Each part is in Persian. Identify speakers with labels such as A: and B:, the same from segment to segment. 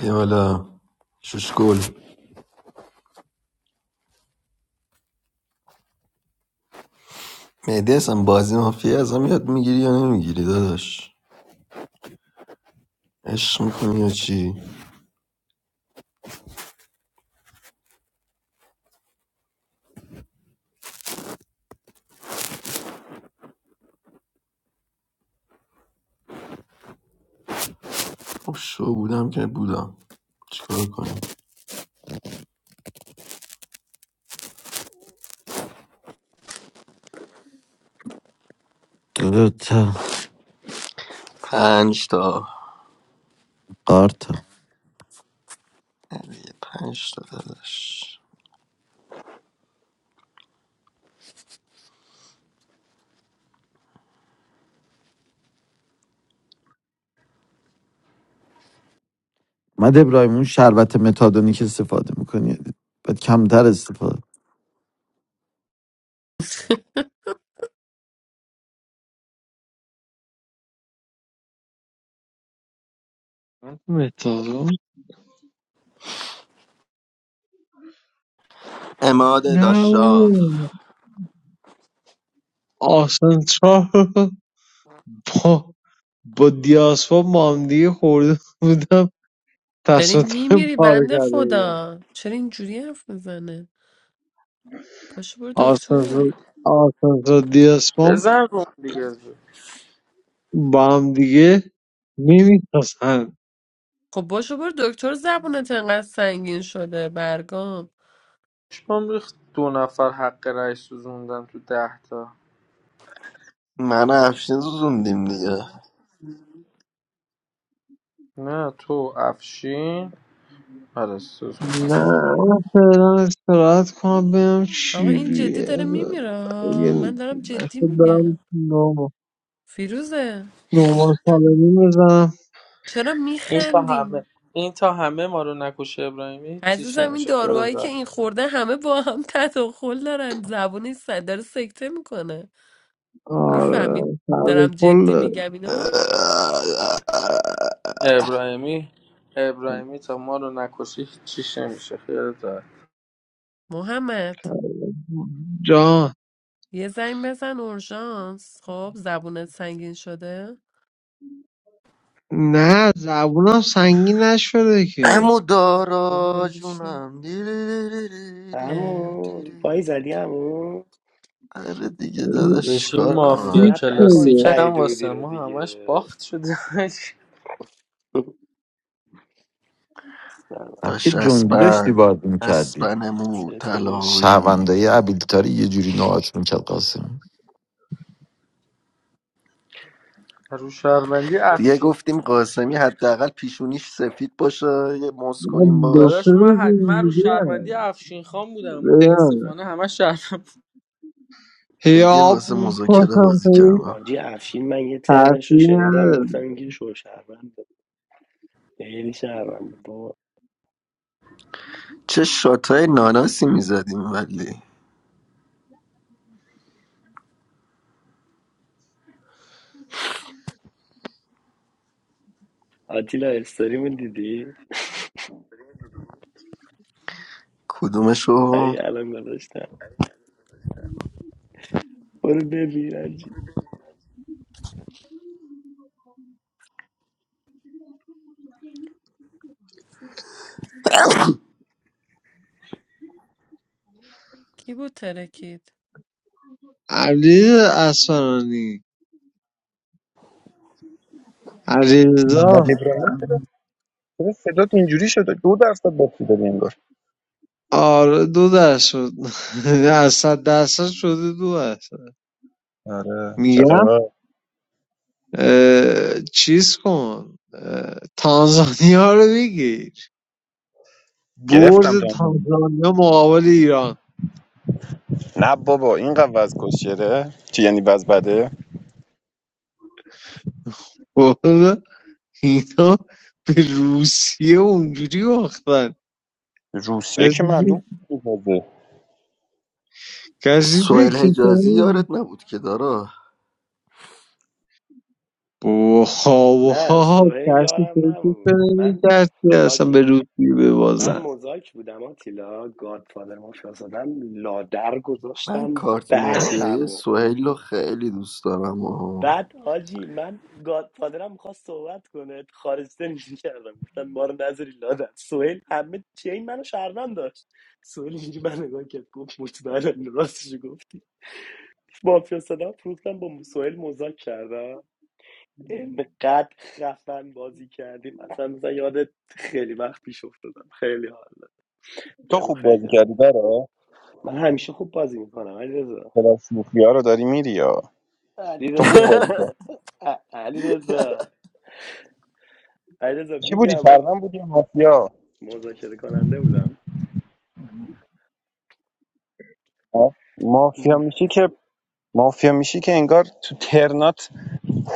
A: بیا بالا شوشگل مهدی اصلا بازی مافیا ازم یاد میگیری یا نمیگیری داداش عشق میکنی یا چی خب شو بودم که بودم چیکار کنیم
B: دوتا
A: پنج تا
B: قارتا
A: نه پنج تا داداش
B: من ابراهیم اون شربت متادونی که استفاده میکنی باید کمتر استفاده
C: متادون
A: اماد
C: نه
A: داشتاد
C: بابا. آسانسور رو با با دیاسپا با هم دیگه خورده بودم
D: داری
C: تصادف
D: میمیری
C: پاره
D: بنده
C: کرده بودم
D: خدا چرا اینجوری حرف میزنه پاشو برو دکتر
C: آسانسور آسانسور دیاسپا
E: بزن روم دیگه زود
C: با هم دیگه نمیتاسن
D: خب باشو برو دکتر زبونت انقدر سنگین شده برگام
E: پشمام ریخت دو نفر حق رأی سوزوندن تو ده تا
A: من و افشین زوزوندیم دیگه
E: نه تو افشین آره سوزوند
C: نه من فعلا استراحت کنم ببینم
D: آقا
C: چی
D: این جدی
C: رویه
D: داره میمیره ها.
C: اگه
D: من دارم
C: نشد
D: جدی
C: برم
D: میگم
C: نورمال
D: فیروزه
C: نورمال سالمی بزنم
D: چرا
E: این تا همه
D: میخندیم
E: این تا همه ما رو نکشه ابراهیمی چیش
D: عزیزم این
E: نمیشه خیال
D: داروهایی که این
E: راحت
D: خورده همه با هم تداخل دارن زبون سر داره سکته میکنه
E: اما
D: میفهمید
C: آره سر
D: دارم
C: به
D: جدی
C: کل
D: میگم اینو
E: ابراهیمی ابراهیمی تا ما رو نکشی چیش نمیشه خیال راحت
D: محمد
C: جان
D: یه زنگ بزن اورژانس خب زبونت سنگین شده
C: نه زبونم سنگین نشده که
A: امو
D: با من
A: دارا
D: میشه
A: جونم دیری دیری
D: اه.
A: دیری
F: عمو پای
A: دیری.
F: زدی عمو
A: آره دیگه داداش
E: بشین
A: کار
F: همون
A: کنم
E: مافیا
C: هیچ
F: اذیت نکن
E: کلاسیک
C: شده.
E: هم
F: سعید رودی
E: واسه
F: رو
E: ما همش
F: دیگه
E: باخت شده
F: سلام
B: سبک
A: داشت
B: جنگی داشتی
A: اسپن
B: باید میکردی
A: اسپن مو
F: چطوری
A: طلایی
B: شهروندای ابیلیتاری یه جوری نوعات میکرد قاسم
E: رو شهروندی
A: دیگه
E: افشین
A: گفتیم قاسمی حداقل پیشونیش سفید باشه یه موز کنیم
C: من دو سه
E: داداش
A: باش
E: من,
C: روز
E: ح- من رو
C: اینجوری
E: شهروندی افشین خان بودم
C: هم
E: متاسفانه همه
A: بگه
C: هیاب
A: واسه مذاکره
C: میکنم
A: بازی کردم
F: حاجی افشین من یه ترنش رو
C: تاثیر
F: شنیدم
C: نداره
F: گفتم اینگه شو شهروند خیلی شهروند با
A: چه شاتای ناناسی میزدیم ولی
F: آتیلا استوریمون دیدی
A: کدومشو
F: ای الان گذاشتم برو ببین حاجی
D: کی بود ترکید
C: علی اسفرانی علیرضا
G: محمد ابراهیم چرا صدات اینجوری شده دو درصد باتری داری انگار
C: آره دو درصد شد از صد درصد شده دو درصد
G: آره چه
C: میگم
G: خبر
C: اه، چیز کن اه، تانزانیا رو بگیر برد
G: گرفتم تو اون زمان.
C: تانزانیا مقابل ایران
G: نه بابا این وز کشیره چی یعنی وز بده
C: اینا به روسیه اونجوری باختن
G: روسیه
C: کسی
G: که
C: فکر-
G: معلوم بود بازه
C: کسی
A: سوهل
C: فکر
A: حجازی یارت
C: کنه
A: نبود که دارا
C: با خواب و
F: نه
C: ها
F: سهیل
C: کسی
F: یارم
C: فکر
F: نبود
C: کنه
F: من
C: کسی اصلا به
F: حاجی
C: روسیه
F: من
C: ببازن
F: مزاک بودم آتیلا گادفادر مافیا زدم لادر
A: من
F: گذاشتم
A: کارت
F: بعد
A: مافیایی
F: همو
A: سوهل رو خیلی دوست دارم و
F: بعد حاجی من گادفادرم میخواست صحبت کنه خارجته کردم گفتن ما رو نذاری لادن سوهل همه چه این منو شهروند داشت سوهل اینجوری من نگاه کرد گفت مطمئنم راستشو گفتی مافیا صدا فروختم با سوهل مذاک کردم اینقدر خفن بازی کردیم اصلا مثلا یاد خیلی وقت پیش افتادم خیلی حال داد.
G: تو
F: بهمون
G: خوب بازی
F: خیلی حال داد.
G: کردی برا
F: من همیشه خوب بازی میکنم علیرضا
G: پلاس شوخی ها رو داری میری یا تو خوب بازی
F: علیرضا
G: کردی
F: ا- علیرضا علیرضا
G: چی بودی
F: میگم آ.
G: شهروند بودی یا مافیا
F: مذاکره کننده بودم
G: ها؟ مافیا
F: موف.
G: میشی که مافیا میشی که انگار تو ترنات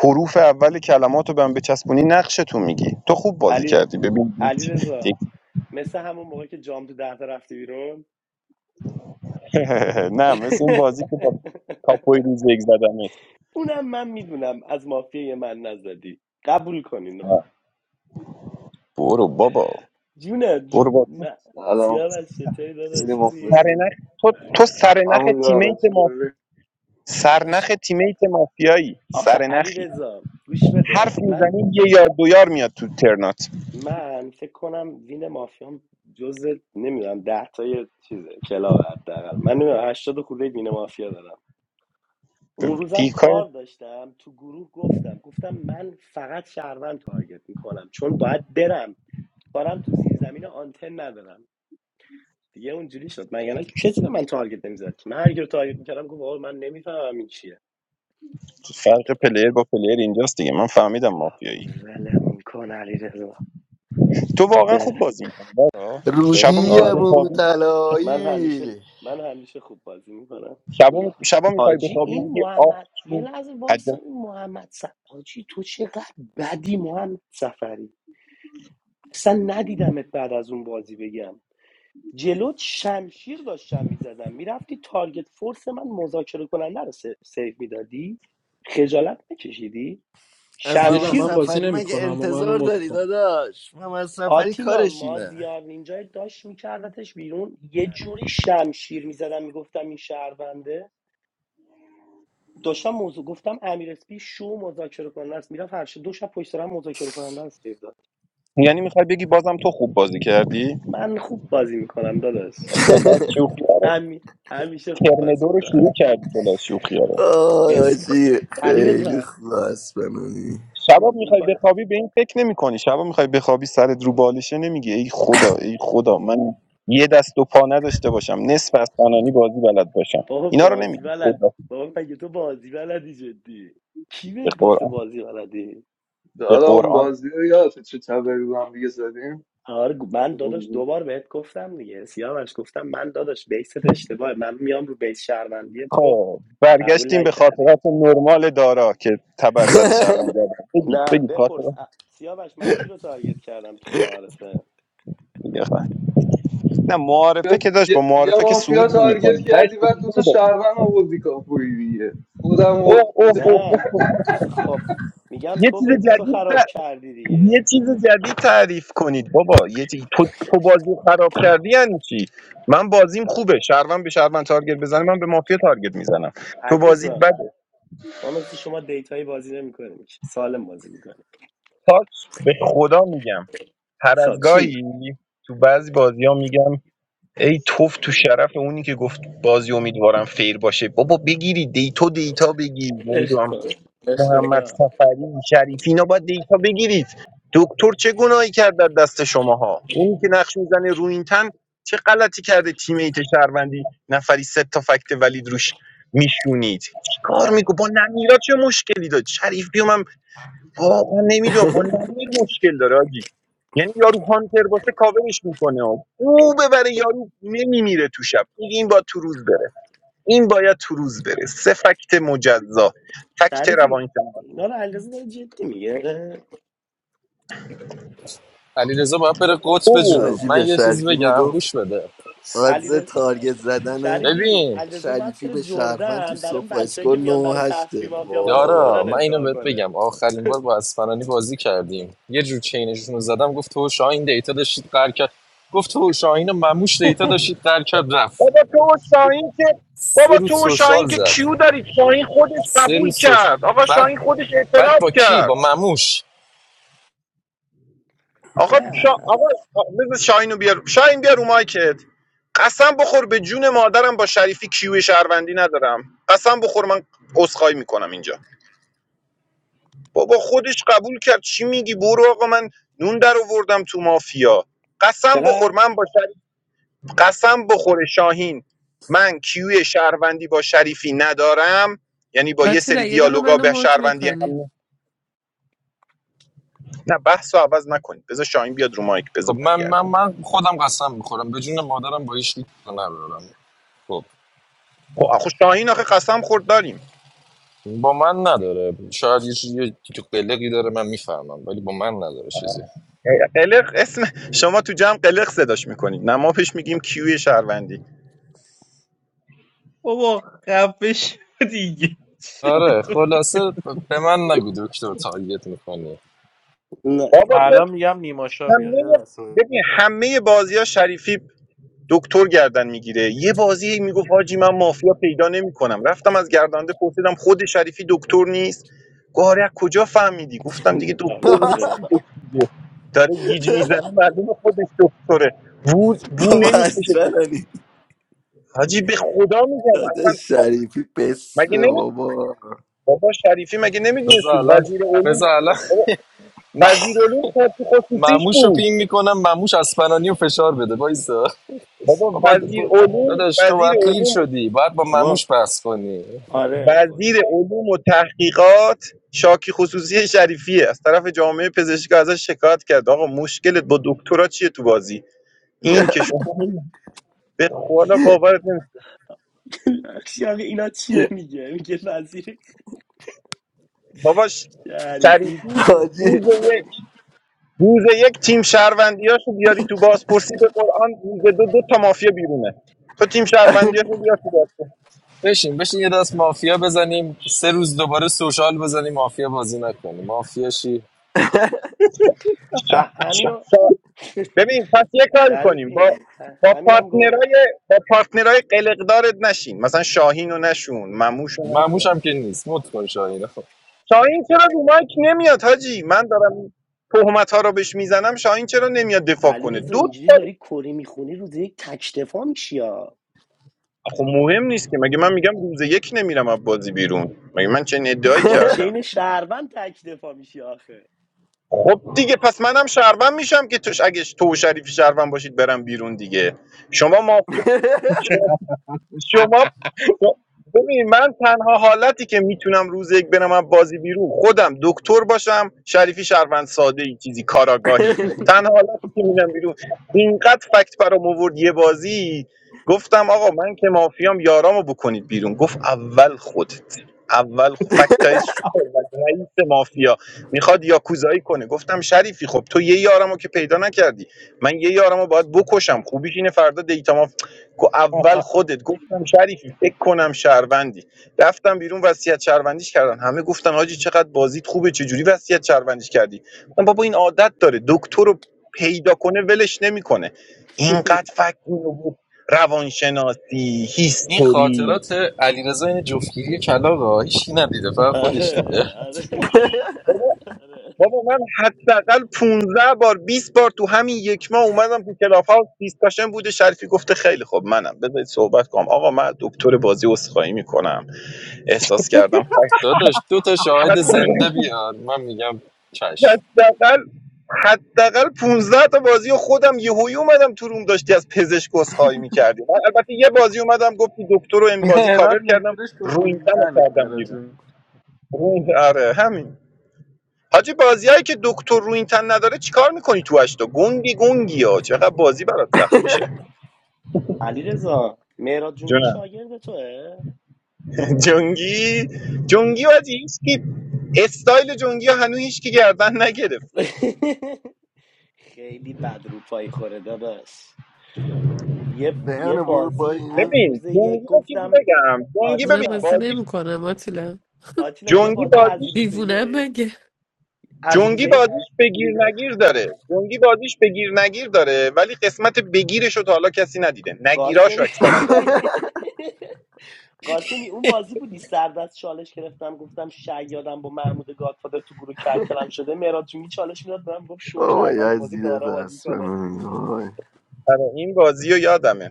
G: حروف اول کلمات رو به هم بچسبونی نقشتون میگی تو خوب بازی
F: علی
G: کردی
F: علی
G: ببین
F: رضا مثل همون موقع که جام تو ده تا رفتی بیرون
G: نه مثل اون بازی که با کاپوی روز یک زدمت
F: اونم من میدونم از مافیای من نزدی قبول کن اینو
G: آه. برو بابا
F: جونه
G: برو
F: جون
G: بابا تو
F: نه.
H: سلام
F: سیاوش چطوری
H: خیلی
F: داداش خوبی؟
H: مخلصم
G: سرنخ تو تو سرنخ
H: همون دارم
G: تیمیت ما
H: چطوری
F: داداش
G: سرنخ تیمیت مافیایی
F: آخه علی
G: سرنخی
F: رضا گوش
G: حرف
F: بده من
G: میزنی یه یار دو یار میاد تو ترنات
F: من فکر کنم وین مافیام جز نمیدونم ده تای چیزه کلاب حداقل من نمیدونم 80 خورده وین مافیا دارم اون روزم
G: دیکای
F: کار داشتم تو گروه گفتم گفتم من فقط شهروند تارگت میکنم چون باید برم کارم تو زیر زمین آنتن ندارم دیگه اونجوری شد من یعنی کسی به من تارگت نمیزد من هر کی رو تارگت میکردم گفت آقا من نمیفهمم این چیه
G: فرق پلیر با پلیر اینجاست دیگه من فهمیدم
F: بابا،
G: مافیایی
F: ولمون کن علی
G: تو واقعا خوب بازی میکنی
F: چه
G: شبا
A: رودی
G: میخوای
F: آره
A: مو
G: بخوابی
F: من همیشه
A: طلایی
F: من همیشه خوب بازی میکنم
G: شبا می... شبا میخوای
F: حاجی
G: بخوابی
F: این
G: میگی آخ
F: محمد یه
G: تو
F: لحظه وایسا
G: عجب
F: این محمد سف... حاجی تو چقدر بدی محمد سفری اصلا ندیدمت بعد از اون بازی بگم جلوت شمشیر داشتم میزدم میرفتی تارگت فورس من مذاکره کننده رو س- میدادی خجالت نکشیدی
A: از
E: تیلا
A: محمد
E: من
F: شمشیر
E: بازی
A: سفری مگه
E: نمیکنم و منو
A: انتظار
E: مد
A: داری
E: کن
A: داداش محمد سفری
F: آتیلا
A: کارش اینه
F: مازیار اینجا داشت میکردتش بیرون یه جوری شمشیر میزدم میگفتم این شهرونده داشتم موضوع گفتم امیر اسپی شو مذاکره کننده است میرفت هر شب- دو شب پشت سر هم مذاکره کننده است سیف داد
G: یعنی میخوای بگی بازم تو خوب بازی کردی
F: من خوب بازی میکنم داداش
G: کلاس چی خوب
F: همی... همیشه خوب
G: ترم
F: بازی
G: دو رو
F: میکنم
G: شروع کردی کلاس شوخی ها رو
A: آی
F: اسم
A: آجی
F: علی
A: خیلی
F: رضا
A: خوب است بنانی
G: شبا
F: رو- رو
G: میخوای
F: پا-
G: بخوابی به این فکر نمیکنی شبا میخوای بخوابی سرت رو بالشه نمیگی ای خدا ای خدا من یه دست و پا نداشته باشم نصف از تنانی بازی بلد باشم
F: بابا
G: اینا رو
F: بازی
G: نمیگی
F: بلد
G: خدا
F: بابا مگه تو بازی بلدی جدی کی
G: به
F: بهت گفته
G: قرآن
F: بازی بلدی
G: به
H: دارم اون
G: قرآن
H: بازی رو یادت چه تبری رو هم دیگه زدیم
F: آره گو- من
H: تو
F: داداش
H: حضور.
F: دوبار بهت گفتم دیگه سیاوش گفتم من داداش بیست اشتباهه من میام رو بیس شهروندی تو
G: خب
F: قبول
G: برگشتیم به
F: نکردی
G: خاطرات نرمال دارا که تبر زده شهروند گردن بگید
F: نه
G: بگید
F: بپرس
G: خاطرات
F: ا- سیاوش من کی رو تارگت کردم تو معارفه
G: بگید. نه معارفه که داشت با
H: یه یه
G: معارفه که سعود
H: مافیا تارگت
G: نمیکنی تاش
H: کردی
G: به
H: بعد
G: کی
H: دو تا
G: دو دادی
H: شهروند آوردی کاپوی دیگه خودم
G: اوه
H: و
G: اوه اوه
F: نه
G: اوه اوه.
F: خب میگم
G: یه
F: تو
G: چیز
F: به سو
G: جدید
F: خراب کردی دیگه
G: یه چیز جدید تعریف کنید بابا یه چیز... تو, تو بازی خراب کردی یعنی چی من بازیم خوبه شهروند به شهروند تارگت بزنه من به مافیا تارگت میزنم تو
F: علی
G: بازیت
F: رضا
G: بده
F: ما مثل شما دیتایی بازی نمیکنیم سالم بازی میکنیم
G: تاچ به خدا میگم هر از
F: خب چی
G: گاهی تو بعضی بازی ها میگم ای توف تو شرف اونی که گفت بازی امیدوارم فیر باشه بابا بگیری دیتو دیتا بگیر نمیدونم
F: اخدا
G: محمد
F: اخدا
G: صفری شریفی اینا باید دیتا بگیرید دکتر چه گناهی کرد در دست شماها اونی که نقش میزنه رو این تن چه غلطی کرده تیم ایت شهروندی نفری سه تا فکت ولید روش میشونید چیکار میگو با نمیرا چه مشکلی داد شریف بیوم هم واقعا نمیدونم با نمیر مشکل داره آجی یعنی یارو هانتر باشه کاورش میکنه او ببره یارو نمیمیره تو شب میگه این باید تو روز بره این باید تو روز بره سه فکت مجزا فکت
F: شریفی
G: روانشناسی
F: اینا رو علیرضا داره جدی میگه
I: علیرضا باید بره
G: تو
I: قطب
G: بود
F: بابا
I: جنوب
A: آجی به
I: من یه چیز
A: شریفی
I: بگم
A: میگفت
I: گوش بده
A: آدز
F: علیرضا
A: تارگت زدن
F: شریفی
I: ببین
F: علیرضا باید
A: شریفی
F: بره
A: به شهرمند تو
F: جردن برای اون
A: سوپا
F: بچه‌ای که
A: اسکور 9
F: میان
A: و
F: برای
A: 8
F: تفریح مافیا بازی
I: یارا
F: میکنن
I: من
A: وای
I: اینو
F: ادعا
I: بهت
F: کنه
I: بگم آخرین بار با اسپانانی بازی کردیم یه جور چینشون رو زدم گفت تو و شاهین دیتا داشتید قر کرد گفت تو و شاهین مموش دیتا داشتید قر کرد رفت
G: بابا تو و شاهین که
I: سه
G: بابا
I: روز
G: تو و
I: سوشال
G: شاهین که کیو
I: زد
G: دارید شاهین خودش
I: سه
G: قبول
I: روز سوشال
G: کرد آقا
I: بعد
G: شاهین خودش
I: بعد
G: اعتراف
I: با کی
G: کرد
I: با مموش
G: آقا شا...
F: نه
G: آقا بذار شاهینو بیار شاهین بیار رو مایکت قسم بخور به جون مادرم با شریفی کیو شهروندی ندارم قسم بخور من عذرخواهی میکنم اینجا بابا خودش قبول کرد چی میگی برو آقا من نون در آوردم تو مافیا قسم بخور
F: چقدر
G: من با قسم بخوره شاهین من کیوی شهروندی با شریفی ندارم یعنی با یه
D: آتیلا
G: سری
D: یه دقیقه
G: دیالوگا
D: منو
G: به
D: موت
G: شهروندی
D: میکنی
G: هم نه بحث رو عوض نکنید بذار شاهین بیاد رو مایک
I: خب
G: بذار
I: من من
G: برگرده
I: من خودم قسم میخورم به جون مادرم با هیچ کی ندارم خب
G: خب آخه شاهین آخه قسم خورد داریم
I: با من نداره شاید یه چیزی تو قلقی داره من میفهمم ولی با من نداره چیزی
G: قلق اسم شما تو جمع قلق صداش میکنید نه ما پیش میگیم کیوی شهروندی
J: بابا خفه شو دیگه چه
I: آره
J: تو
I: خلاصه ب- به من نگو دکتر تارگت میکنی
F: نه
G: بابا
F: بابا
G: تو
E: الان میگم نیماشا بیاد یه
G: همه
E: لحظه
G: ببین همه بازی ها شریفی دکتر گردن میگیره یه بازی میگفت حاجی من مافیا پیدا نمیکنم رفتم از گردنده پرسیدم خود شریفی دکتر نیست گفت آره از کجا فهمیدی گفتم دیگه
F: باش،
G: دکتر
F: دیره
G: نیست
F: نمی-
G: تو دک داره گیج میزنه معلومه خودش دکتره بو بو
A: بابا از
G: نمیکشه
A: بنانی
G: حاجی به خدا میگم
A: داده
G: اصلا آ-
A: شریفی
G: مگه
A: بسته
G: نمی
A: بابا
G: بابا شریفی مگه
I: بذار
G: نمیدونستی
I: الان
G: وزیر علوم
I: بذار الان
G: بابا
I: م-
G: وزیر علوم خصوصیش
I: مموش رو
G: بود
I: پین میکنم مموش اسپنانی رو فشار بده وایسا
G: بابا
I: بابا
G: وزیر
I: ب-
G: علوم
I: داداش تو
G: وزیر
I: باید پیر
G: علوم
I: شدی باید با
F: بابا
I: مموش بحث کنی
F: آره
G: وزیر
F: خدایی
G: علوم و تحقیقات شاکی خصوصی شریفی از طرف جامعه پزشکی ازش شکایت کرد آقا مشکلت با دکترا چیه تو بازی این که شما به خدا باورت نمیشه
F: بخشی آقا اینا چیه میگه میگه وزیر
G: باباش شریفی
F: شریفی
A: آجی
G: روز یک روز یک تیم شهروندیاشو بیاری تو بازپرسی به قرآن روز دو دو تا مافیا بیرونه تو تیم شهروندیاشو بیار تو بازپرسی
I: بشین بشین یه دست مافیا بزنیم سه روز دوباره سوشال بزنیم مافیا بازی نکنیم مافیا شی
F: اه، همینو
G: ببین پس یه کاری کنیم با
F: شریفی اه،
G: با
F: همینم گفت
G: پارتنرای با پارتنرای قلقدارت نشین مثلا شاهین رو نشون مموش رو
I: مموش
G: نشون
I: هم که نیست مت کن شاهین
G: شاهین چرا رو مایک نمیاد حاجی من دارم تهمت ها رو بهش میزنم شاهین چرا نمیاد دفاع کنه
F: علیرضا
G: دو
F: اینجوری
G: تا
F: داری کری میخونی روز یک تکتفا میشی ها
G: خب مهم نیست که مگه من میگم روز یک نمیرم از بازی بیرون مگه من چه ادعایی
F: با
G: کردم
F: چین شهروند تکتفا میشی آخه
G: خب دیگه پس منم شهروند میشم که توش اگه تو و شریفی شهروند باشید برم بیرون دیگه شما مافیا شما خب، ببین من تنها حالتی که میتونم روز یک برم از بازی بیرون خودم دکتر باشم شریفی شهروند ساده ای چیزی کاراگاهی تنها حالتی که میرم بیرون اینقدر فکت برام آورد یه بازی گفتم آقا من که مافیام یارامو بکنید بیرون گفت اول خودت اول خ... فکتای سوپر و رئیس مافیا میخواد یاکوزایی کنه گفتم شریفی خب تو یه یارمو که پیدا نکردی من یه یارمو باید بکشم خوبیش اینه فردا دیتا گو- اول خودت گفتم شریفی فکر کنم شهروندی رفتم بیرون وصیت شهروندیش کردن همه گفتن حاجی چقدر بازیت خوبه چجوری وصیت شهروندیش کردی گفتم بابا این عادت داره دکتر رو پیدا کنه ولش نمیکنه اینقدر فکر اینو بود روانشناسی
I: این
G: هیستوری
I: خاطرات علیرضا این جفتگیری کلاغا هیچکی ندیده فقط خودش
F: آره
I: دیده
F: آره
G: بابا
F: آره
G: بابا من حداقل 15 بار 20 بار تو همین یک ماه اومدم تو کلاف ها دیسکاشن بوده شریفی گفته خیلی خب منم بذارید صحبت کنم آقا من دکتر بازی عذرخواهی میکنم احساس کردم
I: داداش دو تا شاهد زنده بیار من میگم چشم
G: حداقل حداقل 15 تا بازی خودم یهویی اومدم تو روم داشتی از پزشک عذرخواهی می‌کردی من البته یه بازی اومدم گفتی دکتر رو این بازی کاور
E: مهراد
G: کردم
E: مشکلش تو روی
G: روینتن رو
E: تنه
G: کردم
E: مهراد
G: بیرون
E: جون
G: روین آره همین حاجی بازیایی که دکتر روینتن نداره چیکار میکنی تو اشتا گنگی گنگی ها چقدر بازی برات سخت میشه
F: علیرضا مهراد جونگی
G: جونم
F: شاگرد توه
G: جنگی جنگی
F: آره
G: حاجی هیچکی استایل جنگی ها هنوز هیچکی گردن نگرفته
F: خیلی بد رو پای خوره داداش یه یه
A: دیانه برو
F: بازی از
A: پایین
G: ببین
F: روز یک
G: جنگی رو چیزی
F: گفتم
G: بگم جنگی
D: من
G: ببین
F: آتیلا
D: بازی
G: بازیش
D: نمیکنم آتیلا
F: آتیلا یه
G: جنگی
F: بازی از
G: بازیش
F: روز
D: دیوونم
F: یک
D: مگه
F: از روز
G: جنگی
F: یک
G: بازیش بگیر نگیر داره جنگی بازیش بگیر نگیر داره ولی قسمت بگیرش رو تا حالا کسی ندیده نگیراش رو
F: قاسری
G: اکثرا داره
F: قاسمی اون بازی بودی سردست چالش گرفتم گفتم شیادم با محمود گادفادر تو گروه کلکلم شده مهراد جونگی چالش میداد به من گفت شو
A: اوه
F: شهروند بازی
A: یزیدت
F: دارا بازی کنه
A: اسبم وای
G: آره، این بازی رو یادمه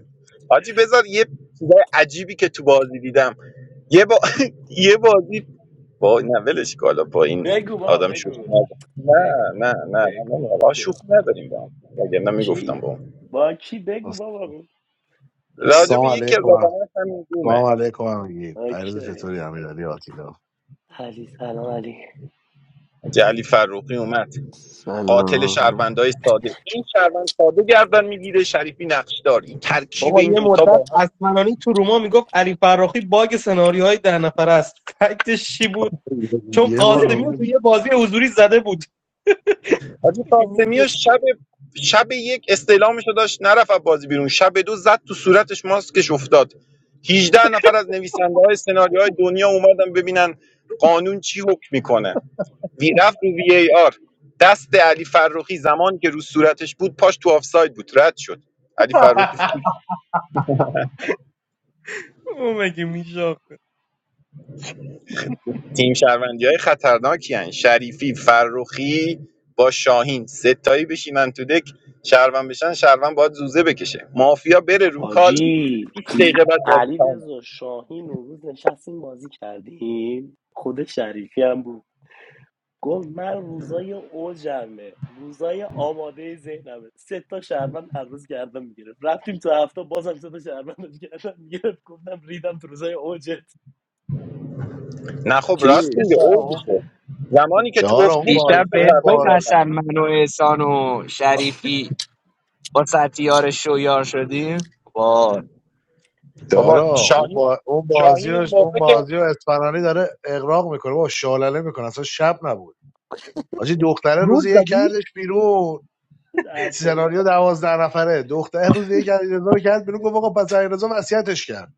G: حاجی بذار یه چیزای عجیبی که تو بازی دیدم یه با... یه بازی با نه ولش کالا با این
F: بگو بابا
G: آدم شوخی
F: بگو
G: نداره. نه
F: بگو بابا
G: نه نه نه
F: بگو
G: نه, نه. آه، شوخی
F: بابا
G: نداریم با هم وگرنه میگفتم
F: کی
G: با هم
F: با کی بگو بابا داری
G: راجب
K: السلام
F: میکنم
G: یکی از
K: علیکم
G: آدماش همین
K: سلام
G: دومه
K: علیکم همگی
F: اوکی
K: عرض چطوری امیرعلی آتیلا
F: علی سلام علی
G: حاجی علی فروقی اومد قاتل
A: سلام
G: شهروندای ساده این شهروند ساده گردن میگیره شریفی نقشدار این ترکیب
J: بابا
G: این
J: یه
G: دوتا
J: مدت
G: با هم
J: اسمنانی تو روما میگفت علی فراخی باگ سناریوهای ده نفره است فکتش چی بود چون
K: یه بار
J: قاسمی رو تو
K: اومد.
J: یه بازی حضوری زده بود
G: حاجی
J: مگه
G: قاسمی
J: میشه؟
G: و شب شب یک استعلامشو داشت نرفت از بازی بیرون شب دو زد تو صورتش ماسکش افتاد 18 نفر از نویسنده های سناریوهای دنیا اومدن ببینن قانون چی حکم میکنه وی رفت رو وی ای آر دست علی فرخی زمان که رو صورتش بود پاش تو آفساید بود رد شد علی فرخی
J: او مگه میشه
G: تیم شهروندی های خطرناکی خطرناکین شریفی فرخی با شاهین ستایی بشینن تو دک شهروند بشن شهروند باید زوزه بکشه مافیا بره رو کال
F: حاجی
G: 20 دقیقه بعد بازی
F: علی
G: تمومه
F: رضا شاهین اون روز نشستیم بازی کردیم خود شریفی هم بود گفت من روزای اوجمه روزای آماده ذهنمه سه تا شهروند هر روز گردم میگرفت رفتیم تو هفته بازم سه تا شهروند رو گردم میگرفت گفتم ریدم تو روزای اوجت
G: نه خب راست
I: کی؟
G: میگه
L: احسان.
K: اون-
G: اوجشه زمانی که تو
K: دارا
G: افت
K: اون
G: بود
K: باز
L: دیشب
G: پنج تا
L: بهت
K: اون
G: شهروند
L: گفت
K: باز
G: گردن
L: حسن من و احسان و شریفی با ستیار شویار شدیم وای
G: بابا
K: دارا
F: حاج
K: اون
G: شاهین
K: با اون
G: شاهین اون
K: بازیش اون
G: موقع که
K: بازی و اسپانانی داره اغراق میکنه با شالله میکنه اصلا شب نبود حاجی دختره
J: روز
K: روزی یک
J: زدیش
K: کردش بیرون
F: نه بابا
K: سناریو دوازده نفره دختره روزی یک کرد رضا رو کرد بیرون گفت آقا پس رضا وصیتش کرد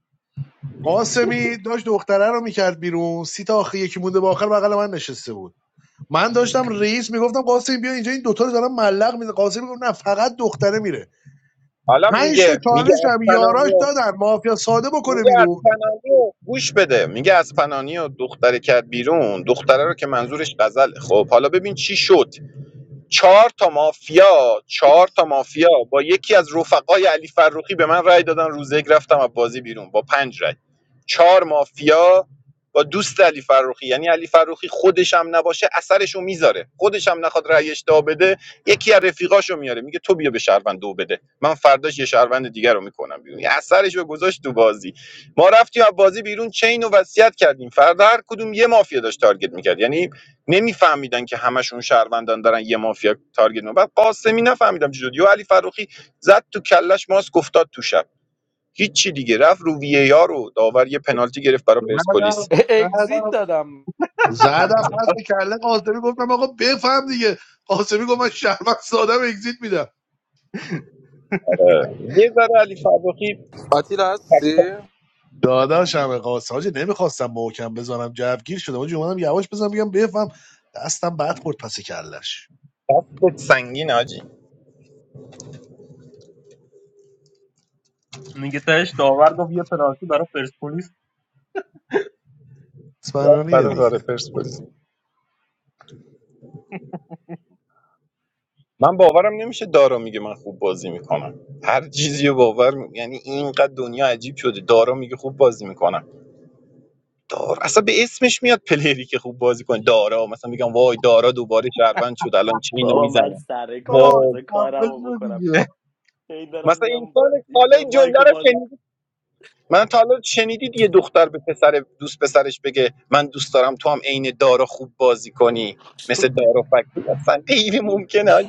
K: قاسمی داشت دختره رو میکرد بیرون سی تا آخر یکی مونده با آخر بغل من نشسته بود من داشتم رئیس میگفتم قاسم بیا اینجا این دوتا رو دارم ملق میده قاسم میگفت نه فقط دختره میره
G: حالا
K: پنج تا
G: میگه میگه
K: چالش
G: از
K: هم یاراش
G: پنانیو
K: دادن مافیا ساده بکنه
G: میگه از
K: بیرون
G: پنانیو گوش بده میگه از پنانیو دختره کرد بیرون دختره رو که منظورش غزله خب حالا ببین چی شد چهار تا مافیا چهار تا مافیا با یکی از رفقای علی فروخی به من رأی دادن روزه یک رفتم از بازی بیرون با پنج رأی چهار مافیا با دوست علی فروخی یعنی علی فروخی خودش هم نباشه اثرشو میذاره خودش هم نخواد رأی اشتها بده یکی از رفیقاشو میاره میگه تو بیا به شهروند دو بده من فرداش یه شهروند دیگر رو میکنم بیرون یه اثرشو گذاشت تو بازی ما رفتیم از بازی بیرون چین و وصیت کردیم فردا هر کدوم یه مافیا داشت تارگت میکرد یعنی نمیفهمیدن که همشون شهروندان دارن یه مافیا تارگت میکنن بعد قاسمی نفهمیدم چی شد علی فروخی زد تو کلش ماست افتاد تو شب هیچی دیگه رفت رو وی ای آر رو داور یه پنالتی گرفت برای پرسپولیس
K: زدم
E: اگزیت
K: زدم
E: دادم
K: زدم پس به کله قاسمی گفتم آقا بفهم دیگه قاسمی گفت من شرمن ساده اگزییت میدم
G: اه، یه ذره علی فروخی
I: آتیلا
G: تک-
I: هستی؟
K: داداشم قاسم حاجی نمیخواستم محکم بزنم جوگیر شدم حاجی اومدم یواش بزنم بگم بفهم دستم بد خورد پس کلش
G: دستت سنگین حاجی
J: میگه تهش داور گفت یه پنالتی برای پرسپولیس
K: اسپانانیه دیگه
G: من باورم نمیشه دارا میگه من خوب بازی میکنم هر چیزی رو باور می... یعنی اینقدر دنیا عجیب شده دارا میگه خوب بازی میکنم دار اصلا به اسمش میاد پلیری که خوب بازی کنه دارا مثلا میگم وای دارا دوباره شهروند شد الان چه اینو
F: بابا من
G: میزنه
F: سر
J: بابا
F: کارم
G: وای
F: بذار
J: خفه
F: کارم رو
J: شو
F: بکنم
J: دیگه
F: هی دارم
G: مثلا
F: میام
G: انسان حالا
F: اینجا
G: این جمله
F: مایکو
G: رو
F: باز
G: شنیدی من تا حالا شنیدید یه دختر به پسر دوست پسرش بگه من دوست دارم تو هم عین دارا خوب بازی کنی مثل دارا فکری اصلا غیر
F: م.
G: ممکنه حاجی.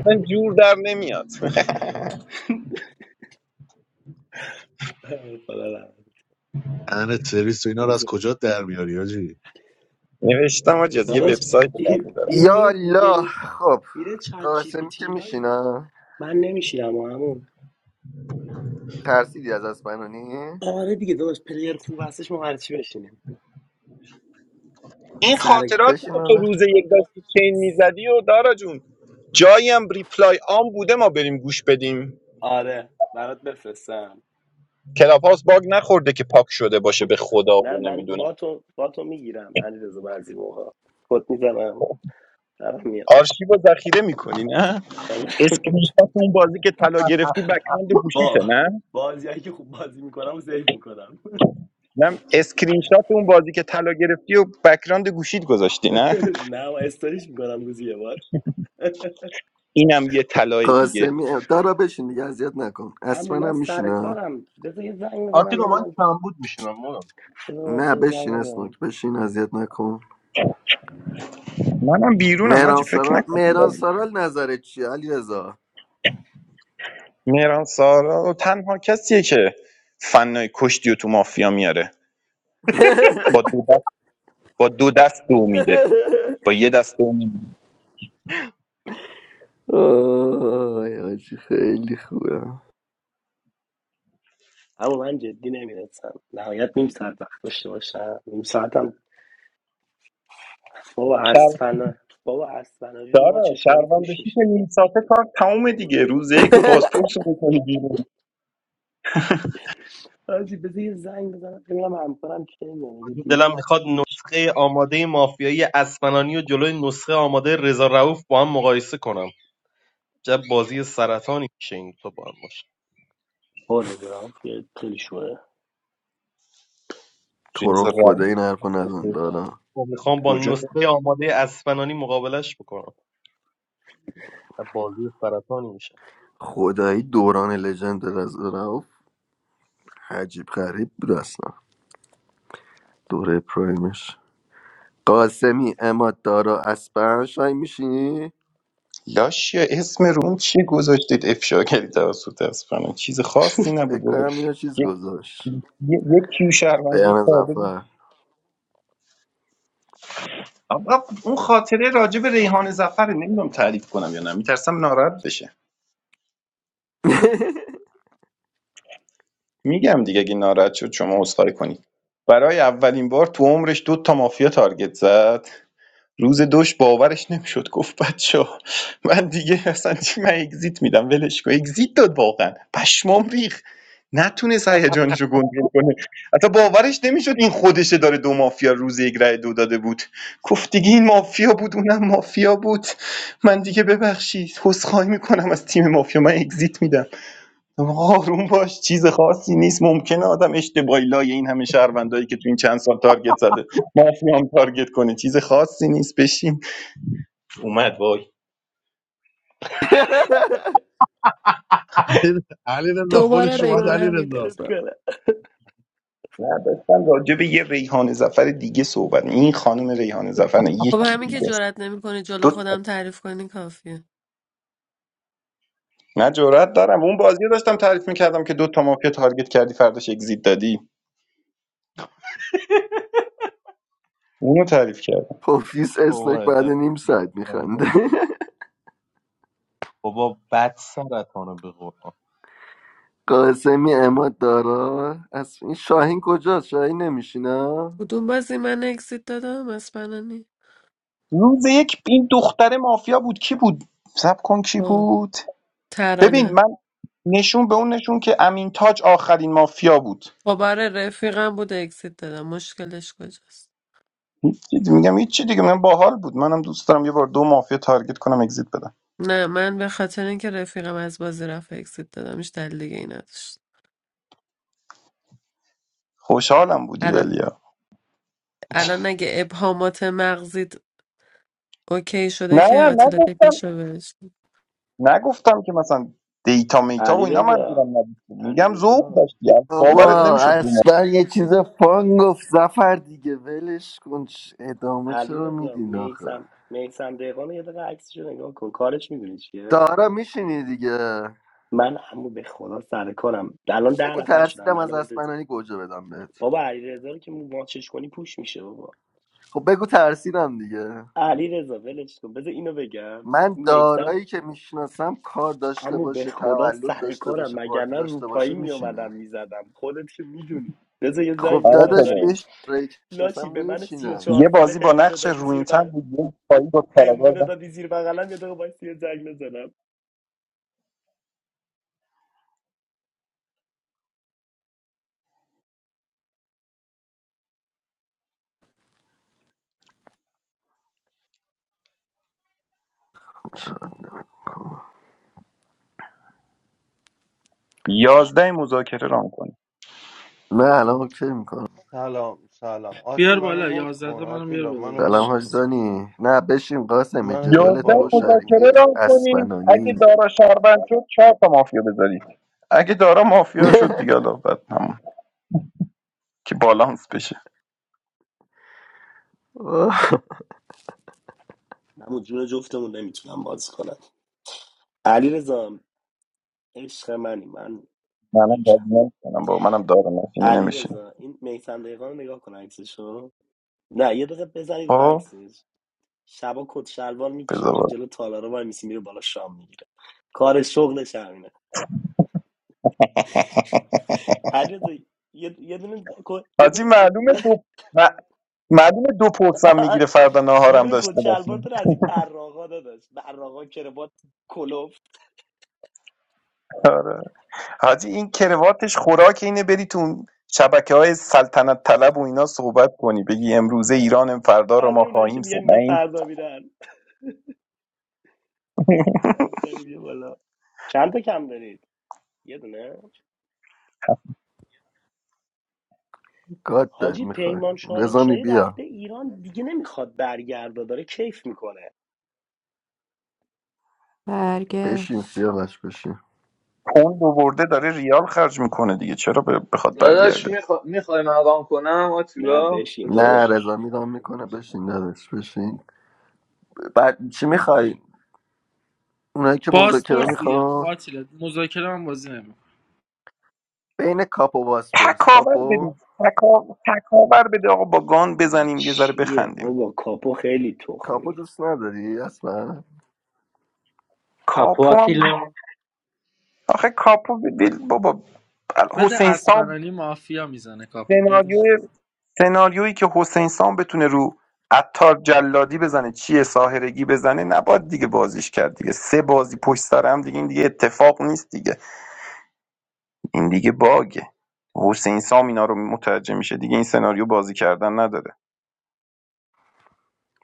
G: اصلا جور در نمیاد
F: خدا لعنت.
K: ان سرویس و اینا رو از کجا در میاری حاجی
G: نوشتم حاجی از یه
F: داداش
G: وبسایت
F: این, این
A: یا
F: میره
A: الله
F: گوگل
A: خب
F: میره چت جی پی
A: قاسمی
F: تی
A: که
F: اینا دیگه.
A: میشینم
F: من نمیشینم اما
A: ترسیدی از اسبنانی
F: آره دیگه داداش پلیر خوب هستش ما هرچی بشینیم
G: این
F: سر
G: خاطراتی
A: بشین
G: که تو
A: آقا
G: روز یک داشتی چین میزدی و دارا جون جایی هم ریپلای آن بوده ما بریم گوش بدیم
F: آره برات بفرستم
G: کلاب هاوس باگ نخورده که پاک شده باشه به خدا
F: نه
G: و
F: من با
G: نمیدونم
F: تو با تو میگیرم علیرضا بعضی موقع کت میزنم در میاد
G: آرشیو رو ذخیره میکنی نه
F: آره.
G: اسکرین شات اون بازی که طلا گرفتی بکراند گوشیشه
F: با
G: نه
F: بازیایی که خوب بازی میکنم و سیف میکنم
G: نه اسکرین شات اون بازی که طلا گرفتی و بکراند گوشیت گذاشتی نه
F: نه و استوریش میکنم روزی یه بار
G: اینم یه طلای دیگه
A: قاسمی دارا بشین دیگه اذیت نکن
F: همون من
A: اسمنم
F: سر
A: میشینم
F: کارم بذار یه زنگ بزنم
J: آتیلا من
F: ببینم
J: کمبود میشینم
F: بذار
A: نه
F: وایسا یه زنگ
A: بشین
F: بزنم
A: اسنوک بشین اذیت نکن
G: منم بیرونم
A: مهران
G: حاجی فکر
A: سرال
G: نکنم
A: مهران
G: بازی
A: سرال نظرت چیه علی رضا
G: مهران سارا تنها کسیه که فنای کشتی و تو مافیا میاره با دو دست با دو دست دو میده با یه دست دو میده
A: آی آجی خیلی خوبه
F: اما من جدی نمیرسم نهایت نیم ساعت وقت داشته باشم نیم ساعتم بابا اسفنا بابا اسفناجی رو
G: داره
F: ماچش کنی
G: شهروند
F: پوش
G: بشی که
F: میشه
G: نیم ساعته کار تموم دیگه روز یک بازپرس رو بکنی بیرون
F: حاجی بذار یه زنگ بزنم ببینم همکارم کی میاد اگه دیر
J: دلم
F: بیاد.
J: میخواد نسخه آماده مافیایی اسفنانی و جلوی نسخه آماده رضا رؤوف با هم مقایسه کنم چه بازی سرطانی میشه این تو با هم باشه
F: آره دارم خیلی خیلی شوه
A: تو
G: چیز
A: رو خدا
G: روم
A: این حرف رو نزن دارم
J: خب میخوام با
G: کجا
J: نسخه آماده اسفنانی مقابلش بکنم چه بازی سرطانی میشه
A: خدایی دوران لژند رزرف عجیب غریب بود اصلا دوره پرایمش قاسمی اماد دارا اسپن شای میشینی
G: لاشیا اسم روم چی گذاشتید افشا کردید توسط اسپنا چیز خاصی نبود
A: فکر
G: بابا
A: کنم اینا چیز
G: یه
A: گذاشت
G: یه- یه کیو شهروندی
A: بیان
G: ساده بود
A: زفر
G: آقا اون خاطره راجع به ریحان زفر نمیدونم تعریف کنم یا نه میترسم ناراحت بشه میگم دیگه اگه ناراحت شد شما عذرخواهی کنید برای اولین بار تو عمرش دو تا مافیا تارگت زد روز دوش باورش نمیشد گفت بچه‌ها من دیگه اصلا چی من اگزییت میدم ولش کن اگزییت داد واقعا پشمام ریخ نتونست هیجانش رو کنترل کنه حتی باورش نمیشد این خودشه داره دو مافیا روز یک رای دو داده بود گفت دیگه این مافیا بود اونم مافیا بود من دیگه ببخشید عذرخواهی میکنم از تیم مافیا من اگزییت میدم آروم باش چیز خاصی نیست ممکنه آدم اشتباهی لای این همه شهروندایی که تو این چند سال تارگت زده مافیا هم تارگت کنه چیز خاصی نیست بشیم اومد
K: علی رضا
M: So what
K: خودش
M: am I
K: اومد علی
F: آره،
M: going to do?
K: رضا
F: لطف کنه.
G: نه، داشتم راجع به یه ریحان زفر دیگه صحبت می- این خانم ریحان زفر نه
D: خب
G: یکی
D: همین که
G: دیگه است
D: جرئت نمیکنی جلو
G: دو تا
D: خودم تعریف کنی کافیه
G: نه جرأت دارم اون بازی رو داشتم تعریف میکردم که دو تا مافیا تارگت کردی فرداش اگزییت دادی اونو تعریف کرد
A: پوفیس
J: بابا
A: اسنک بعد
J: عجب
A: نیم ساعت میخنده
J: سرطانیه. بابا بد سرطانه به قرآن
A: قاسمی اماد دارا از این شاهین کجاست شاهین نمیشینه
D: کدوم بازی من اکسیت دادم اسپنانی
G: روز یک این دختر مافیا بود کی بود سب کن کی
D: خب
G: بود ببین
D: ترانه
G: من نشون به اون نشون که امین تاج آخرین مافیا بود
D: خب آره رفیقم بود اکسیت دادم مشکلش کجاست
G: هیچ میگم هیچ چی دیگه من باحال بود منم دوست دارم یه بار دو مافیا تارگت کنم اگزییت بدم
D: نه من به خاطر اینکه رفیقم از بازی رفت اکسیت دادم هیچ دلیل دیگه ای نداشت
G: خوشحالم بودی
D: الان
G: ولیا
D: الان اگه ابهامات مغزیت اوکی شده
G: نه
D: که آتیلا
G: نگفتم
D: بکشه بهش
G: نگفتم که مثلا دیتا میتا و
F: علی
G: اینا منظورم
F: رضا
G: نبود میگم
F: علی
G: ذوق
F: رضا
G: داشتی
F: اینا رو
G: باورت
A: بابا
G: نمیشد
F: ولش
G: دو مافیا
A: اصلا یه چیز فان گفت زفر دیگه ولش کن چ- ادامه
F: علی
A: چرا
F: رضا
A: میدین آخه
F: میسم میسم دقیقان یه دقیقه عکسشو نگاه کن کارش میدونی چیه
A: دارا میشینی دیگه
F: من همو به خدا سر کارم الان ده
A: بگو
F: نفر شدم
A: ترسیدم از
F: منو بدز
A: اسپنانی گوجه بدم بهت
F: بابا علی رضا رو که ماچش کنی پوش میشه بابا
A: خب بگو ترسیدم دیگه
F: علی رضا ولش کن بذار اینو بگم
A: من
F: میسم
A: دارایی که میشناسم کار داشته
F: عمو به
A: باشه
F: خدا
A: تولد
F: سر
A: داشته
F: کارم
A: باشه پارتی
F: وگرنه رو
A: داشته
F: پایی
A: باشه
F: می
A: میشینه
F: اومدم میزدم خودت که میدونی بذار یه
A: خب
F: زنگ
G: آره
F: بزنم
A: داداش
F: داری
G: خدایی
A: بهش دارایی که میشناسم
F: لاشی به من سی و
A: میشینه
G: یه
F: چهار
G: بازی
F: ساله
G: با
F: هندونه
G: نقش
F: دادی زیر
G: روینتن
F: بغل
G: بود یه پایی با کاراگاه
F: هندونه
G: زد.
F: دادی زیر بغلم یه دقیقه باید یه زنگ بزنم
G: یازده مذاکره ران کنی
A: نه الان اوکی میکنم
N: سلام سلام آتی
E: بیار
N: منو
E: بالا
N: مود
E: یازده
N: کن
E: تا منو بیار
N: آتیلا
E: بالا
N: منو
A: سلام
N: مود کن
A: حاج
N: داداش
A: دانی نه بشین قاسم
N: منو بیار
A: جدال
G: یازده
N: بالا
A: تو
N: قربونه
G: مذاکره
A: شریفی
G: ران کنید اگه
A: اسپنانی
G: دارا شهروند شد چهار تا مافیا بذارید اگه دارا مافیا شد دیگه حالا بعد همون که بالانس بشه
F: عمو جون جفتمون نمیتونم بازی کنم علی رضا عشق منی من
G: منم بازی نمیکنم با منم دارم نشینه
F: علی
G: نمیشینه
F: رضا این میسم دقیقا رو نگاه کن عکسشو نه یه دقیقه بزنید رو
G: خب
F: عکسش شبا کت شلوار میپوشه
G: بذار
F: میره
G: بازی.
F: جلو تالارا وای میسی میره بالا شام میگیره کار شغلش همینه علیرضا یه یه دونه کو- یه
G: حاجی
F: دونه
G: معلومه دو م- معلومه دو پرسم میگیره فردا
F: یه
G: ناهارم
F: دونه کت
G: داشته
F: شلوار
G: باشیم
F: داره از این براقا داداش براقا کروات کلفت
G: آره حاجی این کرواتش خوراک اینه بری تو شبکه های سلطنت طلب و اینا صحبت کنی بگی امروزه ایران فردا رو
F: همه
G: ما
F: اونایی که
G: خواهیم سد
F: میگن
G: نه
F: اینا
G: این
F: فردا میرن از دارید یه بالا چند تا کم دارید یه دونه
A: گاد داری
F: حاجی
A: میخوای
F: پیمان
A: رضا می
F: شاهی رفته
A: بیا
F: ایران دیگه نمیخواد برگرده داره کیف میکنه
M: Bad guess.
A: بشین سیاوش بشین
G: پوند رو برده داره ریال خرج میکنه دیگه چرا ب- بخواد
H: داداش
G: برگرده
H: میخوای مقام کنم
F: نه
H: آتیلا
F: بشین
A: نه
H: داداش
A: رضا
F: داداش
A: میرام میکنه بشین نداشت بشین بعد چی میخوای اونایی که مذاکره
E: پاسپورت دیگه
A: میخوان
E: آتیلا مذاکره من بازی نمیکنم
A: بین کاپو و باسپورس
G: تکاور
A: کاپو
G: بدید تکا... تکاور بده آقا با گان
F: حاجی
G: بزنیم یه ذره
F: چیه
G: بخندیم
F: بابا کاپو خیلی
A: کاپو
F: تخمیه
A: دوست نداری اصلا
O: کاپو
G: کاپو هم
O: آتیلا
G: آخه کاپو بیل بابا
E: بده
G: حسین سام
E: اسپنانی مافیا میزنه کاپو بده
G: سناریوی سناریویی که حسین سام بتونه رو عطار جلادی بزنه چیه ساهرگی بزنه نباید دیگه بازیش کرد دیگه سه بازی پشت سر هم دیگه این دیگه اتفاق نیست دیگه این دیگه باگه حسین سام اینا رو متوجه میشه دیگه این سناریو بازی کردن نداره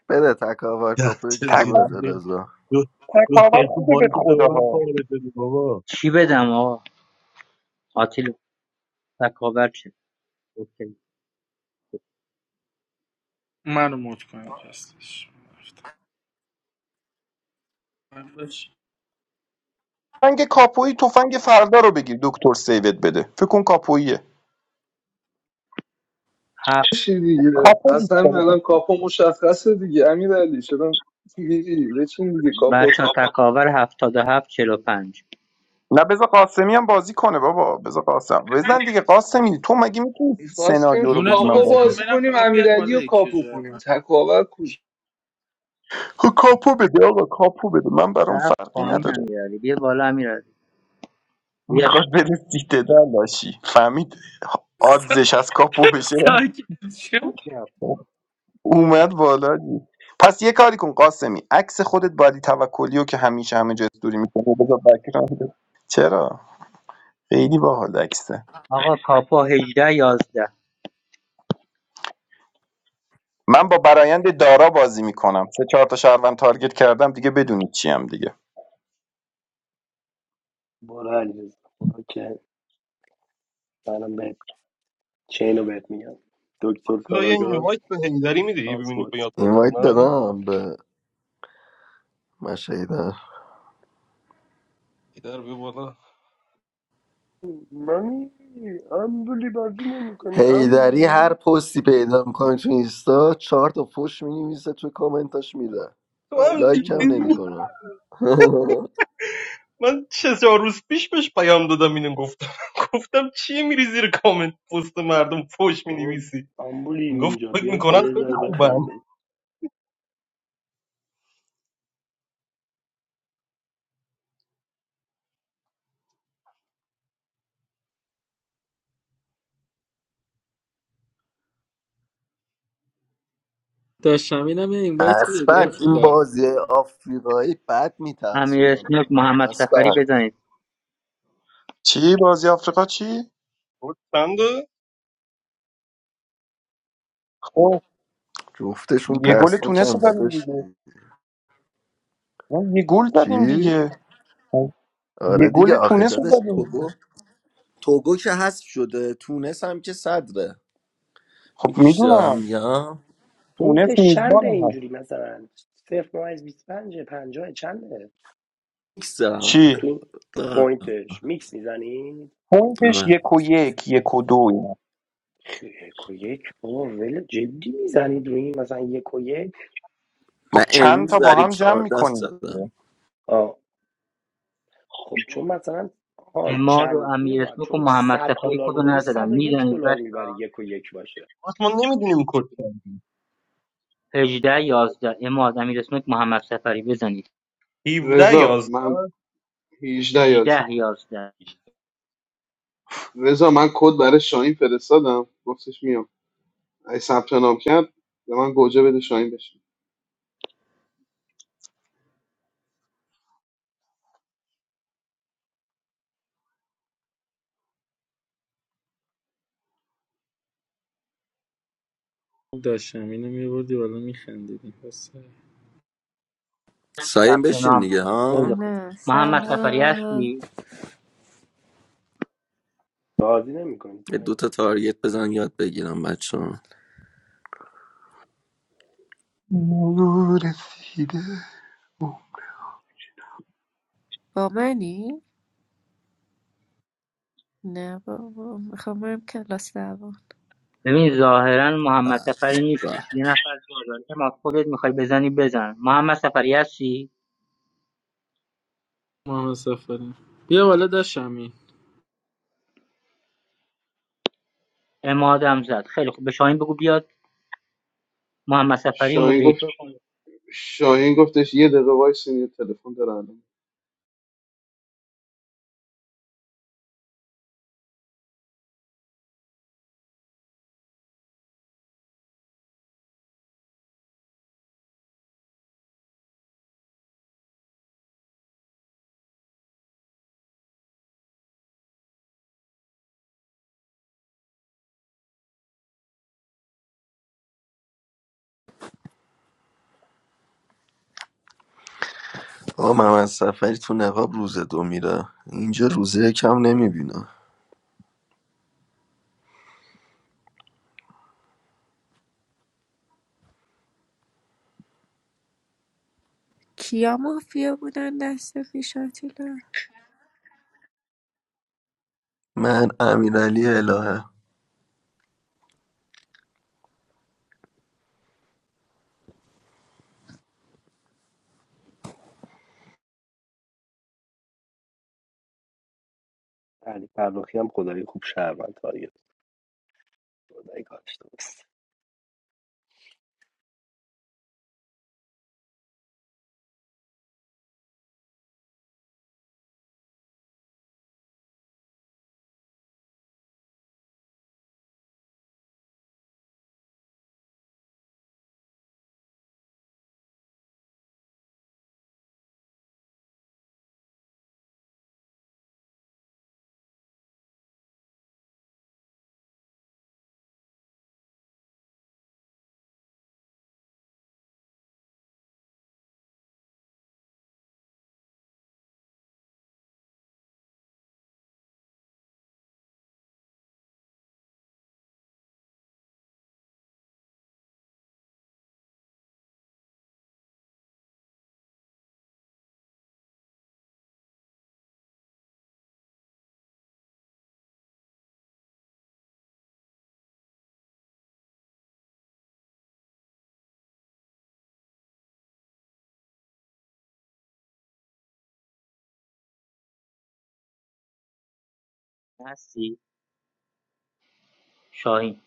A: بده تکاور کاپو یکیشو
G: تکا-
A: بده رضا
G: تکاور خوبه به
K: مایک تو به من
G: خداها
K: پاره شدی بابا
O: چی بدم آقا آتیلا تکاور چه اوکی
E: منو مد کن پسش من باش.
G: تفنگ کاپویی تفنگ فردا رو بگیر دکتر سیوت بده فکر کن کاپوییه
O: هفت
H: چی دیگه
G: کاپو دوست
H: اصلا
G: داره
H: الان کاپو مشخصه دیگه امیر علی شدم میری بچین دیگه
O: بچه
H: کاپوت
O: ها تکاور هفتاد و هفت چهل و پنج
G: نه بذار قاسمی هم بازی کنه بابا بذار قاسم بزن دیگه قاسمی تو مگه میتونی سناریو
H: میخواستیم
G: رو
E: جون
G: بگی
E: تو
G: من
H: کاپو
E: بازی
G: بازی
E: نمیکنم
H: بازی
E: منم
H: کنیم
E: آ، بیار
H: امیرعلی
E: بالا
H: رو
E: یکی
H: کاپو
E: جای
H: کنیم
E: من
H: تکاور
G: خب کاپو بده آقا کاپو بده من برام
O: رفت
G: فرقی
O: پایین
G: نداره
O: امیرعلی بیا بالا امیرعلی بیا
G: میخواد بره سیته در لاشی فهمید آدزش از کاپو بشه
E: ساکت شو
G: اومد بالا دی. پس یه کاری کن قاسمی عکس خودت بادی توکلی رو که همیشه همه جا استوری میکنه بذار بک‌گراند. چرا خیلی باحال عکسه
O: آقا کاپو هجده یازده
G: من با برایند دارا بازی میکنم سه چهار تا شهروند تارگت کردم دیگه بدونید چیم دیگه
F: برو علیرضا برو که منم به چینو بهت میگم دکتر
J: حالا یه
F: کاراگاه
J: اینوایت به هیدری میدی ببینیم
F: پاسپورت
J: بیاد بالا یا
A: اینوایت
J: نه
A: دادم به مشهیدر
J: هیدر بیا بالا
F: منی امبولی بازی نمی کنی
A: هیدری هر
F: امبولی
A: پستی پیدا میکنه تو اینستا چهار تا فوش مینویسه تو کامنتاش میده
J: تو هم
F: امبولی
A: لایک هم
F: بازی
J: دیدی
F: نمی
A: نمیکنه
J: من چه چهار روز پیش بهش پیام دادم اینو گفتم گفتم چی میری زیر کامنت پست مردم فوش
F: کنی
J: مینویسی
F: امبولیم
J: گفت
F: اینجا
J: فکر
F: بیاید
J: میکنن
F: بالا یه
J: خیلی
F: ذره
J: خوبم
F: بخندیم
E: داشتم اینم یه اینوایت بده
A: اصلا این
E: بیار
A: بازی آفریقایی بد
O: امیر
A: میترسونم
O: اسنوک
A: منو
O: محمد سفری
A: اصلا
O: بزنید
G: چی بازی آفریقا چی
J: گفت چند
G: خب
A: جفتشون
G: یه گل تونس
A: ترسناکم
G: رو زدیم
A: داداش
G: دیگه نه، یه گل زدیم
A: چی؟
G: دیگه خب، یه
A: آره دیگه
G: گل
A: آخه
G: تونس رو
A: داداش
G: زدیم
A: توگو توگو که حذف شده تونس هم که صدره
G: خب
A: میگی چی دارم
G: میدونم
A: میگم
F: پونکت
G: تونس
F: چنده
G: میزبانم هست
F: اینجوری مثلا صفر ممیز بیست پنجه پنجاه چنده
A: ایکس دارم
G: چی
F: تو این
A: آره.
F: پوینتش میکس میزنی
G: پوینتش
A: آره.
G: یک و یک یک و دو اینا
F: یک و یک بابا ول جدی میزنید روی این؟ مثلا یک و یک
A: من
G: خب چند
A: امروز
G: تا با
A: ضریب
G: هم جمع
A: چهارده
G: میکنیم
A: زدم
G: دیگه
F: آه. خب چون مثلا ها
O: اماد و
F: چندین رو
O: امیر
F: باید
O: اسنوک و
F: چون
O: محمد
F: صد
O: سفری
F: دلار
O: کدو
F: بذاری
O: نزدن
F: صد و یک
O: میزنید
F: دلار
O: بچه
F: میبری
O: ها
F: یک و یک باشه
J: گفت ما نمیدونیم کد چند
O: هجده یازده اماد امیر اسنوک محمد سفری بزنید
J: 17
P: رضا
J: 11
P: من 18 یاد
O: هجده یازده
P: رضا من کد برای شاهین فرستادم گفتش میام ای ثبت نام کرد به من گوجه بده شاهین بشه
E: خوب داشتم اینو میبردی بالا میخندیدیم
A: سایم
O: ثبت
A: بشین
O: نام
A: دیگه
O: کن خیلی
A: ها
O: خوب
Q: Na
O: محمد سفری
Q: sala
O: هستی
F: بازی نمی‌کنی
A: یه
F: سعید
A: دوتا تارگت بزن یاد بگیرم بچه ها
G: مرو رسیده
Q: ba mani na ba ba hamarim kar lasla ba
O: ببین ظاهرا
A: به
O: محمد سفری نیستش
A: به
O: یه نفر جا داره اماد خودت میخوای بزنی بزن محمد سفری هستی
E: محمد سفری بیا بالا داشتم این
O: امادم زد خیلی خوب به شاهین بگو بیاد محمد سفری و
P: شاهین گفت
O: مدیریتور کنه
P: شاهین گفتش یه دقیقه وایس یه تلفن داره الان
A: آقا محمد سفری تو نقاب روز دو میره اینجا روزه کم نمیبینه
Q: kiamu fiyabunan nasufisha tela.
A: من امیرعلی الهه
F: علی فرخی هم خدایی خوب شهروند تارگت خدایی کارش درست
O: هستی شاهین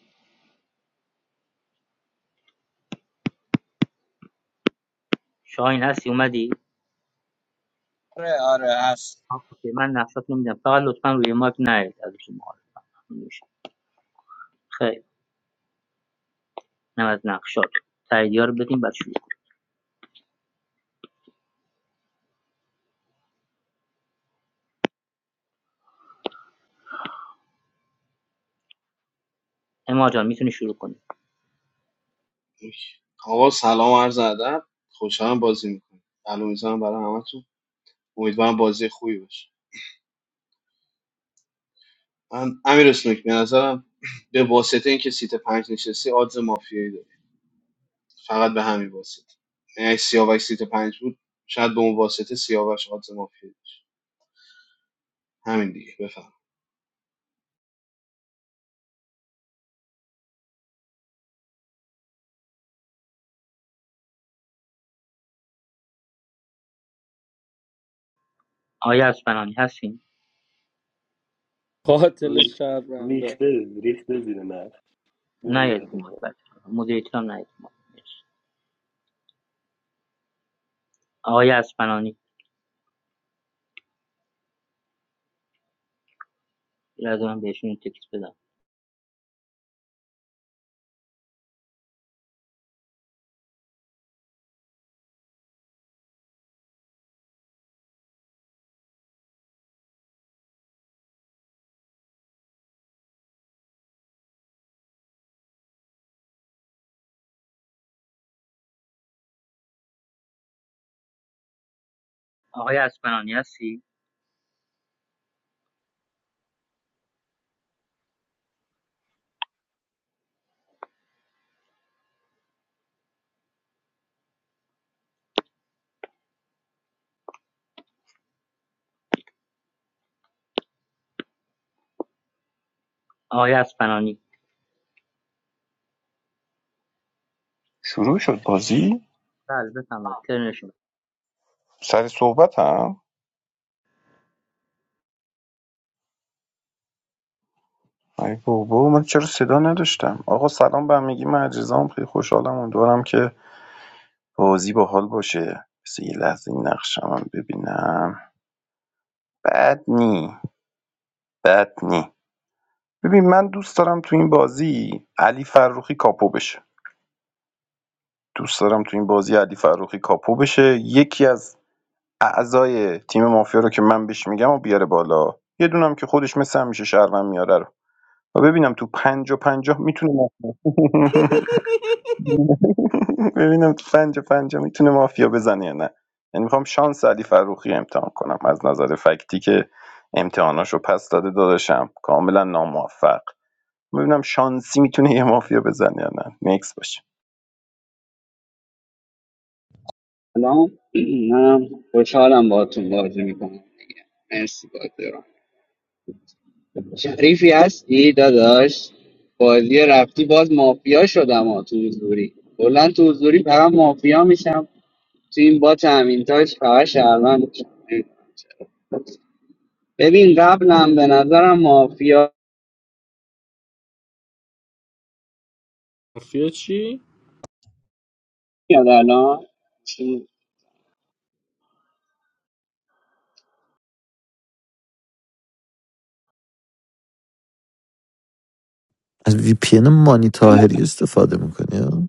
O: شاهین هستی اومدی
L: آره آره هست
O: اوکی من نقشات نمیدم فقط لطفا روی مایک نیاید از شما میشه خیلی نه از نقشات تاییدیا رو بدیم بعد شروع کنیم اما جان میتونی شروع کنی
P: آقا سلام و عرض ادب خوشحالم بازی میکنم سلام میزنم برای همتون امیدوارم بازی خوبی باشه من امیر اسنوک به نظرم به واسطه اینکه سیت پنج نشستی آدز مافیایی داری فقط به همین واسطه یعنی اگه سیاوش سیت پنج بود شاید به اون واسطه سیاوش آدز مافیایی همین دیگه بفهم
O: آیا از پنانی هستین
E: قاتل
F: روی
E: شهرونده
F: ریخته ریخته زیر نخ
O: نیاید رو
F: نمیاد
O: مایک بعد مدیریتور هم نیاید رو مایک. مرسی. آقای اسپنانی یه لحظه من بهشون یه تکست بدم آقای اسپنانی هستی؟ آقای اسپنانی
G: شروع شد بازی
O: بله بفرمایید ترن شما
G: سر صحبت هم ای بابا من چرا صدا نداشتم آقا سلام به همگی من عزیزام خیلی خوشحالم امیدوارم که بازی باحال باشه مثل یه لحظه این نقشم هم ببینم بد نی بد نی ببین من دوست دارم تو این بازی علی فروخی کاپو بشه دوست دارم تو این بازی علی فروخی کاپو بشه یکی از اعضای تیم مافیا رو که من بهش میگم و بیاره بالا یه دونم که خودش مثل همیشه شهروند میاره رو و ببینم تو پنجا پنجاه میتونه ببینم تو پنجا پنجا میتونه مافیا بزنه یا نه یعنی میخوام شانس علی فروخی امتحان کنم از نظر فکتی که امتحاناشو پس داده داداشم کاملا ناموفق ببینم شانسی میتونه یه مافیا بزنه یا نه نیکس باشه
L: سلام منم خوشحالم باهاتون بازی میکنم مرسی بازی رو شریفی هستی داداش بازی رفتی باز مافیا شدم ها تو حضوری کلا تو حضوری فقط مافیا میشم تو این با تامین تاج فقط شهروند میشم نمی‌دونم چرا. ببین قبلم به نظرم مافیا
E: مافیا چی؟
L: یاد الان
B: از وی پی ان مانی
L: الان-
B: تاهری استفاده میکنی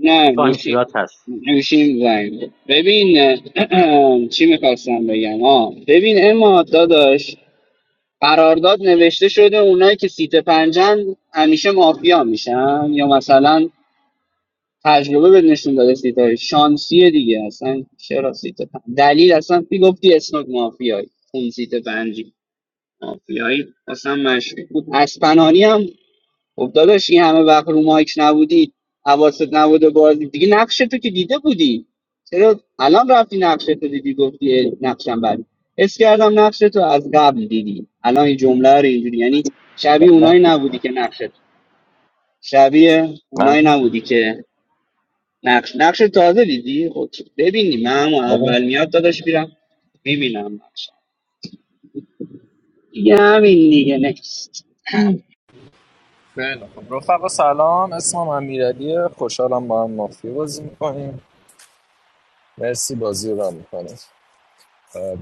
L: نه
O: شاهین
L: گوشی
O: صدات هست
L: گوشیم زنگ خورد. ببین چی میخواستم بگم آه ببین اما داداش قرارداد نوشته شده اونایی که سیت پنجن همیشه مافیا میشن یا مثلا تجربه به نشون داده سیت های شانسیه دیگه اصلا چرا سیت پنج دلیل اصلا پی گفتی اسمت مافیایی اون سیت پنجی مافیایی اصلا مشکوک بود اسپنانی هم خب داداش این همه وقت رو مایک نبودی حواست نبوده بازی دیگه نقش تو که دیده بودی چرا الان رفتی نقش تو دیدی گفتی اه، نقشم بعد حس کردم نقش تو از قبل دیدی الان این جمله رو اینجوری یعنی شبیه اونایی نبودی که نقشت شبیه
G: نه
L: اونایی
G: نه
L: نبودی که نقش نقش تازه دیدی خب ببینی من هم
G: آره.
L: اول میاد داداش میرم میبینم نقش دیگه همین دیگه نکست
I: خیلی خب رفقا سلام اسمم امیرعلیه خوشحالم با هم مافیا بازی میکنیم مرسی بازی رو هم میکنیم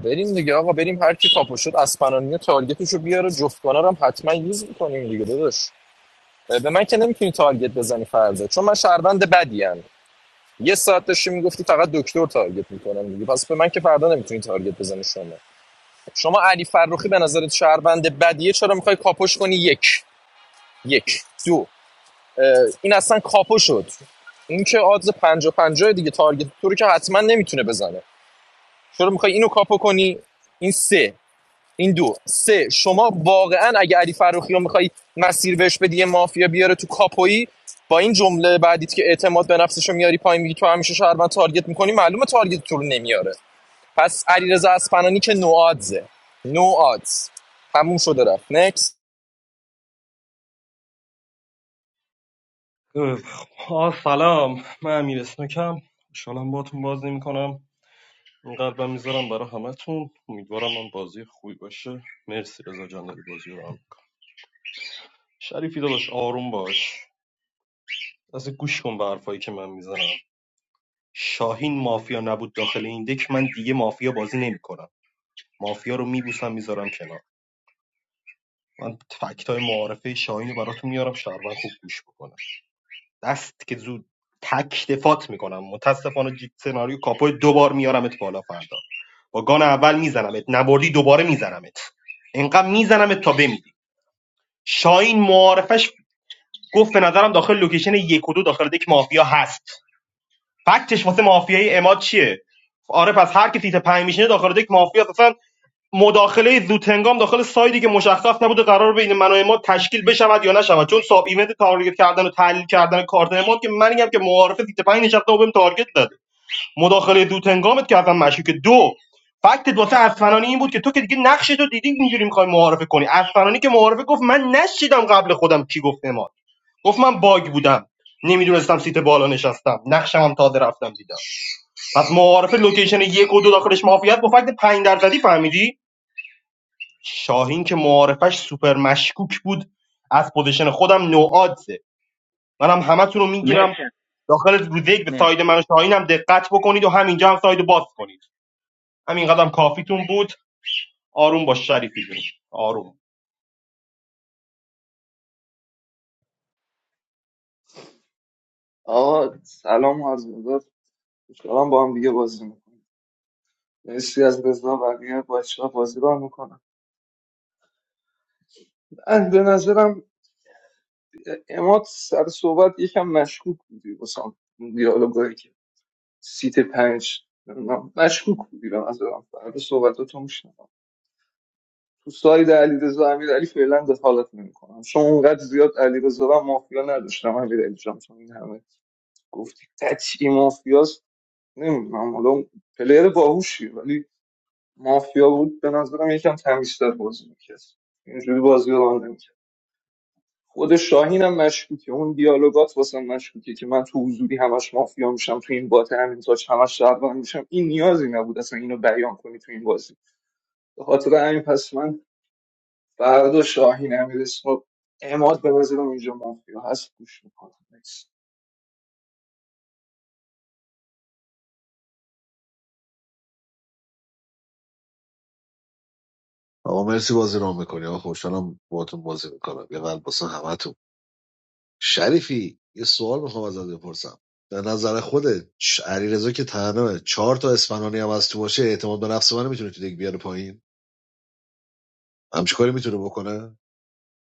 I: بریم دیگه آقا بریم هر کی کاپو شد اسپنانی تارگتش رو بیاره جفتگانه رو هم حتما یوز میکنیم دیگه داداش به من که نمیتونی تارگت بزنی فردا چون من شهروند بدیم یه ساعت داشتی میگفتی فقط دکتر تارگت میکنم دیگه پس به من که فردا نمیتونی تارگت بزنی شما شما علی فرخی به نظرت شهروند بدیه چرا میخوای کاپوش کنی یک یک دو این اصلا کاپو شد این که آدز پنجا پنجا دیگه تارگت تو رو که حتما نمیتونه بزنه چرا میخوای اینو کاپو کنی این سه این دو سه شما واقعا اگه علی فروخی میخوای مسیر بهش بدی مافیا بیاره تو کاپویی با این جمله بعدیت که اعتماد به نفسشو میاری پایین میگی تو همیشه شهروند تارگت میکنی معلومه تارگت تو رو نمیاره پس علیرضا اسپنانی که نو آدزه نو آدز تموم شده رفت نکس
J: گفت آه سلام من امیر اسنکم خوشحالم باهاتون باز نمیکنم این قلبم میذارم برای همتون امیدوارم من بازی خوبی باشه مرسی رضا جان داری بازی رو هم می‌کنی. شریفی داداش آروم باش از گوش کن به حرفایی که من میزنم شاهین مافیا نبود داخل این دک من دیگه مافیا بازی نمیکنم مافیا رو میبوسم میذارم کنار من فکت های معارفه شاهین رو براتون میارم شهروند خوب گوش بکنم دست که زود تک دفات میکنم متاسفانه جیت سناریو کاپو دوبار میارمت بالا فردا با گان اول میزنمت نبردی دوباره میزنمت انقدر میزنمت تا بمیری شاهین معارفش گفت به نظرم داخل لوکیشن یک و دو داخل دک مافیا هست فکتش واسه مافیای اماد چیه آره پس هر کی سیت پنج میشینه داخل یک مافیا اصلا مداخله زودهنگام داخل سایدی که مشخص نبوده قرار بین من و اماد تشکیل بشود یا نشود چون ساب ایونت تارگت کردن و تحلیل کردن کارت اماد که من منیم که معارفه سیت پنج نشسته و بهم تارگت زده مداخله زودهنگامت که اصلا مشکوکه دو فکت واسه اسفنانی این بود که تو که دیگه نقش تو دیدی اینجوری میخوای معارفه کنی اسفنانی که معارفه گفت من نشیدم قبل خودم کی گفت اماد گفت من باگ بودم نمیدونستم سیت بالا نشستم نقشم هم تازه رفتم دیدم پس معارف لوکیشن یک و دو داخلش مافیات با فکت 5 درصدی فهمیدی شاهین که معارفش سوپر مشکوک بود از پوزیشن خودم نوعادزه منم همتون رو
O: مرسی
J: میگیرم داخل روز یک به
O: مرسی
J: ساید من و شاهینم دقت بکنید و همینجا هم ساید رو باز کنید همین قدم کافیتون بود آروم باش شریفی جون آروم
H: آقا سلام و عرض مدار خوشحالم با هم دیگه بازی میکنم مرسی از رضا و بقیه بچه ها بازی رو میکنم من به نظرم اماد سر صحبت یکم مشکوک بودی بسام دیالوگایی که سیت پنج نمیدونم، مشکوک بودی به نظرم فرد صحبتاتو میشنم تو ساید علی رضا امیر علی فعلا دخالت نمیکنم چون اونقدر زیاد علی رضا و مافیا نداشتم امیر علی جان چون این همه گفتی تچی مافیاست نمیدونم حالا پلیر باهوشی ولی مافیا بود به نظرم یکم تمیزتر بازی میکرد اینجوری بازی رو راه نمیکرد خود شاهین هم مشکوکه اون دیالوگات واسه من مشکوکه که من تو حضوری همش مافیا میشم تو این بات همین تاج همش شهروند میشم این نیازی نبود اصلا اینو بیان کنی تو این بازی به خاطر همین پس من فردا شاهین امیر اسمو اماد به نظرم اینجا مافیا هست گوش میکنم
K: آقا مرسی بازی رام میکنی آقا خوشحالم باهاتون بازی میکنم یه قلب واسه همتون شریفی یه سوال میخوام ازت بپرسم در نظر خودت ش- علیرضا که تنها چهار تا اسفنانی هم از تو باشه اعتماد به نفس من میتونه تو دیگه بیاره پایین همچی کاری میتونه بکنه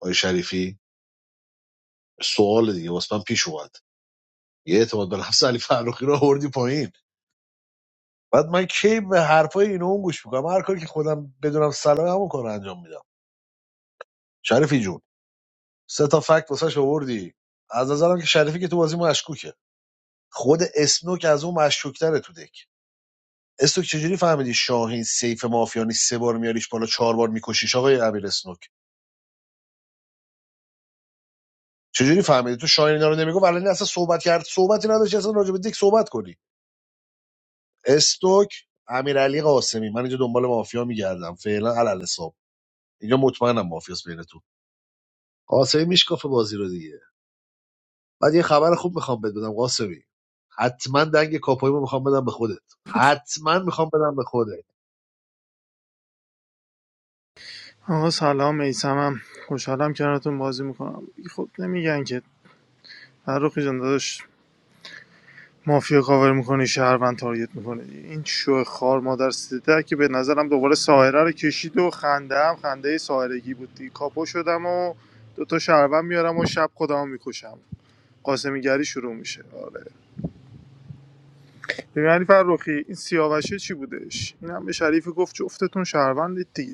K: آقای شریفی سوال دیگه واسه من پیش اومد یه اعتماد به نفس علی فرخی رو آوردی پایین بعد من کی به حرفای اینو اون گوش میکنم هر کاری که خودم بدونم سلام همون کار انجام میدم شریفی جون سه تا فکت واسش آوردی از نظرم که شریفی که تو بازی مشکوکه خود اسنوک از اون مشکوکتره تو دک اسنوک چجوری فهمیدی شاهین سیف مافیانی سه بار میاریش بالا چهار بار میکشیش آقای امیر اسنوک چجوری فهمیدی تو شاهین اینا رو نمیگو ولی اصلا صحبت کرد صحبتی نداشت اصلا راجع به دک صحبت کنی استوک امیرعلی قاسمی من اینجا دنبال مافیا میگردم فعلا علل حساب اینجا مطمئنم مافیاس بینتون قاسمی میشکافه بازی رو دیگه بعد یه خبر خوب میخوام بهت بدم قاسمی حتما دنگ کاپویمو میخوام بدم به خودت حتما میخوام بدم به خودت
R: آقا سلام میسمم خوشحالم کنارتون بازی میکنم خب نمیگن که فرخی جان داداش مافیا کاور میکنی شهروند تارگت میکنی این شو خار مادر سیده که به نظرم دوباره ساهره رو کشید و خنده هم خنده ساهرگی بود دی کاپو شدم و دوتا شهروند میارم و شب خودم میکشم قاسمیگری شروع میشه آره ببین علی فرخی این سیاوشه چی بودش این هم به شریفی گفت جفتتون شهروندید دیگه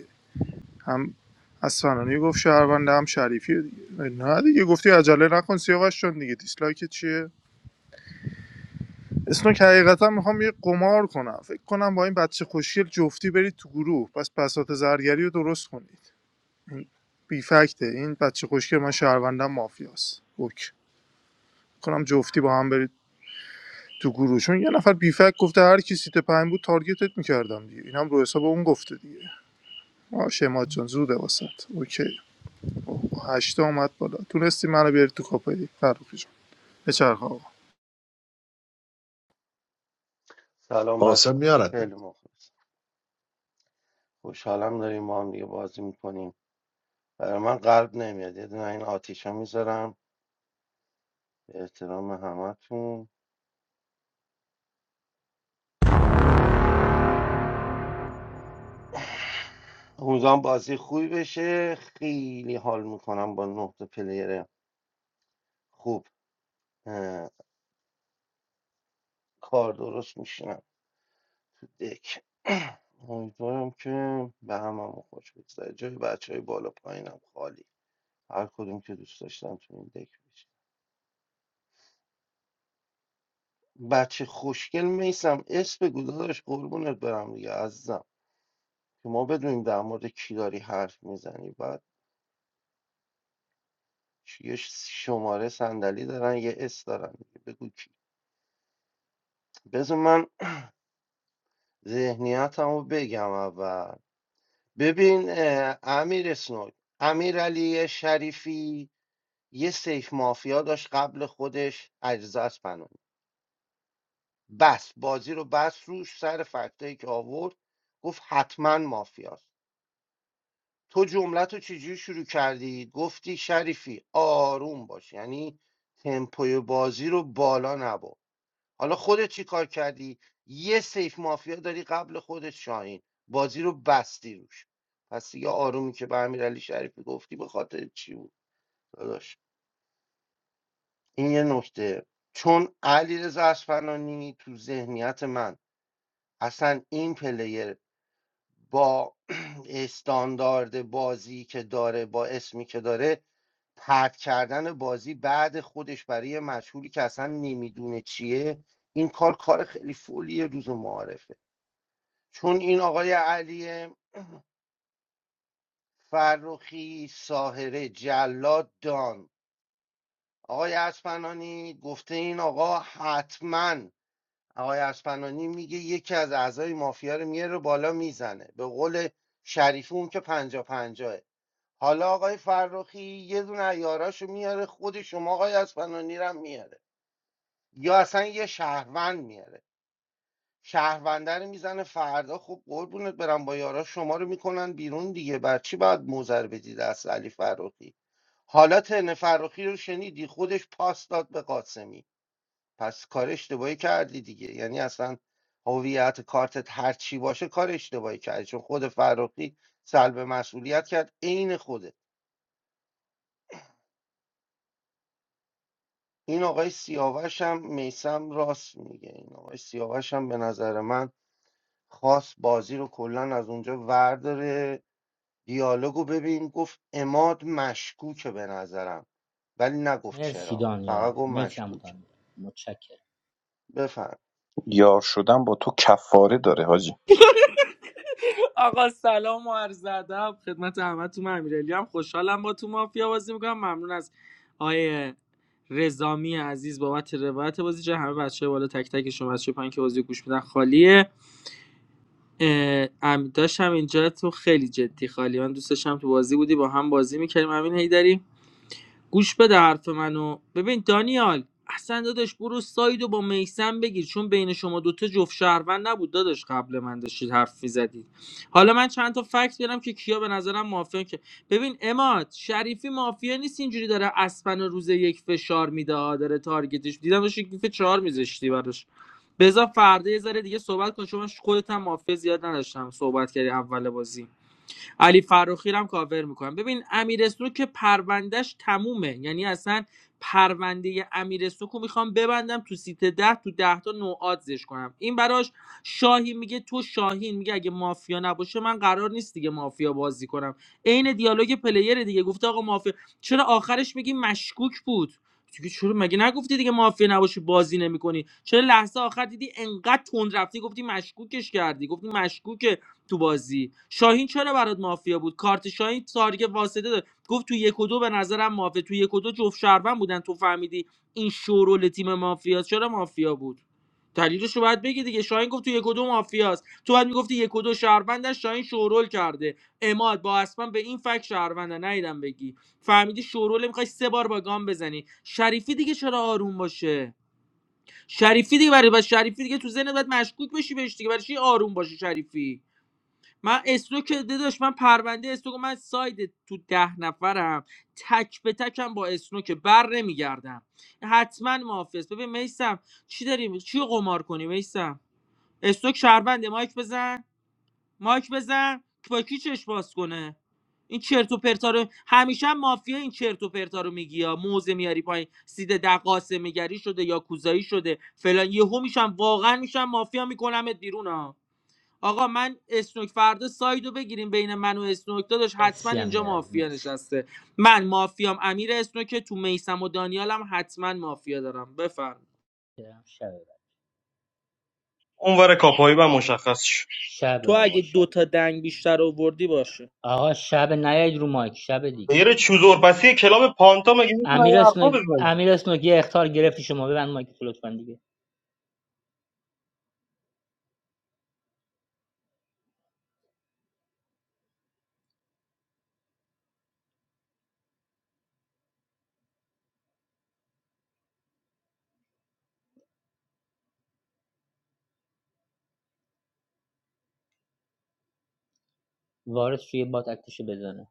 R: هم اسفنانی گفت شهرونده هم شریفی رو دیگه نه دیگه گفتی عجله نکن سیاوش چون دیگه دیسلایک چیه اسنوک حقیقتا میخوام یه قمار کنم فکر کنم با این بچه خوشگل جفتی برید تو گروه پس بساط زرگری رو درست کنید این بی فکته این بچه خوشگل من شهروندم مافیاست اوک کنم جفتی با هم برید تو گروه چون یه نفر بی فکت گفته هر کی سیت پنج بود تارگتت میکردم دیگه اینم رو حساب اون گفته دیگه آ شمات جان زوده واسط اوکی هشتا اومد بالا تونستی منو بیاری تو کاپایی فرخی جان بچرخ آقا
N: سلام
K: قاسم
N: بچه
K: میارد
N: خیلی مخلص خوشحالم داریم ما هم دیگه بازی میکنیم برای من قلب نمیاد یه دونه این آتیشا میذارم به احترام همتون امیدوارم بازی خوبی بشه خیلی حال میکنم با نه تا پلیر خوب اه، کار درست میشینم تو دک امیدوارم که به هممون خوش بگذره جای بچه های بالا پایینم خالی هر کدوم که دوست داشتم تو این دک بشه بچه خوشگل میسم اسم بگو داداش قربونت برم دیگه عزیزم که ما بدونیم در مورد کی داری حرف میزنی بعد یه شماره صندلی دارن یه اس دارن دیگه بگو کی بذار من ذهنیتمو بگم اول ببین اه، امیر اسنوک امیر علی شریفی یه سیف مافیا داشت قبل خودش اجزاس پناه. بس بازی رو بس روش سر فکتایی که آورد گفت حتما مافیاست تو جمله تو چجوری شروع کردی گفتی شریفی آروم باش یعنی تمپوی بازی رو بالا نبر حالا خودت چی کار کردی یه سیف مافیا داری قبل خودت شاهین بازی رو بستی روش پس یه آرومی که به امیرعلی شریفی گفتی به خاطر چی بود داداش این یه نکته چون علیرضا اصفهانی تو ذهنیت من اصلا این پلیر با استاندارد بازی که داره با اسمی که داره پرت کردن بازی بعد خودش برای یه مجهولی که اصلا نمیدونه چیه این کار کار خیلی فولیه روز معارفه چون این آقای علی فرخی ساهره جلاد دان آقای اسپنانی گفته این آقا حتما آقای اسپنانی میگه یکی از اعضای مافیا رو میاره بالا میزنه به قول شریفی اون که پنجا پنجاه حالا آقای فرخی یه دونه یاراشو میاره خود شما آقای اسپنانی رو هم میاره یا اصلا یه شهروند میاره شهرونده رو میزنه فردا خب قربونت برم با یارا شما رو میکنن بیرون دیگه بر چی باید موزر بدی دست علی فرخی حالا تن فرخی رو شنیدی خودش پاس داد به قاسمی پس کار اشتباهی کردی دیگه یعنی اصلا هویت کارتت هر چی باشه کار اشتباهی کردی چون خود فرخی سلب مسئولیت کرد عین خودت این آقای سیاوش هم میسم راست میگه این آقای سیاوش هم به نظر من خواست بازی رو کلا از اونجا ورداره دیالوگو ببین گفت اماد مشکوکه به نظرم ولی نگفت
O: مرسی
N: چرا فقط
O: دانیال
N: گفت
O: مرسی عمو
N: مشکوکه
O: دانیال متشکرم
N: بفهم
G: یار شدن با تو کفاره داره حاجی
E: آقا سلام و عرض ادب خدمت همتون من امیرعلی هم خوشحالم با تو مافیا بازی میکنم ممنون از آیه رزامی عزیز بابت روایت بازی چه همه بچه بالا تک تک شما بچه پایین که بازی گوش میدن خالیه امید داشتم اینجا تو خیلی جدی خالی من دوست داشتم تو بازی بودی با هم بازی میکردیم همین هیدری گوش بده حرف منو ببین دانیال اصلا داداش برو سایدو با میسم بگیر چون بین شما دوتا جفت شهروند نبود داداش قبل من داشتید حرف میزدید حالا من چند تا فکت بیارم که کیا به نظرم مافیا که ببین اماد شریفی مافیا نیست اینجوری داره اسپن و روز یک فشار میده داره تارگتش دیدم داشت یک گیف چهار میذاشتی براش بذار فردا یه ذره دیگه صحبت کن چون من خودت هم مافیا زیاد نداشتم صحبت کردی اول بازی علی فراخی رو هم کاور میکنم ببین امیر سنوک که پروندهش تمومه یعنی اصلا پرونده امیر سنوک رو میخوام ببندم تو سیت ده تو ده تا نوعادزش کنم این براش شاهی میگه تو شاهین میگه اگه مافیا نباشه من قرار نیست دیگه مافیا بازی کنم عین دیالوگ پلیر دیگه گفته آقا مافیا چرا آخرش میگی مشکوک بود دیگه چرا مگه نگفتی دیگه مافیا نباشی بازی نمیکنی چرا لحظه آخر دیدی انقدر تند رفتی گفتی مشکوکش کردی گفتی مشکوک تو بازی شاهین چرا برات مافیا بود کارت شاهین تارگت واسطه داد گفت تو یک و دو به نظرم مافیا تو یک و دو جفت شهروند بودن تو فهمیدی این شورول تیم مافیاست چرا مافیا بود دلیلش رو باید بگی دیگه شاهین گفت تو یک و دو مافیاست تو باید میگفتی یک و دو شهروندن شاهین شورول کرده اماد با اسمن به این فک شهروندن نیدم بگی فهمیدی شورول میخوای سه بار با گام بزنی شریفی دیگه چرا آروم باشه شریفی دیگه برای بس شریفی دیگه تو ذهنت باید مشکوک بشی بهش دیگه برای چی آروم باشه شریفی من استوک که داداش من پرونده استوک من ساید تو ده نفرم تک به تکم با اسنوک بر نمیگردم حتما محافظ ببین میسم چی داریم چی قمار کنی میسم استوک شهرونده مایک بزن مایک بزن با کی چش باز کنه این چرت و پرتا رو همیشه هم مافیا این چرت و پرتا رو میگی یا موزه میاری پایین سید دقاسه میگری شده یا کوزایی شده فلان یهو میشم واقعا میشم مافیا میکنمت بیرون ها آقا من اسنوک فردا سایدو بگیریم بین من و اسنوک داداش حتما
O: مرسی
E: اینجا
O: امیرعلی
E: مافیا
O: مرسی
E: نشسته من مافیام امیر اسنوک تو میسم و دانیالم حتما مافیا دارم بفرم
O: برم شب بعد.
J: اونور کاپایی و مشخص شد
O: شب
E: تو
O: آقا
E: اگه
O: شب
E: دوتا دنگ بیشتر آوردی باشه
O: آقا شب نیاید رو مایک شب دیگه
J: غیر
O: بچه نیاید
J: چوزور پسی کلاب پانتا مگه میتونن این
O: امیر
J: حرفا
O: اسنوگ
J: بزنن
O: امیر اسنوگ یه اختار گرفتی شما ببند مایک تو لطفا دیگه وارث توی بات اکتشو بزنه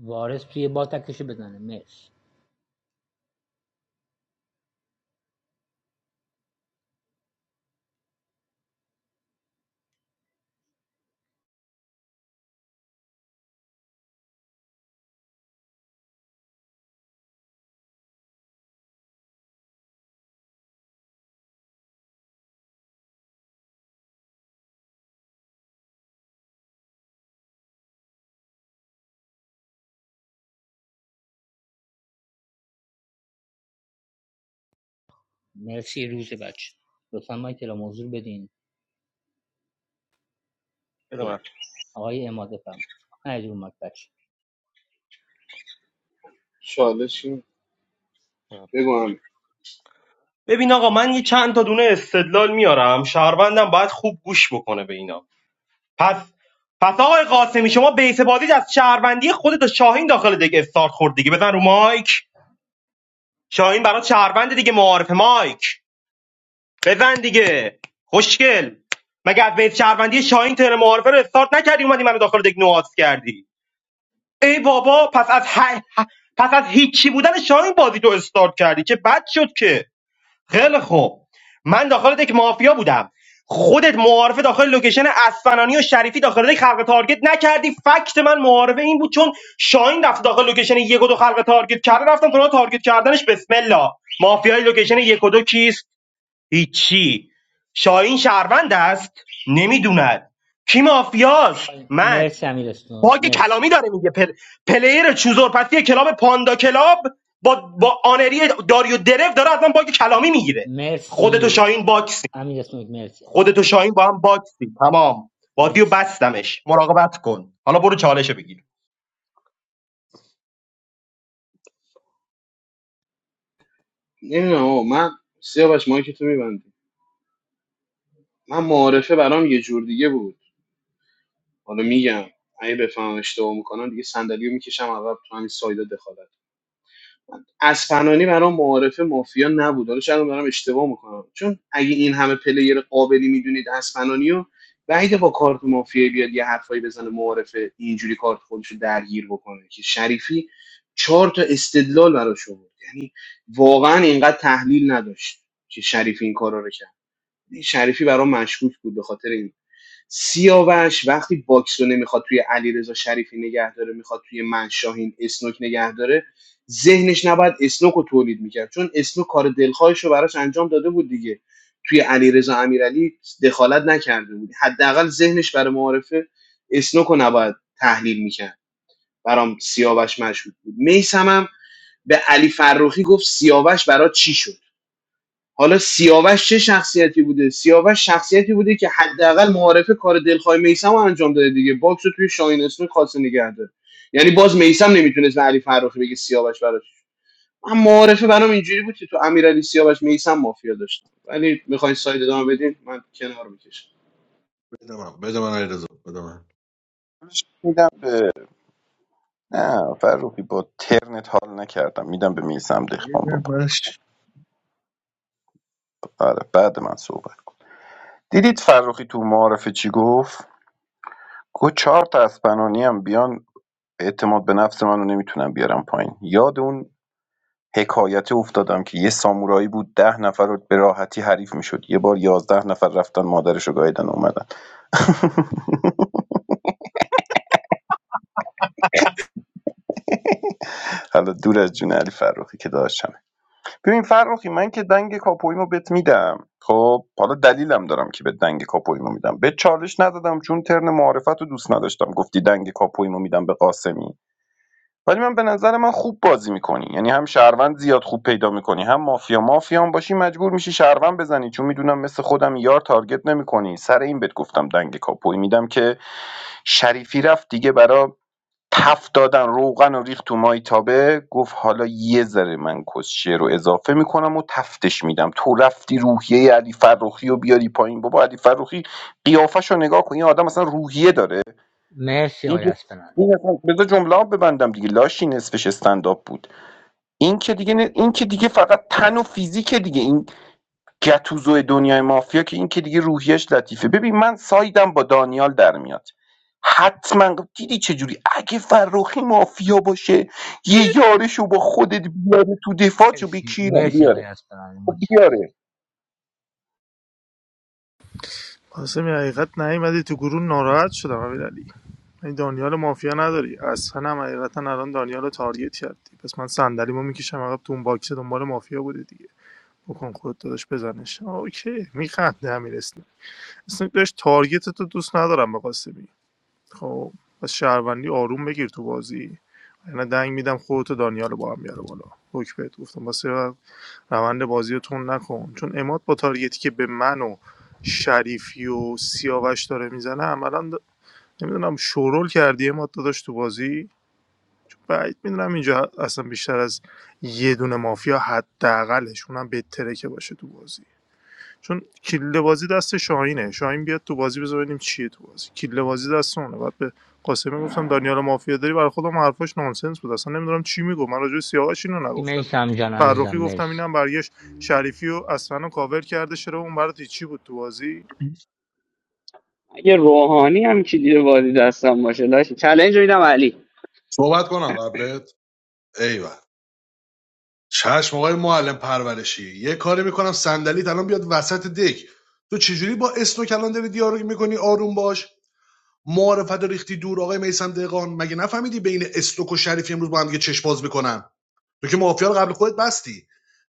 O: وارث توی بات اکتشو بزنه مرسی مرسی روز بچه لطفا مایک اعلام موضوع بدین
J: بدونم.
O: اوکی آقای اماده فرمود نه رو مایک بچه
P: چالش این بگم
J: ببین آقا من یه چند تا دونه استدلال میارم شهروندم باید خوب گوش بکنه به اینا پس پس آقای قاسمی شما بیس بازیت از شهروندی خودت و شاهین داخل دیگه استارت خورد دیگه بزن رو مایک شاهین برات شهروند دیگه معارف مایک بزن دیگه خوشگل مگه از بیس شهروندی شاهین تر معارفه رو استارت نکردی اومدی منو داخل دیگه نواز کردی ای بابا پس از ه... پس از هیچی بودن شاهین بازی تو استارت کردی که بد شد که خیلی خوب من داخل دک مافیا بودم خودت معارفه داخل لوکیشن اسفنانی و شریفی داخل دک خلق تارگت نکردی فکت من معارفه این بود چون شاهین رفت داخل لوکیشن یک و دو خلق تارگت کرده رفتم تو راه تارگت کردنش بسم الله مافیای لوکیشن یک و دو کیست هیچی شاهین شهروند است نمیدوند کی مافیاست من
O: مرسی امیر اسنوک
J: باگ کلامی
O: مرسی
J: داره میگه پل... پلیر چوزور پسی کلاب پاندا کلاب با, با آنری داریو درف داره از من باگ کلامی میگیره خودتو
O: مرسی
J: شاهین باکسی
O: امیر اسنوک مرسی هستم
J: خودتو شاهین با هم باکسی تمام بازیو
O: مرسی
J: بستمش مراقبت کن حالا برو چالشو بگیر
P: نمیدونم آقا من سیاوش مایک تو میبندی من معارفه برام یه جور دیگه بود حالا میگم اگه بفهم اشتباه میکنم دیگه صندلیو میکشم عقب تو همین سایدا دخالت اسپنانی برام معارف مافیا نبود حالا شاید من دارم اشتباه میکنم چون اگه این همه پلیر قابلی میدونید اسپنانی رو بعیده با کارت مافیا بیاد یه حرفایی بزنه معارف اینجوری کارت خودش رو درگیر بکنه که شریفی چهار تا استدلال براش بود یعنی واقعا اینقدر تحلیل نداشت که شریفی این کارا رو کرد یعنی شریفی برام مشکوک بود به خاطر این سیاوش وقتی باکس رو نمیخواد توی علیرضا شریفی نگه داره میخواد توی من شاهین اسنوک نگه داره ذهنش نباید اسنوک رو تولید میکرد چون اسنوک کار دلخواهش رو براش انجام داده بود دیگه توی علیرضا امیرعلی دخالت نکرده بود حداقل ذهنش برای معارفه اسنوک رو نباید تحلیل میکرد برام سیاوش مشهود بود میسمم به علی فروخی گفت سیاوش برات چی شد حالا سیاوش چه شخصیتی بوده سیاوش شخصیتی بوده که حداقل معارفه کار دلخواه میسم رو انجام داده دیگه باکس رو توی شاهین اسمی خاصه نگه داره یعنی باز میسم نمیتونست به علی فرخی بگه سیاوش براش من معارفه برام اینجوری بود که تو امیرعلی سیاوش میسم مافیا داشتم ولی میخواین ساید ادامه بدین من کنار میکشم
K: بده من بده من علیرضا بده من
G: میدم نه فروخی با ترنت حال نکردم میدم به میسم دخبان
K: بده
G: بابا
K: من.
G: آره بعد من صحبت کن. دیدید فروخی تو معارفه چی گفت گفت چهار تا اسپنانی هم بیان اعتماد به نفس منو نمیتونم بیارم پایین یاد اون حکایته افتادم که یه سامورایی بود ده نفر رو به راحتی حریف میشد یه بار یازده نفر رفتن مادرشو رو گاییدن اومدن حالا دور از جون علی فرخی که داشتم ببین فرخی من که دنگ کاپویمو بت میدم خب حالا دلیلم دارم که به دنگ کاپویمو میدم به چالش ندادم چون ترن معارفت رو دوست نداشتم گفتی دنگ کاپویمو میدم به قاسمی ولی من به نظر من خوب بازی میکنی یعنی هم شهروند زیاد خوب پیدا میکنی هم مافیا مافیا هم باشی مجبور میشی شهروند بزنی چون میدونم مثل خودم یار تارگت نمیکنی سر این بهت گفتم دنگ کاپوی میدم که شریفی رفت دیگه برا تف دادن روغن و ریخت تو مایتابه گفت حالا یه ذره من کسچه رو اضافه میکنم و تفتش میدم تو رفتی روحیه علی فرخی رو بیاری پایین بابا علی فرخی قیافش رو نگاه کن این آدم اصلا روحیه داره
O: مرسی
G: این
O: آقای
G: که
O: اسپنان
G: این اصلا بذار جمله ها ببندم دیگه لاشی نصفش استنداپ بود این که دیگه نه- این که دیگه فقط تن و فیزیک دیگه این گتوزو دنیای مافیا که این که دیگه روحیش لطیفه ببین من سایدم با دانیال در میاد حتما دیدی چجوری اگه فرخی مافیا باشه یه یارشو با خودت بیاره تو دفاع چو
O: مرسی
G: بکیرم
O: مرسی آقای
G: بیاره
O: اسپنان
G: خب
O: متشکرم
G: بیاره
R: قاسمی حقیقت نیومدی تو گروه ناراحت شدم امیرعلی این دانیال مافیا نداری اصلا هم حقیقتا الان دانیال رو تارگت کردی پس من صندلیمو میکشم عقب تو اون باکس دنبال مافیا بوده دیگه بکن خودت داداش بزنش اوکی میخنده امیر اسلام اصلا داشت تارگت تو دوست ندارم به قاسمی خب پس شهروندی آروم بگیر تو بازی یعنی دنگ میدم خودت و دانیال رو با هم بیاره بالا حکم بهت گفتم واسه روند بازی رو تند نکن چون اماد با تارگتی که به من و شریفی و سیاوش داره میزنه عملا د... نمیدونم شورول کردی اماد داداش تو بازی چون بعید میدونم اینجا اصلا بیشتر از یه دونه مافیا حداقلش اونم بهتره که باشه تو بازی چون کله بازی دست شاهینه شاهین بیاد تو بازی بذار ببینیم چیه تو بازی کله بازی دست اونه بعد به قاسمی گفتم دانیال مافیا داری برای خودم حرفاش نانسنس بود اصلا نمیدونم چی میگو من راجع به سیاوش اینو نگفتم که
O: مرسی جان عزیزم
R: فرخی گفتم
O: مرسی
R: اینم برگشت شریفی و اصلا کاور کرده چرا اون برات چی بود تو بازی
L: اگه روحانی هم که دیده بازی دستم باشه داشت چالش میدم علی
K: صحبت کنم قبلت ایول چشم آقای معلم پرورشی یه کاری میکنم صندلیت الان بیاد وسط دک تو چجوری با اسم و کلان داری دیالوگ میکنی آروم باش معرفت ریختی دور آقای میسم دهقان مگه نفهمیدی بین استوک و شریفی امروز با هم دیگه چشم باز میکنن تو که مافیا رو قبل خودت بستی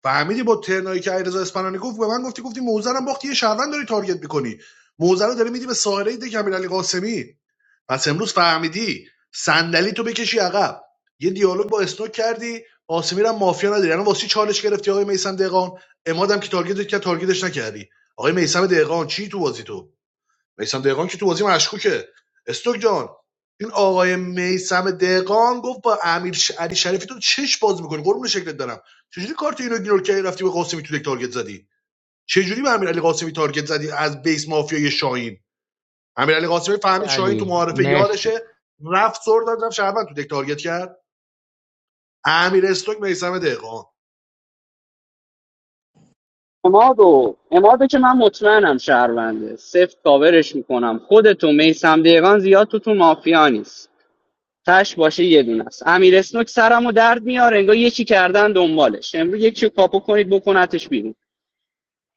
K: فهمیدی با ترنایی که علیرضا اسپانانی گفت به من گفتی گفتی موزه رو باختی یه شهروند داری تارگت میکنی موزه رو داری میدی به ساحره ده علی قاسمی پس امروز فهمیدی صندلی تو بکشی عقب یه دیالوگ با اسنوک کردی قاسمی را مافیا نداری الان واسه چالش گرفتی آقای میسم دهقان امادم که تارگتت کرد تارگتش نکردی آقای میسم دهقان چی تو بازی تو میسم دقیقان که تو بازی مشکوکه استوک جان این آقای میسم دقیقان گفت با امیر علی شریفی تو چش باز میکنی قربون شکلت دارم چجوری کارت اینو ایگنور کردی رفتی به قاسمی تو دک تارگت زدی چجوری به امیر قاسمی تارگت زدی از بیس مافیای شاهین امیر علی قاسمی فهمید شاهین تو
O: علی
K: معارفه
O: مرسی
K: یارشه رفت سر داد رفت شهروند تو دک تارگت کرد امیر استوک میسم دقیقان
L: امادو امادو که من مطمئنم شهرونده سفت کاورش میکنم خودتو میسم دقیقان زیاد تو تو مافیا نیست تش باشه یه دونه است امیر اسنوک سرمو درد میاره انگار یکی کردن دنبالش امروز یکی رو کاپو کنید بکنتش بیرون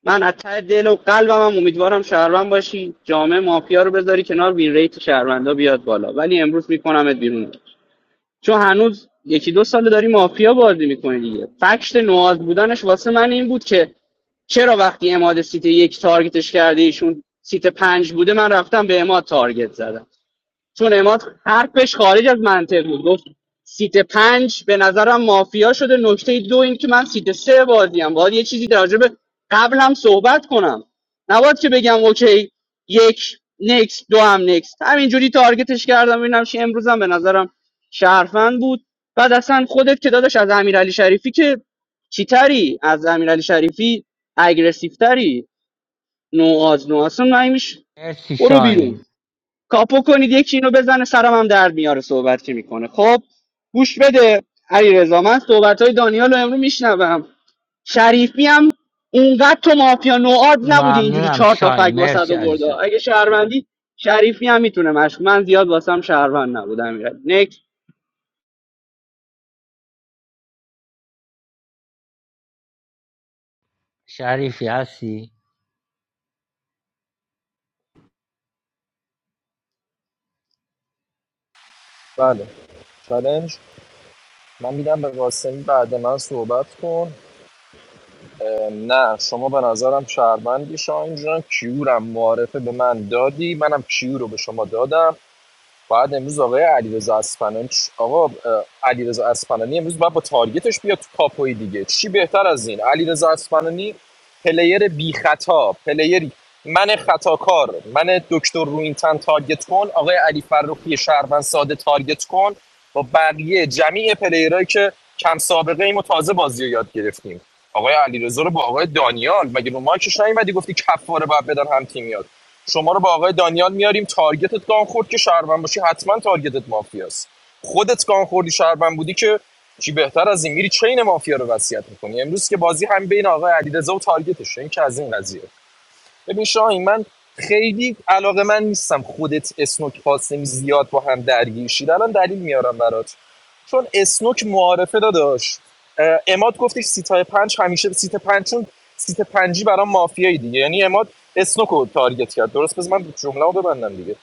L: من از ته دل و قلبم هم امیدوارم شهروند باشی جامعه مافیا رو بذاری کنار وین ریت شهروندا بیاد بالا ولی امروز میکنمت بیرون چون هنوز یکی دو ساله داری مافیا بازی میکنه دیگه فکت نواز بودنش واسه من این بود که چرا وقتی اماد سیت یک تارگتش کرده ایشون سیت پنج بوده من رفتم به اماد تارگت زدم چون اماد حرفش خارج از منطق بود گفت سیت پنج به نظرم مافیا شده نکته دو این که من سیت سه بازیم باید یه چیزی در به قبل هم صحبت کنم نباید که بگم اوکی یک نکس دو هم نکس همینجوری تارگتش کردم ببینم چی امروزم به نظرم شرفن بود بعد اصلا خودت که داداش از امیرعلی شریفی که چیتری از امیرعلی شریفی اگریسیو تری نو از نو اصلا نمیش
O: مرسی
L: برو بیرون
O: شاین
L: کاپو کنید یکی اینو بزنه سرم هم درد میاره صحبت که میکنه خب گوش بده علی رضا من صحبت های دانیال رو امرو میشنوم شریفی هم اونقدر تو مافیا نواد نبودی اینجوری
O: ممنونم
L: چهار تا فگ
O: شاین
L: واسه
O: مرسی
L: برده
O: عزیزم
L: اگه شهروندی شریفی هم میتونه مشک من زیاد واسم شهروند نبودم نکس
O: شریفی هستی
I: بله چالنج من میدم به قاسمی بعد من صحبت کن نه شما به نظرم شهروندی شاهین جان کیورم معرفه به من دادی منم کیور رو به شما دادم بعد امروز آقای علیرضا اصفهانی چ- آقا علیرضا اصفهانی امروز باید با تارگتش بیاد تو کاپوی دیگه چی بهتر از این علیرضا اصفهانی پلیر بی خطا پلیری من خطاکار من دکتر روینتن تارگت کن آقای علی فرخی شهروند ساده تارگت کن با بقیه جمعی پلیرهایی که کم سابقه ایم و تازه بازی رو یاد گرفتیم آقای علیرضا رو با آقای دانیال مگه رو مایکش نیومدی گفتی کفاره باید بدن هم تیمیات شما رو با آقای دانیال میاریم تارگتت گان خورد که شهروند باشی حتما تارگتت مافیاست خودت گان خوردی شهروند بودی که چی بهتر از این میری چین مافیا رو وصیت میکنی امروز که بازی هم بین آقای علیرضا و تارگتشه این که از این قضیه ببین شاهین من خیلی علاقه من نیستم خودت اسنوک قاسمی زیاد با هم درگیر شید الان دلیل میارم برات چون اسنوک معارفه داداش اه، اماد گفتش سیتای پنج همیشه سیت پنج چون سیت پنجی برام مافیایی دیگه یعنی اماد اسنوکو رو تارگت کرد درست پس من جمله رو ببندم دیگه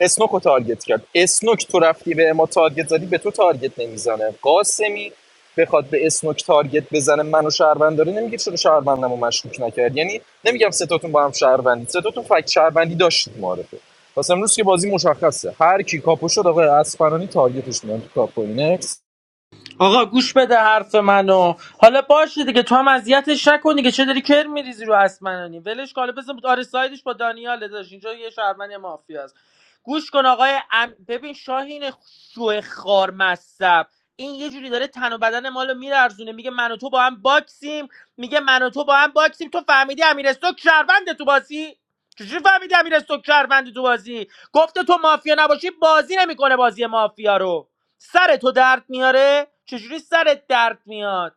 I: اسنوکو تارگت کرد اسنوک تو رفتی به اما تارگت زدی به تو تارگت نمیزنه قاسمی بخواد به اسنوک تارگت بزنه منو شهروند داره نمیگه چرا شهروندم رو مشکوک نکرد یعنی نمیگم ستاتون با هم شهروندی ستاتون فکت شهروندی داشتید معرفه پس امروز که بازی مشخصه هر کی کاپو شد آقای اسفرانی تارگتش میان تو کاپو اینکس
E: آقا گوش بده حرف منو حالا باشه دیگه تو هم اذیتش نکنی که چه داری کر میریزی رو اسمنانی ولش کاله بزن آره سایدش با دانیاله داشت اینجا یه شهرمن یه مافیا است گوش کن آقای ام... ببین شاهین شو خار مصب این یه جوری داره تن و بدن مالو میلرزونه میگه من و تو با هم باکسیم میگه من و تو با هم باکسیم تو فهمیدی امیر استوک شهروند تو بازی چجوری فهمیدی امیر استوک شهروند تو بازی گفته تو مافیا نباشی بازی نمیکنه بازی مافیا رو سر تو درد میاره چجوری سرت درد میاد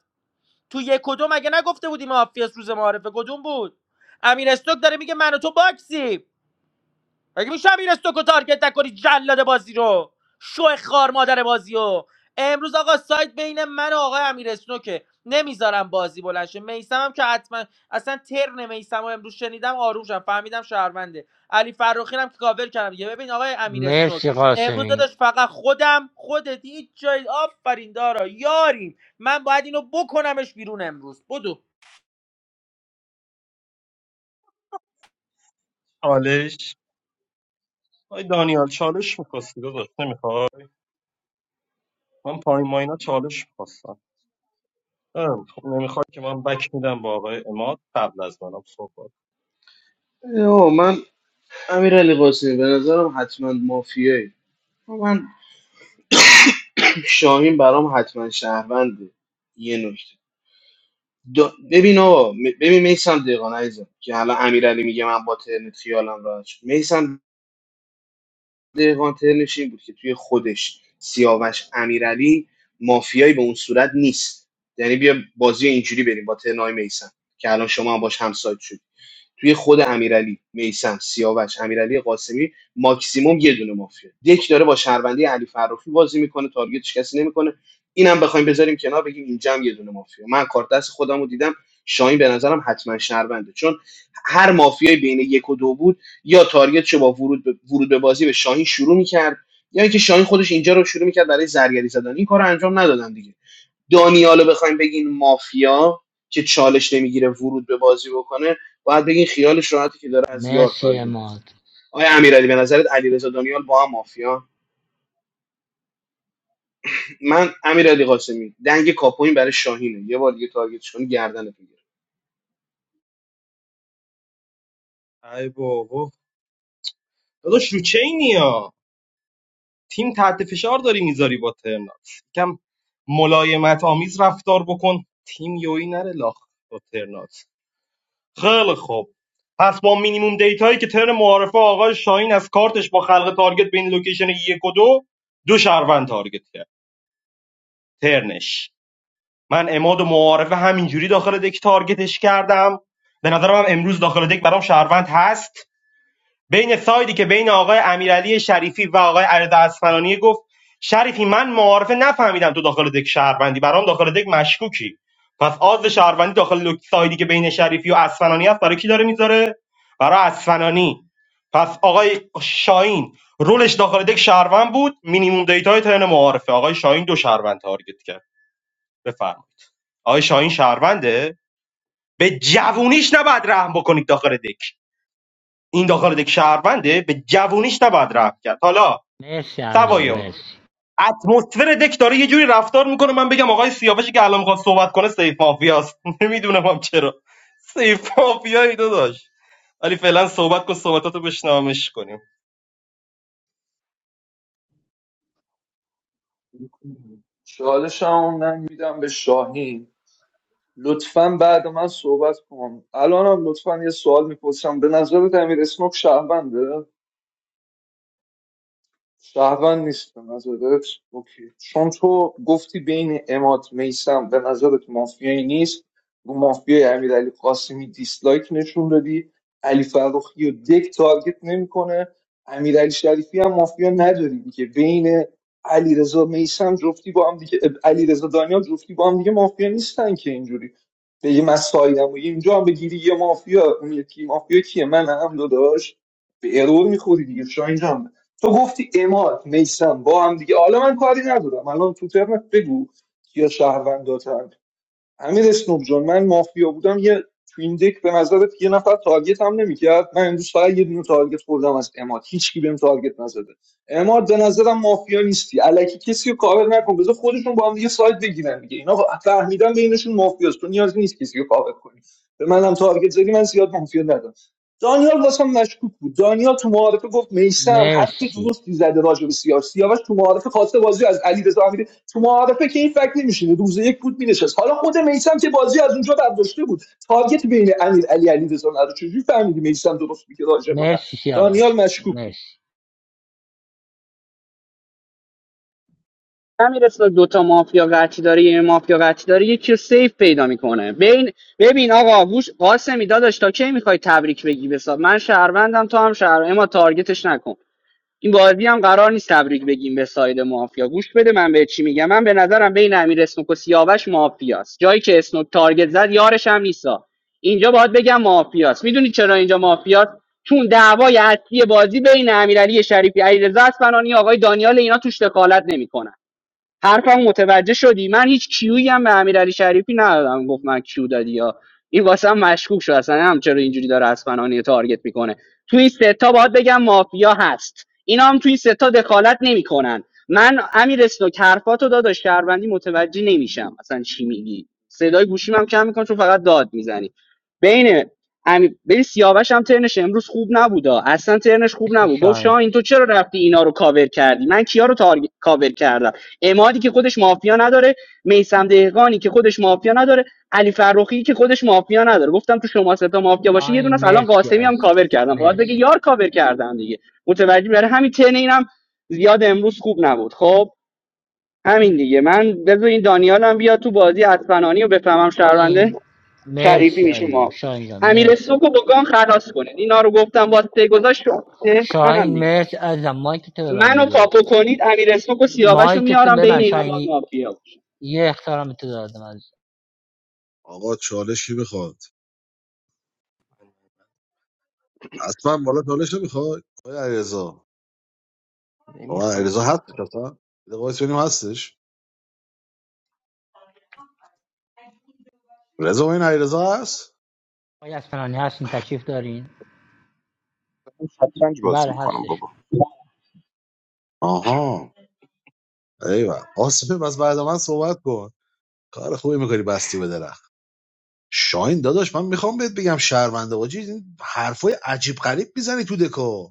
E: تو یک کدوم مگه نگفته بودی مافیاس روز معارفه کدوم بود امیر استوک داره میگه من و تو باکسیم مگه میشه امیر استوکو تارگت نکنی جلاد بازی رو شو خار مادر بازی رو امروز آقا سایت بین من و آقای امیر اسنوکه نمیذارم بازی بلند شه میسم هم که حتما اصلا ترن میسم رو امروز شنیدم آروم شدم فهمیدم شهرونده علی فروخی هم که کاور کردم دیگه ببین آقای امیر اسنوک
O: مرسی
E: امروز داداش
O: قاسمی
E: فقط خودم خودت هیچ جای آفرین دارا یاریم من باید اینو بکنمش بیرون امروز بدو
J: چالش آی دانیال چالش می‌خواستی داداش نمیخواد من پایین ماینا چالش می‌خواستم ام، خب نمیخواد که من بک میدم با آقای اماد قبل از منم صحبت
P: اوه من امیرعلی قاسمی به نظرم حتما مافیایی من شاهین برام حتما شهرونده یه نکته دا- ببین آقا م- ببین میسم دهقان عزیزم که الان امیرعلی میگه من با ترنت خیالم راحت شد میسم دهقان ترنش این بود که توی خودش سیاوش امیرعلی مافیایی به اون صورت نیست یعنی بیا بازی اینجوری بریم با ترنای میسم که الان شما هم باش همسایت شدی توی خود امیرعلی میسم سیاوش امیرعلی قاسمی ماکسیموم یه دونه مافیا دک داره با شهروندی علی فرخی بازی میکنه تارگتش کسی نمیکنه اینم بخوایم بذاریم کنار بگیم اینجا هم یه دونه مافیا من کارت دست خودم رو دیدم شاهین به نظرم حتما شهرونده چون هر مافیایی بین یک و دو بود یا تارگتشو با ورود به, ورود به بازی به شاهین شروع میکرد یا یعنی اینکه شاهین خودش اینجا رو شروع میکرد برای زرگری زدن این کار انجام ندادن دیگه دانیالو بخوایم بگین مافیا که چالش نمیگیره ورود به بازی بکنه باید بگین خیالش راحته که داره از یار
O: مرسی
P: تارگت میخوره
O: اماد
P: آیا امیرعلی به نظرت علیرضا دانیال با هم مافیا من امیرعلی قاسمی دنگ کاپوین برای شاهینه یه بار دیگه تارگتش کنی گردنت میگیره
J: ای بابا داداش رو چینی ها تیم تحت فشار داری میذاری با ترنات یکم ملایمت آمیز رفتار بکن تیم یوی نره لاخ با ترنات خیلی خوب پس با مینیموم دیتایی که ترن معارفه آقای شاهین از کارتش با خلق تارگت بین لوکیشن یک و دو دو شهروند تارگت کرد ترنش من اماد و معارفه همینجوری داخل دک تارگتش کردم به نظرم هم امروز داخل دک برام شهروند هست بین سایدی که بین آقای امیرعلی شریفی و آقای علیرضا اصفهانی گفت شریفی من معارفه نفهمیدم تو داخل دک شهروندی برام داخل دک مشکوکی پس آز شهروندی داخل لک- سایدی که بین شریفی و اصفهانی هست برای کی داره میذاره برای اصفهانی پس آقای شاهین رولش داخل دک شهروند بود مینیموم دیتای ترن معارفه آقای شاهین دو شهروند تارگت کرد بفرمایید آقای شاهین شهرونده به جوونیش نباید رحم بکنید داخل دک این داخل دک شهرونده به جوونیش نباید رحم کرد حالا
O: مرسی امیر
J: سوای اون
O: مرسی
J: اتمسفر دک داره یه جوری رفتار میکنه من بگم آقای سیاوشی که الان میخواد صحبت کنه سیف مافیاست نمیدونم هم چرا سیف مافیایی دو داشت ولی فعلا صحبت کن صحبتاتو بشنامش کنیم
H: چالش هم من میدم به شاهین لطفا بعد من صحبت کن الانم لطفا یه سوال میپرسم به نظرت امیر اسنوک شهرونده شهروند نیستم به نظرت اوکی چون تو گفتی بین اماد میسم به نظرت مافیایی نیست رو مافیای امیرعلی قاسمی دیسلایک نشون دادی علی فرخی و دک تارگت نمیکنه امیرعلی شریفی هم مافیا نداری که بین علیرضا میسم جفتی با هم دیگه علیرضا دانیال جفتی با هم دیگه مافیا نیستن که اینجوری به یه مسایدم و اینجا هم بگیری یه مافیا اون یکی مافیا کیه من هم داداش به ارور میخوری دیگه شاید تو گفتی اماد میسم با هم دیگه حالا من کاری ندارم الان تو ترمت بگو یا شهرونداتن، امیر اسنوب جان من مافیا بودم یه تو این دک به نظرت یه نفر تارگت هم نمیکرد من امروز فقط یه دونه تارگت خوردم از اماد هیچکی بهم تارگت نزده اماد به نظرم مافیا نیستی الکی کسی رو کاور نکن بذار خودشون با هم دیگه سایت بگیرن دیگه اینا فهمیدن بینشون مافیاست تو نیازی نیست کسی رو کاور کنی به منم تارگت زدی من زیاد مافیا ندارم دانیال واسم مشکوک بود دانیال تو معارفه گفت میسم حرف
O: مرسی
H: درستی زده راجع به سیاسی سیاوش تو معارفه خواسته بازی از علی تو معارفه که این فکر نمیشینه روز یک بود مینشست حالا خود میسم که بازی از اونجا برداشته بود تارگت بین امیر علی علی رضا چجوری فهمیدی میسم درست میگه راجع به من
O: مرسی
H: دانیال
O: سیاوش
H: مشکوک بود
O: مرسی
L: همین رسول دو تا مافیا قطعی داره یه مافیا قطعی داره یکی رو سیف پیدا میکنه ببین ببین آقا گوش قاسمی داداش تا کی میخوای تبریک بگی بسا من شهروندم تو هم شهر اما تارگتش نکن این بازی هم قرار نیست تبریک بگیم به ساید مافیا گوش بده من به چی میگم من به نظرم بین امیر اسنوک و سیاوش مافیاست جایی که اسنوک تارگت زد یارش هم نیستا اینجا باید بگم مافیاست میدونی چرا اینجا مافیاست چون دعوای اصلی بازی بین امیرعلی شریفی علیرضا اصفهانی آقای دانیال اینا توش دخالت نمیکنن حرفم متوجه شدی من هیچ کیویی هم به امیرعلی شریفی ندادم گفت من کیو دادی یا این واسه هم مشکوک شد اصلا هم چرا اینجوری داره از فنانی تارگت میکنه تو این سه تا باید بگم مافیا هست اینا هم توی این سه تا دخالت نمیکنن من امیر اسنوک حرفاتو داداش شهروندی متوجه نمیشم اصلا چی میگی صدای گوشیم هم کم میکنم چون فقط داد میزنی بین امی... بین سیاوش هم ترنش امروز خوب نبودا اصلا ترنش خوب
O: مرسی
L: نبود گفت شاه
O: شاین
L: این تو چرا رفتی اینا رو کاور کردی من کیا رو تارگ... کاور کردم امادی که خودش مافیا نداره میسم دهقانی که خودش مافیا نداره علی فرخی که خودش مافیا نداره گفتم تو شما سه تا مافیا باشه یه دونه
O: شاین
L: است. الان
O: مرسی
L: قاسمی هم
O: عزیزم
L: کاور کردم باید بگه
O: مرسی
L: یار کاور کردم دیگه متوجه برای همین تن اینم زیاد امروز خوب نبود خب همین دیگه من بذار این دانیال هم بیاد تو بازی اسپنانی و بفهمم شهرونده
O: شاین
L: شریفی
O: مرسی
L: میشه
O: عزیزم
L: مافیا
O: شاین جان
L: امیر
O: مرسی
L: سوکو با گان خلاص کنید اینا رو گفتم با سه گذاشت منم
O: شاین
L: دیگه آره.
O: مرسی عزیزم مایک تو ببند
L: منو
O: دیگه
L: کاپو
O: لطفا
L: کنید امیر سوکو سیاوش
O: مایک تو
L: میارم
O: ببند
L: بین اینا باز
O: شاینی
L: مافیا
O: یه اختارم تو دادم عزیزم
K: آقا چالش کی میخواد حتما بالا چالش نمیخواد آقای علیرضا آقا
J: نمیخواد
K: علیرضا
J: دیگه.
K: هستش اصلا یه دقیقه وایس ببینیم هستش رضا این علیرضا هست
O: آقای اسفنانی هستین تشریف دارین
G: شطرنج بازی
O: بله
G: میکنم
O: هستش
G: بابا
K: آها ایول آسمه بس بعد من صحبت کن کار خوبی میکنی بستی به درخت شاین داداش من میخوام بهت بگم شرمنده باجی این حرفای عجیب غریب میزنی تو دکو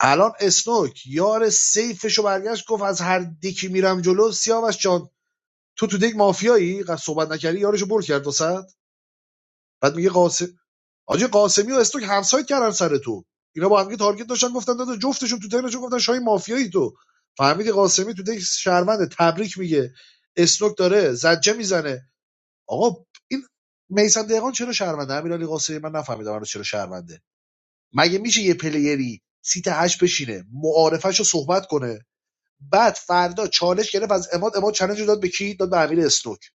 K: الان اسنوک یار سیفشو برگشت گفت از هر دکی میرم جلو سیاوش جان تو تو دک مافیایی قد صحبت نکردی یارشو بر کرد وسط بعد میگه قاسم حاجی قاسمی و استوک همسایت کردن سر تو اینا با هم که تارگت داشتن گفتن داده جفتشون تو ترنشون گفتن شاهین مافیایی تو فهمیدی قاسمی تو دک شهروند تبریک میگه استوک داره زجه میزنه آقا این میسن دهقان چرا شهرونده امیرعلی قاسمی من نفهمیدم الان چرا شهرونده مگه میشه یه پلیری سیت هشت بشینه معارفش صحبت کنه بعد فردا چالش گرفت از اماد اماد چالش داد به کی داد به امیر اسنوک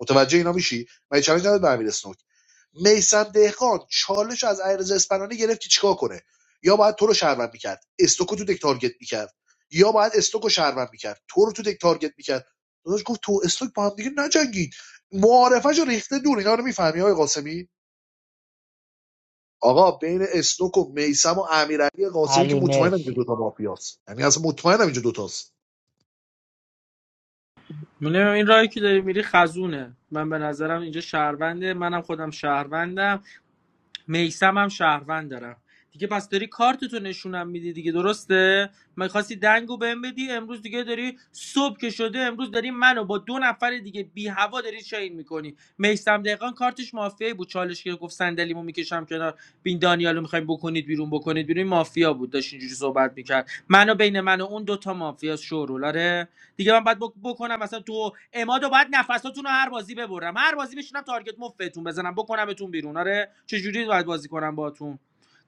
K: متوجه اینا میشی مگه چالش نداد به امیر اسنوک میسم دهقان چالش از ایرز اسپنانی گرفت که چیکار کنه یا باید تو رو شهروند میکرد استوکو تو دک تارگت میکرد یا باید استوکو شهروند میکرد تو رو تو دک تارگت میکرد داداش گفت تو استوک با هم دیگه نجنگید معارفش رو ریخته دور اینا رو میفهمی آقای قاسمی آقا بین استوک و میسم و امیرعلی قاسمی که
O: علی
K: مطمئنم اینجا
O: مرسی
K: دو تا مافیاست یعنی اصلا مطمئنم اینجا دوتاست
E: من نمی‌دونم این راهی که داری میری خزونه من به نظرم اینجا شهرونده منم خودم شهروندم میسم هم شهروند دارم دیگه پس داری کارتتو نشونم میدی دیگه درسته میخواستی دنگو بهم بدی امروز دیگه داری صبح که شده امروز داری منو با دو نفر دیگه بی هوا داری چین میکنی میسم دقیقا کارتش مافیایی بود چالش که گفت صندلیمو میکشم کنار بین دانیالو میخوایم بکنید بیرون بکنید بیرون مافیا بود داشت اینجوری صحبت میکرد منو بین من و اون دوتا مافیا شورولاره دیگه من باید بکنم مثلا تو امادو باید نفساتون رو هر بازی ببرم هر بازی بشینم تارگت مفتتون بزنم بکنمتون بیرون آره چه جوری باید بازی کنم باهاتون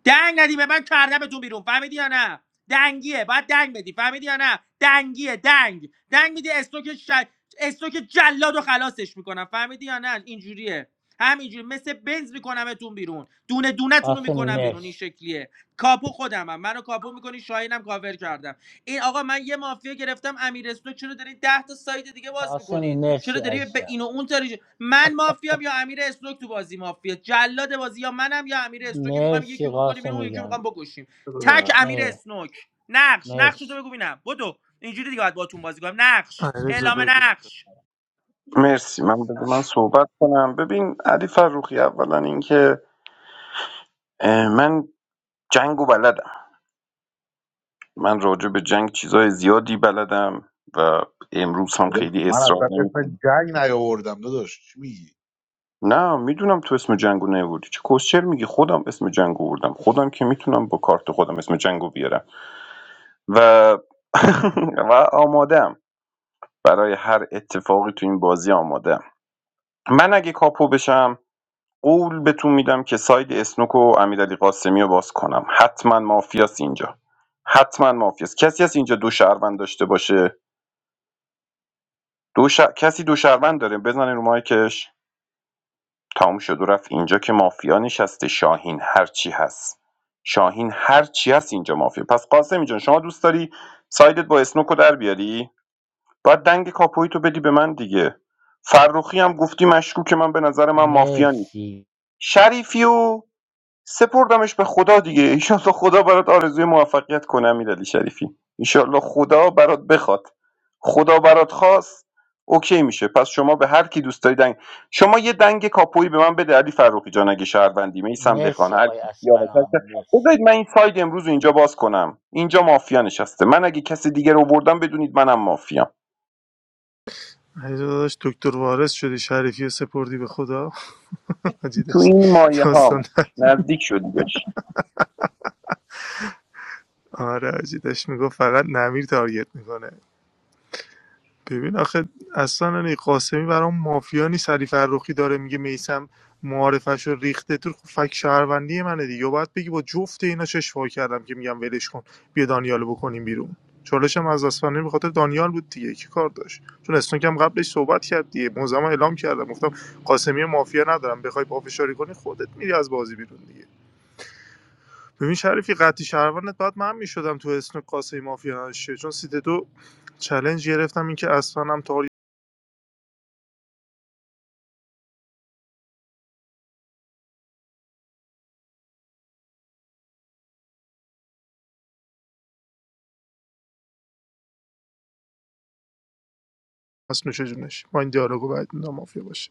E: دنگ ندی به من کردمتون بیرون فهمیدی یا نه دنگیه باید دنگ بدی فهمیدی یا نه دنگیه دنگ دنگ میدی استوک ش... استوک جلاد و خلاصش میکنم فهمیدی یا نه اینجوریه همینجوری مثل بنز میکنمتون بیرون دونه دونه رو
O: قاسمی
E: میکنم بیرون این
O: مرسی
E: شکلیه کاپو خودمم منو کاپو میکنی شاهینم کاور کردم این آقا من یه مافیا گرفتم امیر اسنو چرا دارین 10 تا سایت دیگه باز
O: قاسمی
E: میکنید
O: مرسی
E: چرا داری به
O: عزیزم
E: این و اون تاری من مافیام یا امیر اسنوک تو بازی مافیا جلاد بازی یا منم یا امیر اسنوک میخوام یکی
O: مرسی
E: رو بکنیم بیرون اون
O: قاسمی
E: یکی رو
O: جان
E: میخوام بکشیم تک امیر
O: مه-
E: اسنوک نقش نقش تو
O: مرسی
E: بگو ببینم بدو اینجوری دیگه باید باتون بازی کنم نقش
R: علیرضا
E: اعلام
R: بگو
E: نقش
G: مرسی من بذار من صحبت کنم ببین علی فروخی اولا اینکه اه، من جنگو بلدم من راجع به جنگ چیزای زیادی بلدم و امروز هم
K: داداش،
G: خیلی
K: من
G: اصرار
K: اصلا اسم
G: نمیکنم
K: جنگ نیاوردم داداش چی میگی
G: نه میدونم تو اسم جنگو نیوردی چه کوشر میگی خودم اسم جنگو بردم خودم که میتونم با کارت خودم اسم جنگو بیارم و و آمادم برای هر اتفاقی تو این بازی آمادم من اگه کاپو بشم قول بهتون میدم که ساید اسنوک و امیرعلی قاسمی رو باز کنم حتما مافیاس اینجا حتما مافیاس کسی از اینجا دو شهروند داشته باشه دو ش... کسی دو شهروند داره بزنین رو مایکش تموم شد و رفت اینجا که مافیا نشسته شاهین هرچی هست شاهین هرچی هست اینجا مافیا پس قاسم جان شما دوست داری سایدت با اسنوکو در بیاری باید دنگ کاپویی تو بدی به من دیگه فرخی هم گفتی مشکوک من به نظر من مافیا نیست
O: مرسی
G: شریفی و سپردمش به خدا دیگه ایشالله خدا برات آرزوی موفقیت کنه امیرعلی شریفی ایشالله خدا برات بخواد خدا برات خواست اوکی میشه پس شما به هر کی دوست داری دنگ شما یه دنگ کاپویی به من بده علی فروخی جان اگه شهروندی میسم دهخان
O: مرسی
G: هر
O: آقای
G: کی سیاوش هر
O: اسفنانی
G: کی-
O: مرسی
G: بذارید من این ساید امروز رو اینجا باز کنم اینجا مافیا نشسته من اگه کسی دیگه رو بردم بدونید منم مافیام
R: علیرضا داداش دکتر وارث شدی شریفی رو سپردی به خدا حاجی
G: تو
R: داشت
G: این مایه
R: داستان
G: ها
R: در-
G: نزدیک شدی بهش
R: آره حاجی داشت میگفت فقط نمیر تارگت میکنه ببین آخه اصلا این قاسمی برام مافیا نیست علی فرخی داره میگه میسم معارفش رو ریخته تو خب فک شهروندی منه دیگه و باید بگی با جفت اینا چش وا کردم که میگم ولش کن بیا دانیالو بکنیم بیرون چالشم از اسفنانی به خاطر دانیال بود دیگه کی کار داشت چون استونک هم قبلش صحبت کرد دیگه موزم اعلام کردم گفتم قاسمی مافیا ندارم بخوای پافشاری کنی خودت میری از بازی بیرون دیگه ببین شریفی قطعی شهروندت باید من میشدم تو اسم قاسمی مافیا نداشته چون سیت دو چلنج گرفتم اینکه اصلا هم از نوش جونش با این دیالوگو باید مافیا باشه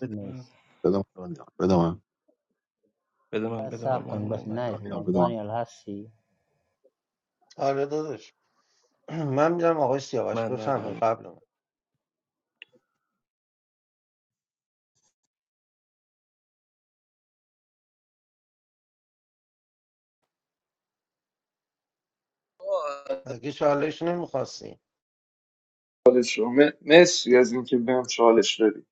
J: بده من
O: مرسی
K: بدم دانیال بدم
J: بده من
O: بس
J: بده من
O: صبر
J: بده من
O: کن
J: من
O: بس
J: من
O: نه
J: من
O: رو
K: دانیال
O: مایک.
K: بدم
O: دانیال هستی
N: آره داداش من میدونم آقای سیاوش
J: من من من من
N: بفهمه
J: من
N: قبل من مگه چالش نمیخواستی
H: چالش رو م- مرسی از اینکه بهم چالش دادی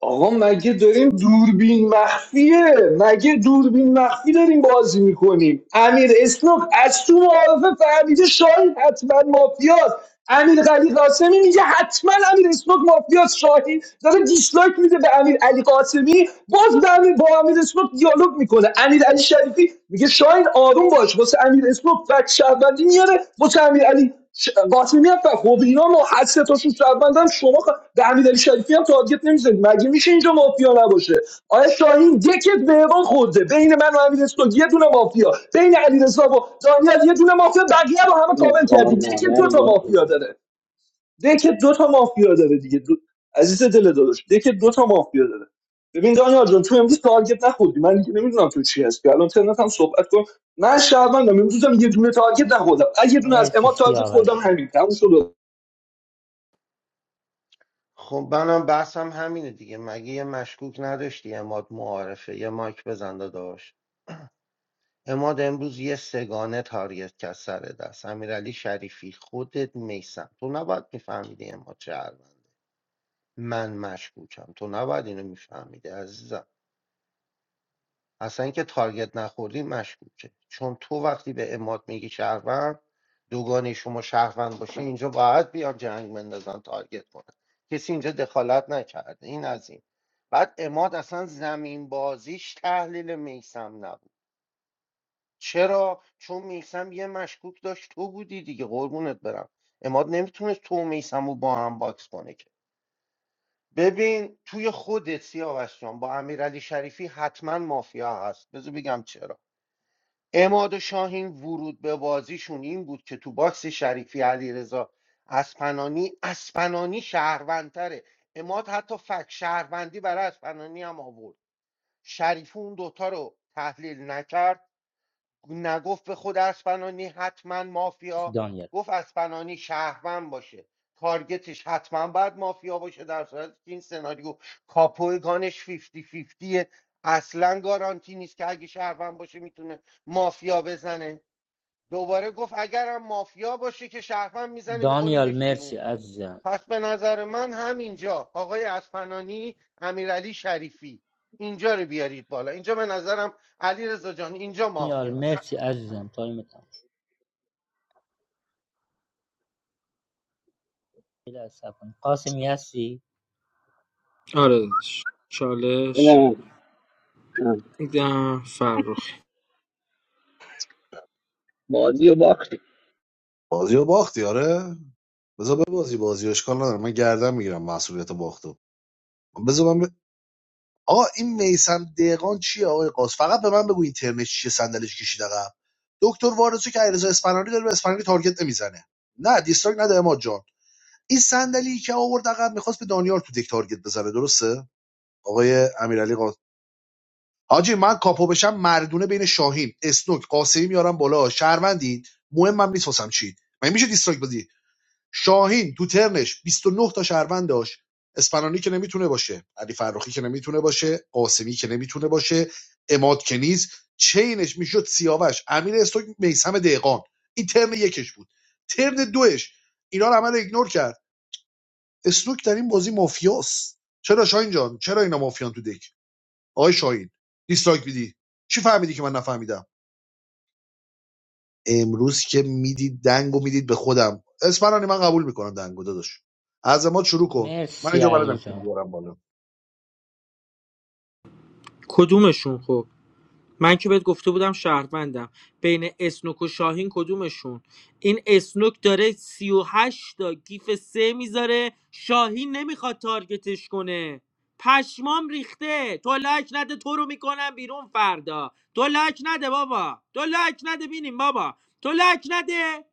H: آقا مگه داریم دوربین مخفیه مگه دوربین مخفی داریم بازی میکنیم امیر اسنوک از تو معارفه فهمیده شاید حتما مافیاست امیر علی قاسمی میگه حتما امیر اسمک مافیاس شاهی داره دیسلایک میده به امیر علی قاسمی باز به امیر با امیر اسمک دیالوگ میکنه امیر علی شریفی میگه شاهین آروم باش واسه امیر اسمک فک شهروندی میاره واسه امیر علی ش- قاسمی میاد فک خب اینا ما هر سه تاشون شهروندن شما خ- به امیر علی شریفی هم تارگت نمیزنید مگه میشه اینجا مافیا نباشه آیا شاهین دکت مهران خورده بین من و امیر اسنوک یه دونه مافیا بین علیرضا و دانیال یه دونه مافیا بقیه رو همه
L: این
H: کامل
L: کار
H: کردی دکت دو
L: مادری
H: تا
L: واسه
H: مافیا داره دکت دو تا مافیا داره دیگه دو... عزیز دل داداش دکت دو تا مافیا داره ببین دانیال جان تو امروز تارگت نخوردی من دیگه نمیدونم تو چی هستی الان ترنت هم صحبت کن من شهروندم امروزم یه دونه تارگت نخوردم اگه یه دونه از
O: مرسی
H: اما تارگت خوردم
O: سیاوش
H: همین تموم شد
N: خب منم بحثم همینه دیگه مگه یه مشکوک نداشتی اماد معارفه یه مایک بزن داداش اماد امروز یه سگانه تارگت کرد سر دست امیرعلی شریفی خودت میسم تو نباید میفهمیدی اما شهرونده من مشکوکم تو نباید اینو میفهمیدی عزیزم اصلا که تارگت نخوردی مشکوکه چون تو وقتی به اماد میگی شهروند دوگانه شما شهروند باشه اینجا باید بیان جنگ بندازن تارگت کنن کسی اینجا دخالت نکرده این از این بعد اماد اصلا زمین بازیش تحلیل میسم نبود چرا چون میسم یه مشکوک داشت تو بودی دیگه قربونت برم اماد نمیتونست تو و میسم رو با هم باکس کنه که ببین توی خودت سیاوش جان با امیرعلی شریفی حتما مافیا هست بذار بگم چرا اماد و شاهین ورود به بازیشون این بود که تو باکس شریفی علیرضا اسپنانی اسپنانی شهروندتره اماد حتی فک شهروندی برای اسپنانی هم آورد شریفی اون دوتا رو تحلیل نکرد نگفت به خود اسپنانی حتما
O: مرسی
N: مافیا
O: دانیال
N: گفت اسپنانی شهروند باشه تارگتش حتما باید مافیا باشه در صورتی که این سناریو کاپوی گانش 50 50 اصلا گارانتی نیست که اگه شهروند باشه میتونه مافیا بزنه دوباره گفت اگرم مافیا باشه که شهروند میزنه
O: دانیال
N: میکنیمش بیرون
O: مرسی عزیزم
N: پس به نظر من همینجا آقای اسپنانی امیرعلی شریفی اینجا رو بیارید بالا اینجا به نظرم علی جان اینجا
O: دانیال
N: مافیاست
O: مرسی عزیزم تایم تموم شد. یه لحظه صبر کن قاسمی هستی
E: آره
L: بده
E: چالش میدم فرخ
L: بازی و باختی
K: بازیو باختی آره بذار ببازی بازیو اشکال نداره من گردن میگیرم مسئولیت باختو بذار من ب... آقا این میسم دقان چیه آقای قاس فقط به من بگو این ترنش چیه صندلیش کشید عقب دکتر وارسو که علیرضا اسپانانی داره به اسپانانی تارگت نمیزنه نه دیستراک نده اماد جان این صندلی که آورد عقب میخواست به دانیال تو دک تارگت بزنه درسته آقای امیرعلی قاس حاجی من کاپو بشم مردونه بین شاهین اسنوک قاسمی میارم بالا شهروندید مهم من میسوسم چی من میشه دیستراک بدی شاهین تو ترنش 29 تا شهروند داشت اسپنانی که نمیتونه باشه علی فرخی که نمیتونه باشه قاسمی که نمیتونه باشه اماد که نیست چینش میشد سیاوش امیر استوک میسم دهقان این ترن یکش بود ترن دوش اینا رو همه رو ایگنور کرد استوک در این بازی مافیاست چرا شاهین جان چرا اینا مافیان تو دک آقای شاهین دیسلایک میدی چی فهمیدی که من نفهمیدم امروز که میدید دنگو میدید به خودم اسپرانی من قبول میکنم دنگو داداش عزمات شروع کن من
O: مرسی
K: اینجا
O: علی
K: بلدم که
O: جان
K: بیارم بالا
E: کدومشون خب من که بهت گفته بودم شهروندم بین اسنوک و شاهین کدومشون این اسنوک داره 38 تا گیف سه میذاره شاهین نمیخواد تارگتش کنه پشمام ریخته تو لک نده تو رو میکنم بیرون فردا تو لک نده بابا تو لک نده بینیم بابا تو لک نده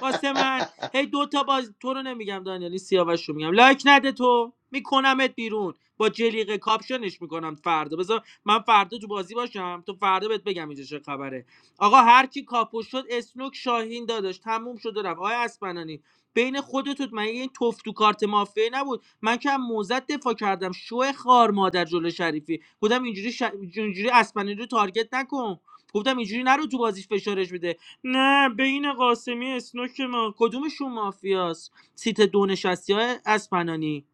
E: واسه من هی دو تا باز تو رو نمیگم دانیال این سیاوش رو میگم لایک نده تو میکنمت بیرون با جلیقه کاپشنش میکنم فردا بذار من فردا تو بازی باشم تو فردا بهت بگم اینجا چه خبره آقا هر کی کاپو شد اسنوک شاهین داداش تموم شد و رفت آقا اسپنانی بین خودتون من این توف تو کارت مافیه نبود من که هم موزت دفاع کردم شو خار مادر جلو شریفی گفتم اینجوری ش... اینجوری اسپنانی رو تارگت نکن گفتم اینجوری نرو تو بازیش فشارش بده نه بین قاسمی اسنوک ما کدومشون مافیاست سیت دو نشستی های اسپنانی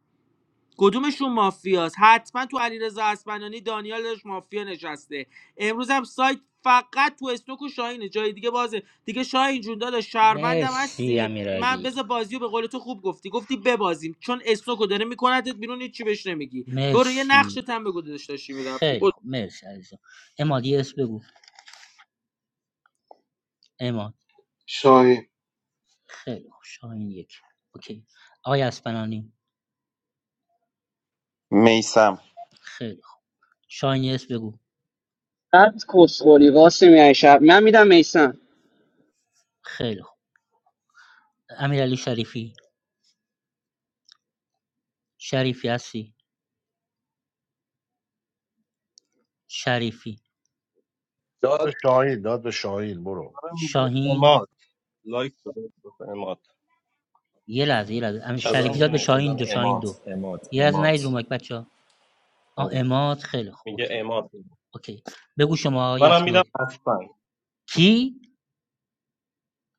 E: کدومشون مافیاست حتما تو علیرضا اسپنانی دانیال داشت مافیا نشسته امروز هم سایت فقط تو اسنوک و شاهینه جای دیگه بازه دیگه شاهین جون داداش شهروندم
O: مرسی
E: هستی من
O: امیرعلی
E: بذار بازیو به قول تو خوب گفتی گفتی ببازیم چون اسنوکو داره میکنتت بیرون هیچ چی بهش نمیگی برو یه
O: مرسی
E: نقشت هم بگو داداش داشتی میرفتی
O: خیلی خوب مرسی عزیزم اماد یه اسم بگو اماد
P: شاهین
O: خیلی خوب شاهین یک اوکی آقای اسپنانی
G: میسم
O: خیلی خوب شاهین یه بگو
L: هر کسخوری واسه میای شب من میدم میسم
O: خیلی خوب امیرعلی شریفی شریفی هستی شریفی
K: داد
H: ساعت
K: به شاهین داد به شاهین برو
J: آره میگه
O: شاهین
J: اماد لایک بده گفت اماد
O: یه لحظه یه لحظه امیر
I: دادن
O: شریفی
J: چتون
O: داد به
J: بنویس
O: شاهین
I: دادن
O: دو شاهین
I: امات
O: دو
I: امات
O: یه لحظه نید رو
I: امات
O: مایک بچه آ
I: آره.
O: اماد خیلی خوب
J: میگه
O: اوکی
J: اماد بده.
O: اوکی بگو شما آقای
J: منم میدم
O: اسنوک
J: اصلا
O: کی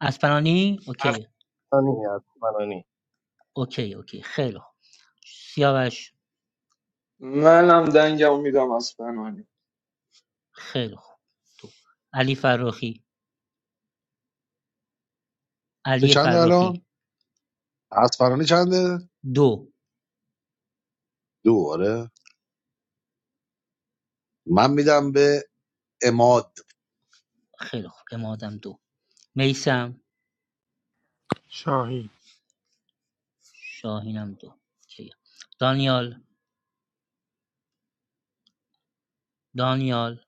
O: اسپنانی اوکی
J: اصلا
O: اوکی اوکی خیلی خوب سیاوش
H: منم دنگم میدم از فنانی
O: خیلی خوب علی فراخی
K: به
O: علی
K: چند
O: فراخی
K: الان اسپرانی چنده
O: دو
K: دو آره من میدم به اماد
O: خیلی خوب امادم دو میسم
R: شاهی
O: شاهینم دو اوکی. دانیال دانیال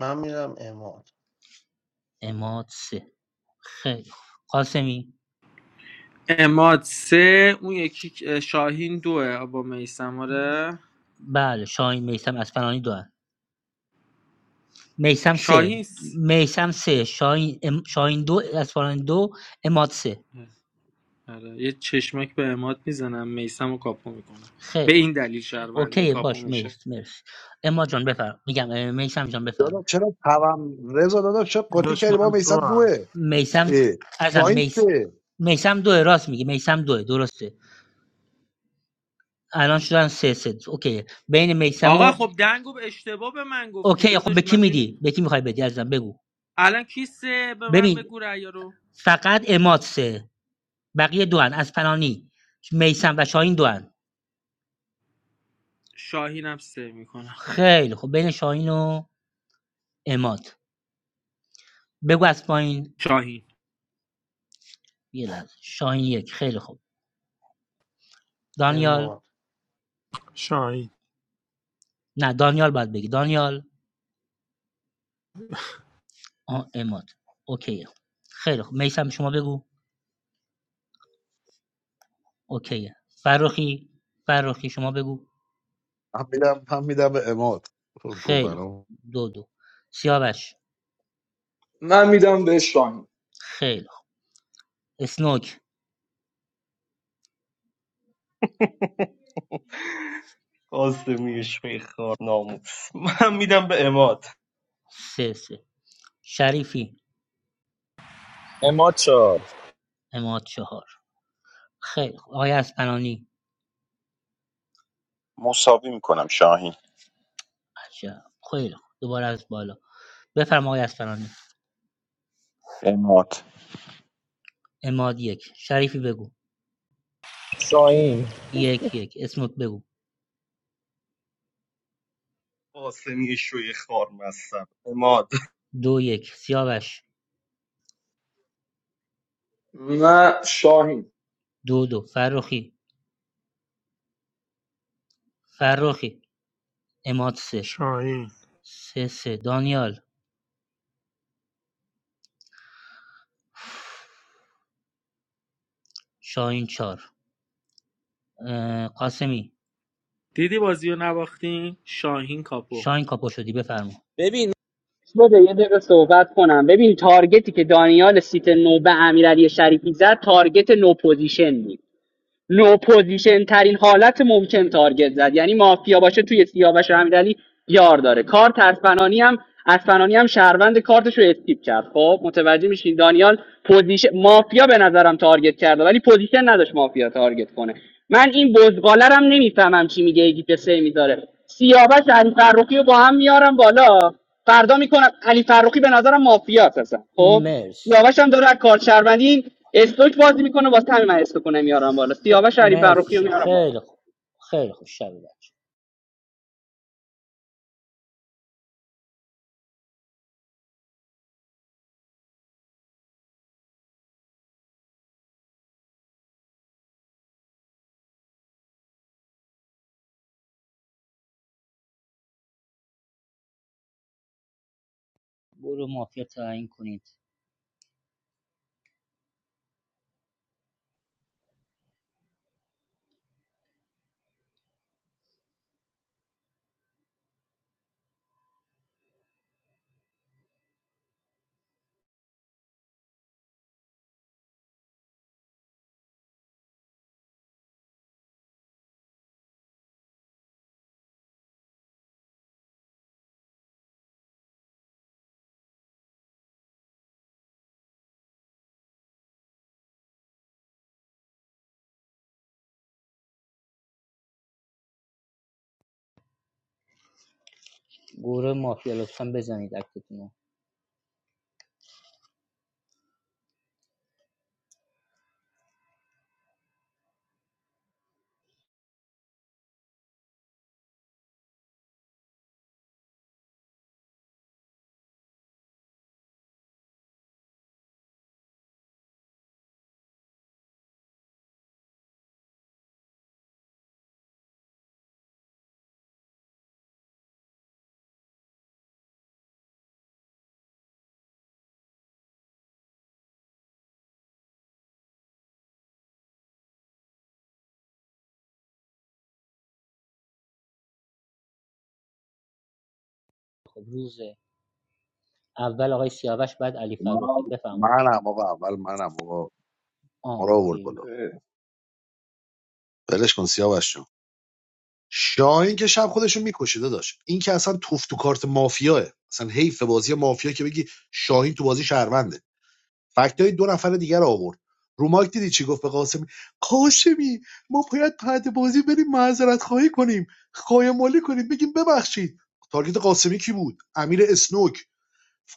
N: من میرم اماد
O: اماد سه خیلی خوب قاسمی
E: اماد سه اون یکی اه، شاهین دوه با میسماره
O: بله شاهین میسم اسپنانی دو میسم سه
E: شاهین س-
O: میسم سه شاین, ام- شاین دو اسپاران دو اماد سه
E: آره یه چشمک به اماد میزنم میسم رو کاپو میکنم به
O: خیلی خوب
E: این دلیل شهرونده
O: اوکی
E: کاپو
O: باش
E: میشه
O: مرسی مرسی اماد جان بفرم میگم اه، میسم جان
K: داداش
O: بفرم
K: چرا توام رضا داداش چرا قاطی
R: داشت
K: کردی با
R: من
K: میسم
R: تو هم
K: دوه
O: میسم
K: اه.
O: ازم
K: شاهین
O: میس
K: سه
O: میسم دوه راست میگه میسم دوه درسته الان شدن سه سه اوکی بین میسم
E: آقا
O: و
E: خب دنگو به اشتباه به من گفتی
O: اوکی خب به
E: داداش
O: کی
E: من نمی...
O: میدی به کی میخوای بدی ازم بگو
E: الان کی سه به من
O: ببین
E: بگو رأی رو
O: فقط اماد سه بقیه دو هن. از پنانی میسم و شاهین دو هن.
E: شاهینم سه میکنم
O: خیلی خب بین شاهین و اماد بگو از پایین
E: شاهین
O: یه لحظه شاهین یک خیلی خوب
N: اماد
O: دانیال
R: شاهی
O: نه دانیال باید بگی دانیال آه اماد اوکیه خیلی خوب میسم شما بگو اوکیه فرخی فرخی شما بگو
K: من میدم من میدم به اماد گفت
O: خیلی خوب
K: برام.
O: دو دو سیاوش
H: من میدم به شاهین
O: خیلی خوب اسنوک
J: قاسمی شوی خار ناموس من میدم به اماد
O: سه سه شریفی
I: امات چهار
O: اماد چهار خیلی خوب آقای اسپنانی
G: مساوی میکنم شاهین
O: عجب خیلی خوب دوباره از بالا بفرما آقای اسپنانی
G: امات
O: اماد یک شریفی بگو
I: شاهین
O: یک یک اسموک بگو
J: قاسمی شوی خار مستم اماد
O: دو یک سیاوش
H: من شاهین
O: دودو فرخی فرخی اماد سه
R: شاهی
O: سه سه دانیال شاهین چار قاسمی
E: دیدی بازی رو نباختین شاهین کاپو
O: شاهین کاپو شدی بفرما
L: ببین بده یه دقیقه صحبت کنم ببین تارگتی که دانیال سیت نو به امیرعلی شریفی زد تارگت نو پوزیشن بود لو پوزیشن ترین حالت ممکن تارگت زد یعنی مافیا باشه توی سیاوش و امیرعلی یار داره کارت اسفنانی هم اسفنانی هم شهروند کارتش رو استیپ کرد خب متوجه میشین دانیال پوزیشن مافیا به نظرم تارگت کرده ولی پوزیشن نداشت مافیا تارگت کنه من این بزغاله رو هم نمیفهمم چی میگه یکی که سه میذاره سیاوش علی فرخی رو با هم میارم بالا فردا میکنم علی فرخی به نظرم مافیاست اصلا خب
O: مرسی
L: سیاوش هم داره از کار شهروندی استوک بازی میکنه واسه همین من استوک کنه میارم بالا
O: ف...
L: سیاوش علی
O: مرسی
L: فرخی رو
O: ش...
L: میارم بالا
O: خیلی خوب خیلی خوب شب بچه گروه مافیا تعیین کنید گروه مافیا لطفا بزنید اکتتون خب روز اول آقای سیاوش بعد علی فرخی
K: من
O: بفرمایید
K: منم آقا اول منم آقا
O: آ
K: ما رو آورد
O: اوکی
K: بالا
H: خیلی
K: ولش کن سیاوش جون. شاهین که شب خودشو میکشه داشت این که اصلا توف تو کارت مافیاه اصلا حیف بازی مافیا که بگی شاهین تو بازی شهرونده فکتای دو نفر دیگر رو آورد رو مایک دیدی چی گفت به قاسمی قاسمی ما باید بعد بازی بریم معذرت خواهی کنیم خواهی مالی کنیم بگیم ببخشید تارگت قاسمی کی بود امیر اسنوک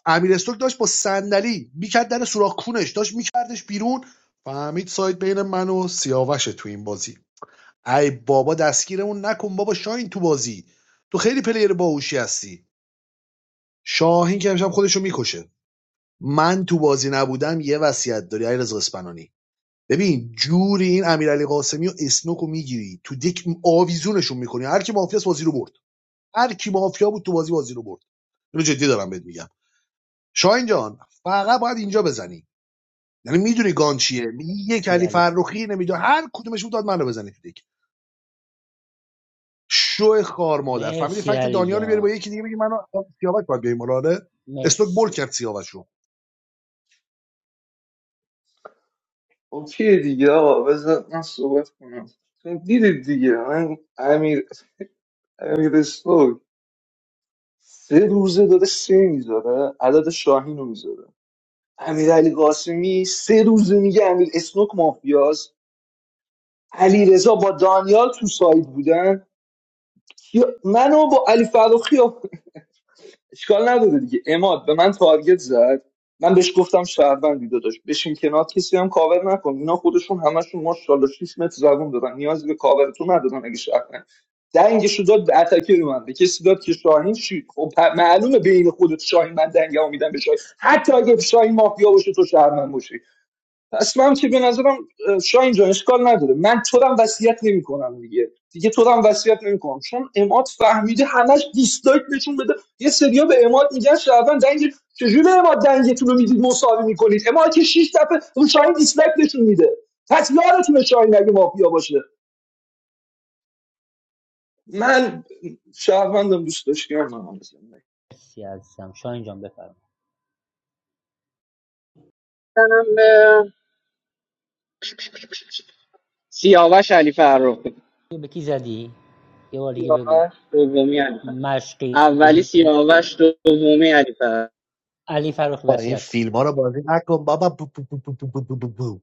K: امیر اسنوک داشت با صندلی میکرد در سوراخ کونش داشت میکردش بیرون فهمید سایت بین من و سیاوشه تو این بازی ای بابا دستگیرمون نکن بابا شاهین تو بازی تو خیلی پلیر باهوشی هستی شاهین که امشب خودشو میکشه من تو بازی نبودم یه وصیت داری علیرضا اسپنانی ببین جوری این امیرعلی قاسمی و اسنوکو میگیری تو دک آویزونشون میکنی هر کی مافیاس بازی رو برد هر کی مافیا بود تو بازی بازی رو برد اینو جدی دارم بهت میگم شاهین جان فقط باید اینجا بزنی یعنی میدونی گان چیه میگی یک
O: سی
K: علی
O: علی
K: فرخی نمیدونی هر کدومش بود داد منو بزنی تو دک شو خار مادر فهمیدی
H: خوب.
O: مرسی
K: فکت
O: علی
K: دانیال رو بیاری با
O: جان
K: یکی دیگه بگی منو سیاوش باید بیاریم آره استوک بول
O: مرسی
K: کرد سیاوش رو
H: اوکی دیگه آقا بذار من صحبت کنم چون دیدید دیگه من امیر امیر اسنوک سه روزه داره سه میذاره عدد شاهین رو میذاره امیر علی قاسمی سه روزه میگه امیر اسنوک مافیاست علی رضا با دانیال تو سایت بودن کیا- منو با علی فروخی اشکال نداره دیگه اماد به من تارگت زد من بهش گفتم شهروندی داداش بشین کنار کسی هم کاور نکن اینا خودشون همشون ماشاءالله 6 متر زبون دارن نیازی به کاور تو ندارن اگه شهروند دنگشو داد به اتکی رو من به کسی داد که شاهین شید خب پ- معلومه بین خودت شاهین من دنگمو میدم به شاهین حتی اگه شاهین مافیا باشه تو شهروند باشی اصلا که به نظرم اه، شاین جان اشکال نداره من تو رو هم وصیت نمیکنم دیگه دیگه تو رو هم وصیت نمیکنم چون اماد فهمیده همش دیسلایک نشون بده یه سریا به اماد میگن شعبان دنگ چجوری به اماد دنگتون رو میدید مساوی میکنید اماد که شیش دفعه اون شاین دیسلایک نشون میده پس یارتونه شاین اگه مافیا باشه من شهروندم دوست داشتم من
O: مرسی عزیزم شاهین جان بفرمایید
L: منم، به سیاوش علی فرخی
O: به کی زدی؟ یه بار دیگه بگو
L: آه، دومی علی فرخی.
O: مشقی
L: اولی سیاوش دومی علی فرخی
O: علی فرخ
K: با این
O: وصیت کن
K: فیلم ها رو بازی نکن بابا بو بو بو بو بو بو بو بو.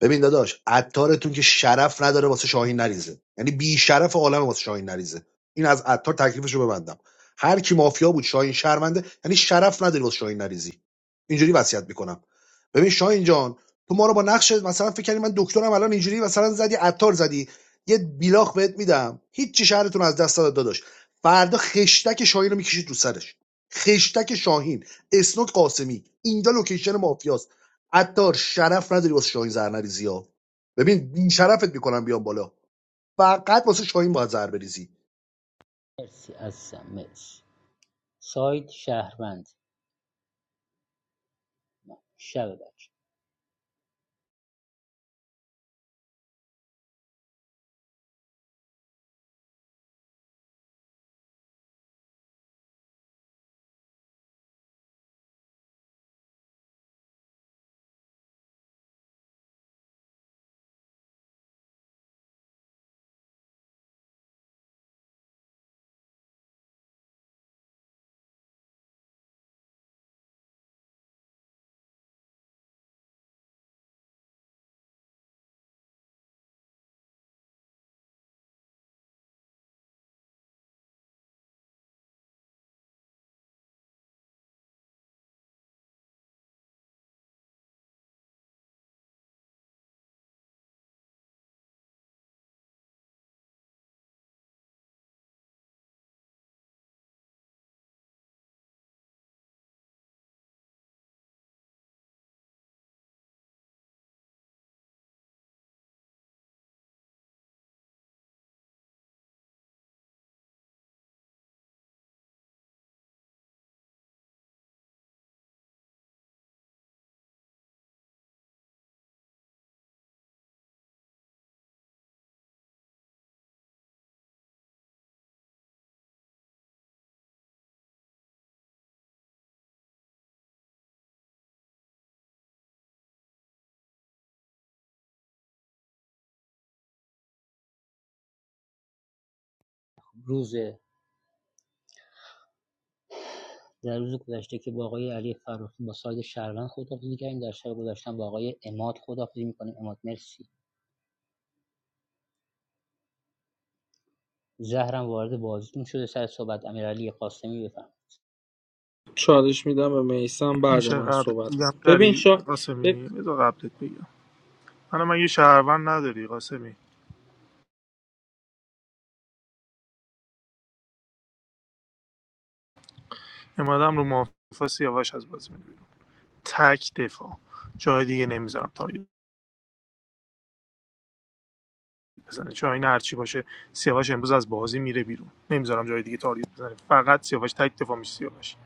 K: ببین داداش عطارتون که شرف نداره واسه شاهین نریزه یعنی بی شرف عالم واسه شاهین نریزه این از عطار تکلیفش رو ببندم هر کی مافیا بود شاهین شرمنده یعنی شرف نداری واسه شاهین نریزی اینجوری وصیت میکنم ببین شاهین جان تو ما رو با نقش مثلا فکر کردی من دکترم الان اینجوری مثلا زدی عطار زدی یه بیلاخ بهت میدم هیچ شهرتون از دست داد داداش فردا خشتک شاهین رو میکشید رو سرش خشتک شاهین اسنوک قاسمی اینجا لوکیشن مافیاست عطار شرف نداری واسه شاهین زر نریزی ها ببین شرفت میکنم بیام بالا فقط واسه شاهین باید زر بریزی
O: مرسی عزیزم مرسی سایت شهروند شب بچه روز در روز گذشته که با آقای علی فراخی با ساید شهروند خداحافظی کردیم در شب گذشتن با آقای اماد خداحافظی میکنیم اماد مرسی زهرم وارد بازیتون شده سر صحبت امیرعلی قاسمی بفهم
E: چالش میدم به میسم بعد
R: میشه
E: من
R: قبل
E: صحبت
R: دیدم
E: کنم ببین
R: داری
E: شا...
R: قاسمی بذار قبلت بگم من من یه شهروند نداری قاسمی امادم رو مافیا سیاوش از بازی میدونم تک دفاع جای دیگه نمیذارم تارگت بزنه چون این هرچی باشه سیاوش امروز از بازی میره بیرون نمیذارم جای دیگه تارگت بزنه فقط سیاوش تک دفاع میشه سیاوش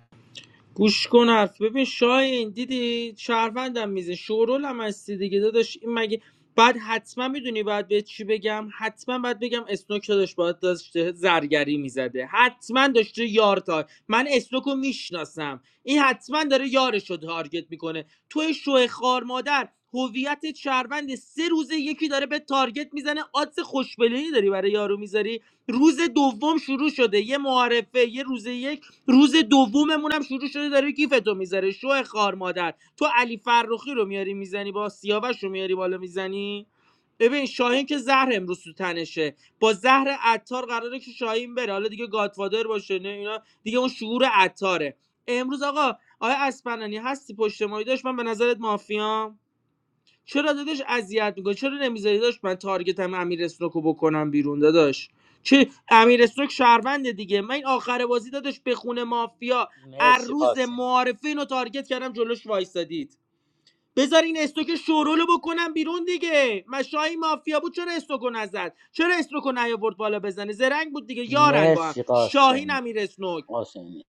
E: گوش کن حرف ببین شاهین دیدی شهروندم میزه شورول هم هستی دیگه داداش این مگه بعد حتما میدونی باید به چی بگم حتما باید بگم اسنوک داداش باید داشته زرگری میزده حتما داشته یار تا من اسنوکو میشناسم این حتما داره یارش رو تارگت میکنه توی شوه خار مادر هویت شهروند سه روزه یکی داره به تارگت میزنه آدز خوشبلهی داری برای یارو میذاری روز دوم شروع شده یه معارفه یه روز یک روز دوممون هم شروع شده داره گیفتو میذاره شو خار مادر تو علی فرخی رو میاری میزنی با سیاوش رو میاری بالا میزنی ببین شاهین که زهر امروز تو تنشه با زهر عطار قراره که شاهین بره حالا دیگه گادفادر باشه نه اینا دیگه اون شعور عطاره امروز آقا آیا اسپنانی هستی پشت مایی داشت من به نظرت مافیام چرا داداش اذیت میکنه چرا نمیذاری داشت من تارگتم امیر اسنوکو بکنم بیرون داداش چه امیر اسنوک شهرونده دیگه من این آخر بازی داداش به خونه مافیا ار
O: مرسی
E: روز
O: قاسمی
E: معارفه اینو تارگت کردم جلوش وایسادید بذار این استوک شورولو بکنم بیرون دیگه مشای مافیا بود چرا استوکو نزد چرا استوکو نیاورد بالا بزنه زرنگ بود دیگه یارن با هم
O: مرسی
E: شاهین
O: قاسمی
E: امیر اسنوک
O: قاسمی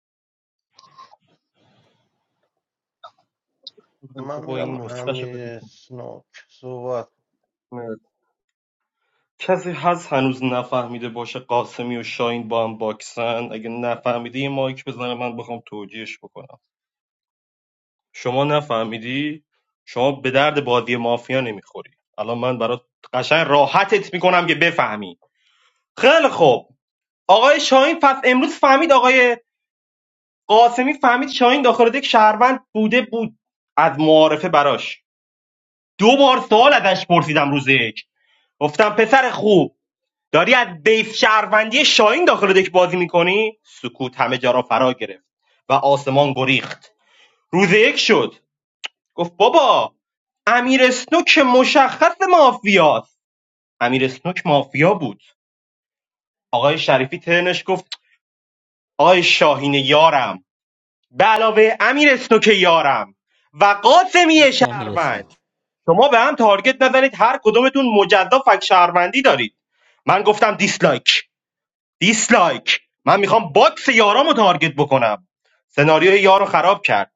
N: من
J: بابا
N: میرم
J: این نسخه شو
N: امیر
J: ببینم.
N: سنوک صحبت
J: کسی هست هنوز نفهمیده باشه قاسمی و شاین با هم باکسن اگه نفهمیده یه مایک بزنه من بخوام توجیهش بکنم شما نفهمیدی شما به درد بادی مافیا نمیخوری الان من برات قشنگ راحتت میکنم که بفهمی خیلی خوب آقای شاهین پس امروز فهمید آقای قاسمی فهمید شاهین داخل دک شهروند بوده بود از معارفه براش دو بار سوال ازش پرسیدم روز یک گفتم پسر خوب داری از بیس شهروندی شاهین داخل دک بازی میکنی سکوت همه جا را فرا گرفت و آسمان گریخت روز یک شد گفت بابا امیر اسنوک مشخص مافیاست امیر اسنوک مافیا بود آقای شریفی ترنش گفت آقای شاهین یارم به علاوه امیر که یارم و قاسمی
O: مرسی امیر
J: شهروند
O: اسمت
J: شما به هم تارگت نزنید هر کدومتون مجزا فک شهروندی دارید من گفتم دیسلایک دیسلایک من میخوام باکس یارامو تارگت بکنم سناریوی یارو خراب کرد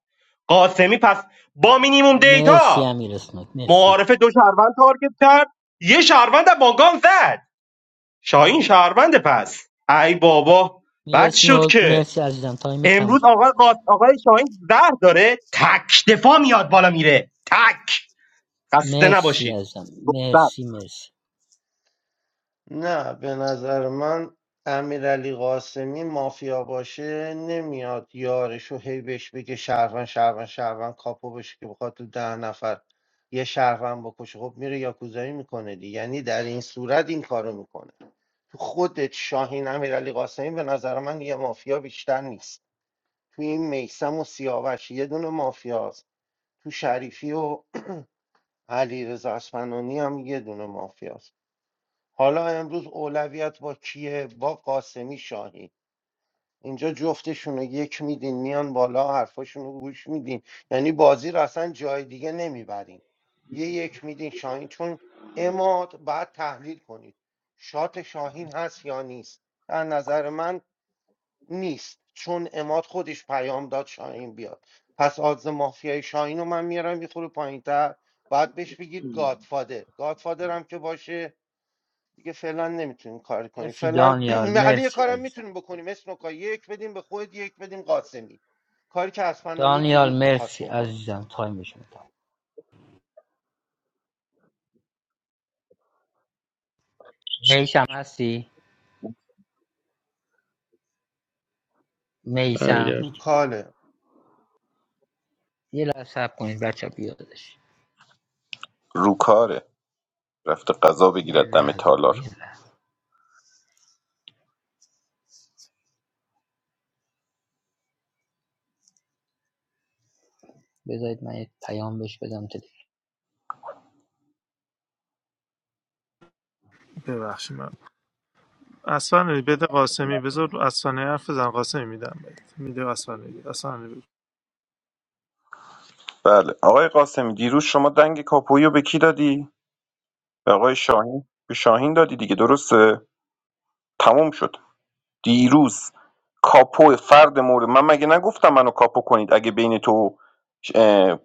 J: قاسمی پس با مینیموم
O: مرسی
J: دیتا
O: امیر اسمت مرسی
J: معارف دو شهروند تارگت کرد یه شهروند هم با گام زد شاهین شهروند پس ای بابا بد
O: میرسیم
J: شد
O: و
J: که
O: مرسی عزیزم تایم تموم
J: امروز
O: شد
J: آقا آقای شاهین زهر داره تک دفاع میاد بالا میره تک خسته
O: مرسی
J: نباشید
O: عزیزم
J: بله
O: مرسی مرسی
N: نه به نظر من امیر قاسمی مافیا باشه نمیاد یارشو هی بهش بگه شهروند شهروند شهروند کاپو بشه که بخواد تو ده نفر یه شهروند بکشه خب میره یاکوزایی میکنه دی یعنی در این صورت این کارو میکنه تو خودت شاهین امیرعلی قاسمی به نظر من یه مافیا بیشتر نیست تو این میسم و سیاوش یه دونه مافیاست تو شریفی و علیرضا اصفهانی هم یه دونه مافیاست حالا امروز اولویت با کیه با قاسمی شاهی اینجا جفتشون رو یک میدین میان بالا حرفاشون رو گوش میدین یعنی بازی رو اصلا جای دیگه نمیبرین یه یک میدین شاهین چون اماد بعد تحلیل کنید شات شاهین هست یا نیست در نظر من نیست چون اماد خودش پیام داد شاهین بیاد پس آدز مافیای شاهین رو من میارم یه خورده پایینتر باید بهش بگید گادفادر گادفادر هم که باشه دیگه فعلا نمیتونیم کاری کنیم
O: مرسی
N: فعلا
O: دانیال
N: علی یه
O: مرسی
N: کارم
O: عزیزم
N: میتونیم بکنیم اسنوکا یک بدیم به خود یک بدیم قاسمی کاری که اسپنانی
O: دانیال
N: دیروز میخواست
O: مرسی
N: بکنه
O: عزیزم تایمش تموم میسم هستی
E: برگرد.
O: میسم
N: تو کاله
O: یه لحظه صبر کنید بچه بیادش
G: رو کاره. رفته قضا
O: یه
G: بگیرد دم
O: لحظه
G: تالار
O: یه لحظه بذارید من یه پیام بهش بدم تلفن
R: ببخشید اصلا یعنی بده قاسمی بذار اصلا حرف زن قاسمی میدم بهت میده اصلا اصلا
G: بله آقای قاسمی دیروز شما دنگ کاپویی رو به کی دادی به آقای شاهین به شاهین دادی دیگه درسته تموم شد دیروز کاپو فرد مورد من مگه نگفتم منو کاپو کنید اگه بین تو اه،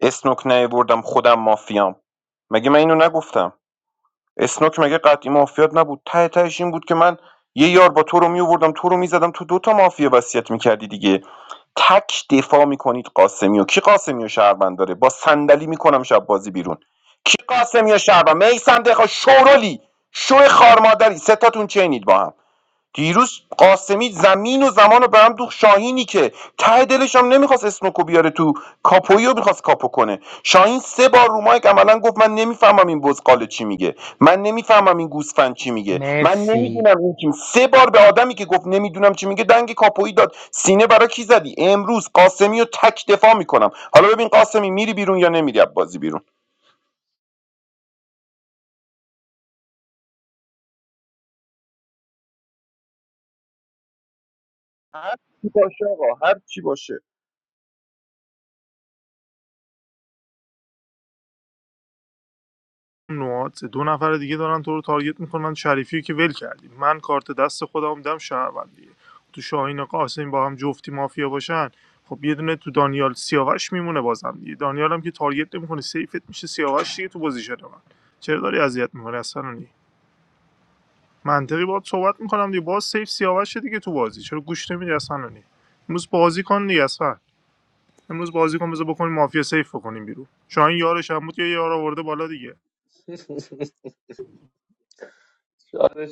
G: اسنوک نیاوردم خودم مافیام مگه من اینو نگفتم اسنوک مگه قطعی مافیات نبود ته تهش این بود که من یه یار با تو رو میووردم تو رو میزدم تو دوتا مافیا وصیت میکردی دیگه تک دفاع میکنید قاسمیو کی قاسمیو و شهروند داره با صندلی میکنم شب بازی بیرون کی قاسمیو و شهروند میسم دقیقا شورولی شو خارمادری سه تاتون چینید با هم دیروز قاسمی زمین و زمان رو به هم دوخت شاهینی که ته دلش هم نمیخواست اسنوکو بیاره تو کاپویی رو میخواست کاپو کنه شاهین سه بار رو مایک عملا گفت من نمیفهمم این بزقاله چی میگه من نمیفهمم این گوسفند چی میگه من
O: مرسی
G: نمیدونم این چی سه بار به آدمی که گفت نمیدونم چی میگه دنگ کاپویی داد سینه برای کی زدی امروز قاسمی رو تک دفاع میکنم حالا ببین قاسمی میری بیرون یا نمیری از بازی بیرون هر چی باشه آقا هر چی باشه
R: نوعات دو نفر دیگه دارن تو رو تارگت میکنن شریفی رو که ول کردی من کارت دست خودم میدم شهروندیه تو شاهین و قاسمی با هم جفتی مافیا باشن خب یه دونه تو دانیال سیاوش میمونه بازم دیگه دانیال هم که تارگت نمیکنه سیفت میشه سیاوش دیگه تو پوزیشن من چرا داری اذیت میکنی اصلا منطقی باهات صحبت میکنم دیگه باز سیف سیاوش دیگه تو بازی چرا گوش نمیدی اصلا امروز بازی کن دیگه امروز بازی کن بذار بکنیم مافیا سیف بکنیم بیرون شاهین یارش هم بود یا یار آورده بالا دیگه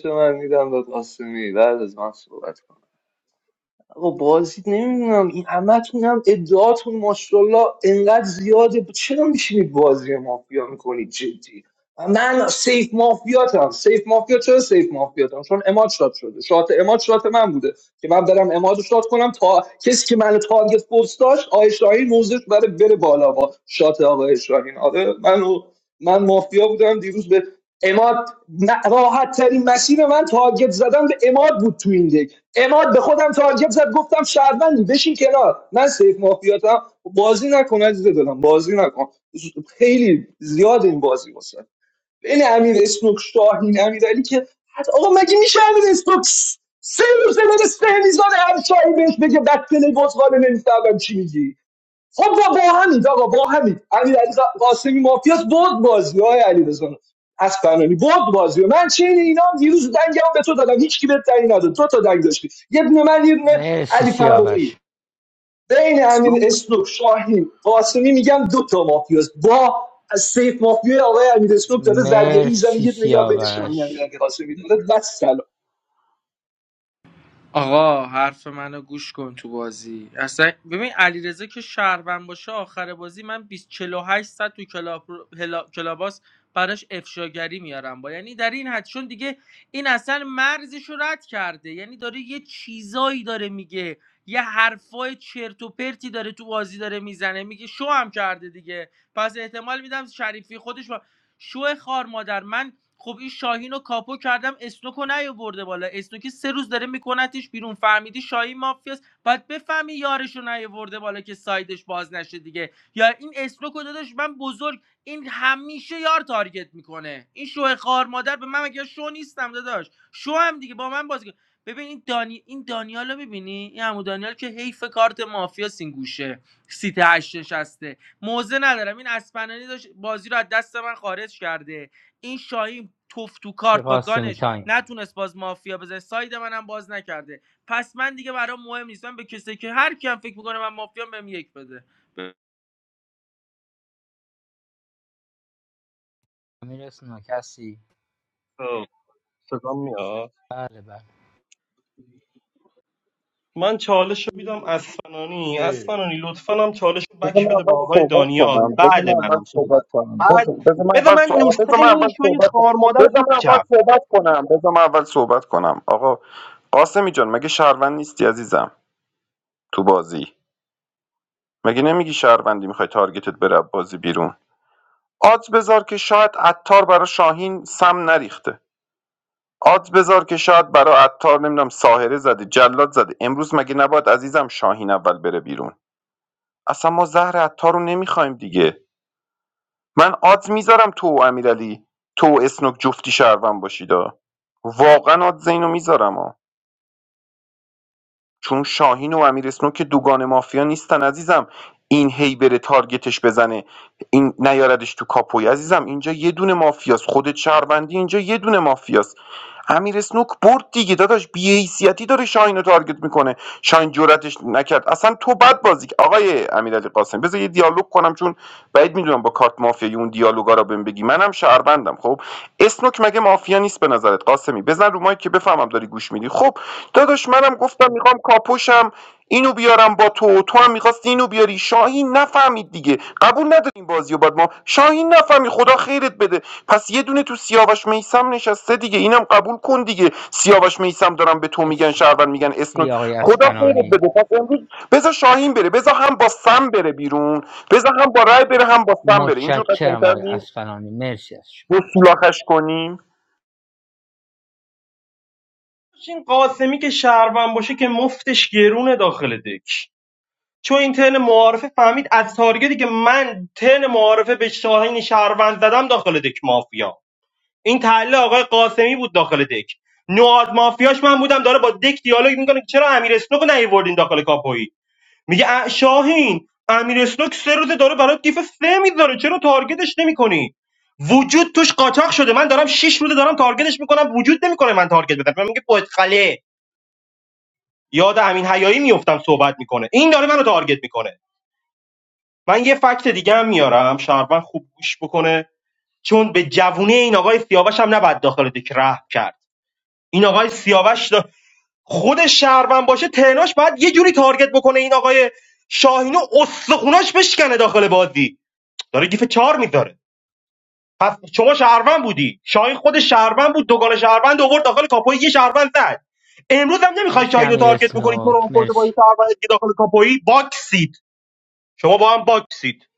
H: رو من میدم داد قاسمی بعد از من صحبت کن آقا بازی نمیدونم این همتون هم ادعاتون ماشاءالله انقدر زیاده چرا میشینید بازی مافیا میکنید جدی من سیف مافیاتم سیف مافیا چرا سیف مافیاتم چون اماد شات شده شات اماد شات من بوده که من برم اماد رو شات کنم تا کسی که منو تارگت پست داشت آقای شاهین موزش بره بره بالا با شات آقای شاهین آره من من مافیا بودم دیروز به اماد راحت ترین مسیر من تارگت زدن به اماد بود تو این دک. اماد به خودم تارگت زد گفتم شهروندی بشین کنار من سیف مافیاتم بازی نکن عزیز دلم بازی نکن خیلی زیاد این بازی واسه بین امیر اسنوک شاهین امیرعلی که حتی آقا مگه میشه امیر اسنوک س- سه روزه بره سه میزان همشاهی بهش بگه بدتله بزغاله نمیفهمم چی میگی خب و با همین آقا با همین امیر علی ق- قاسمی مافیاس برد بازی علی رضا از فنانی برد بازی من چین اینا هم دیروز دنگمو به تو دادم هیچ کی بهت دنگ نداد تو تا دنگ داشتی یه دونه من یه دونه
O: مرسی
H: علی
O: سیاوش
H: فروخی. بین امین اسنوک شاهین قاسمی میگم دو تا مافیاس با از سیف مافیای آقای امیر اسنوک داره زرگری میزنه
O: مرسی
H: یه دونه یاد بین شاهین امیر
O: سیاوش
H: علی قاسمی داره و
E: آقا حرف منو گوش کن تو بازی اصلا ببین علیرضا که شهروند باشه آخر بازی من 20 48 صد تو کلاب هلا... کلاباس براش افشاگری میارم با یعنی در این حد چون دیگه این اصلا مرزش رو رد کرده یعنی داره یه چیزایی داره میگه یه حرفای چرت و پرتی داره تو بازی داره میزنه میگه شو هم کرده دیگه پس احتمال میدم شریفی خودش با شو خار مادر من خب این شاهین رو کاپو کردم اسنوکو نیاورده بالا اسنوکی سه روز داره میکنتش بیرون فهمیدی شاهین مافیاست باید بفهمی یارش رو نیاورده بالا که سایدش باز نشه دیگه یا این اسنوکو داداش من بزرگ این همیشه یار تارگت میکنه این شو خار مادر به من مگه شو نیستم داداش شو هم دیگه با من بازی کن. ببین این دانی این دانیالو رو میبینی این عمو دانیال که حیف کارت مافیا سینگوشه سیت هشت نشسته موزه ندارم این اسپنانی داشت بازی رو از دست من خارج کرده این شاهین توف تو
O: مرسی
E: کارت با
O: قاسمی
E: گانش
O: تایم
E: نتونست باز مافیا بزنه ساید منم باز نکرده پس من دیگه برام مهم نیستم به کسی که هر کیم فکر میکنه من مافیا بهم یک بده ب-
O: میرسیم کسی
J: خب، صدام میاد
O: بله بله
J: من چالش رو میدم اسفنانی
N: اه.
J: اسفنانی لطفا هم چالش رو بک
G: بذار من
J: بده به
G: اول
J: آقای
G: صحبت
J: دانیال
G: کنم بذار
J: بعد
G: من اول
J: منم
G: صحبت
J: صحبت کن
G: کنم
J: بعد
G: بذار بذار من
J: بذار
G: اول
J: من
G: صحبت
J: نسخه این شوی خار مادر رو
G: بذار من اول
J: بپیچم
G: صحبت کنم بذار من اول صحبت کنم بذار من اول صحبت کنم آقا قاسمی جان مگه شهروند نیستی عزیزم تو بازی مگه نمیگی شهروندی میخوای تارگتت بره از بازی بیرون آدز بذار که شاید عطار برا شاهین سم نریخته آدز بذار که شاید برا عطار نمیدونم ساهره زده جلاد زده امروز مگه نباید عزیزم شاهین اول بره بیرون اصلا ما زهر عطار رو نمیخوایم دیگه من آدز میذارم تو و امیرعلی تو و اسنوک جفتی شهروند باشیدا واقعا آدز اینو میذارم چون شاهین و امیر اسنوک که دوگان مافیا نیستن عزیزم این هی بره تارگتش بزنه این نیاردش تو کاپوی عزیزم اینجا یه دونه مافیاست خودت شهروندی اینجا یه دونه مافیاست امیر اسنوک برد دیگه داداش بی‌حیثیتی داره شاهین رو تارگت میکنه شاهین جرأتش نکرد اصلا تو بد بازی که- آقای امیرعلی قاسم بذار یه دیالوگ کنم چون بعید میدونم با کارت مافیایی اون دیالوگا رو بهم بگی منم شهروندم خب اسنوک مگه مافیا نیست به نظرت قاسمی بزن رو مایک که بفهمم داری گوش میدی خب داداش منم گفتم میخوام کاپوشم اینو بیارم با تو تو هم میخواست اینو بیاری شاهین نفهمید دیگه قبول نداریم این بازی رو بعد ما شاهین نفهمید خدا خیرت بده پس یه دونه تو سیاوش میسم نشسته دیگه اینم قبول کن دیگه سیاوش میسم دارم به تو میگن
O: مرسی
G: شهرون میگن اسنوک
O: سی آقای
G: خدا خیرت
O: اسپنانی
G: بده پس امروز بذار شاهین بره بذار هم با سم بره بیرون بذار هم با رای بره هم با سم بره اینجور
O: متشکرم
G: قشنگتر
O: آقای
G: نیست
O: اسفنانی مرسی از شما
G: رو
O: متشکرم.
G: سولاخش کنیم
J: این قاسمی که شهروند باشه که مفتش گرونه داخل دک چون این ترن معارفه فهمید از تارگتی که من ترن معارفه به شاهین شهروند زدم داخل دک مافیا این تله آقای قاسمی بود داخل دک نواد مافیاش من بودم داره با دک دیالوگ میکنه که چرا امیر اسنوک رو نیوردین داخل کاپویی میگه ا- شاهین امیر اسنوک سه روزه داره برای دیف سه میذاره چرا تارگتش نمیکنی وجود توش قاچاق شده من دارم شش روزه دارم تارگتش میکنم وجود نمیکنه من تارگت بزنم من میگه پشت خله یاد امین حیایی میفتم صحبت میکنه این داره منو تارگت میکنه من یه فکت دیگه هم میارم شهروند خوب گوش بکنه چون به جوونه این آقای سیاوش هم نباید داخل دک رحم کرد این آقای سیاوش دا- خود شهروند باشه تهناش باید یه جوری تارگت بکنه این آقای شاهینو استخوناش بشکنه داخل بازی داره گیف چهار میذاره پس شما شهروند بودی شاهین خود شهروند بود دوگان شهروند آورد داخل کاپوی یه شهروند زد امروز هم نمیخوای
O: مرسی
J: شاهینو
O: امیر
J: تارگت بکنی تو رو
O: اسنوک
J: آورده با یه
O: مرسی
J: شهروند دیگه داخل کاپوی باکسید شما با هم باکسید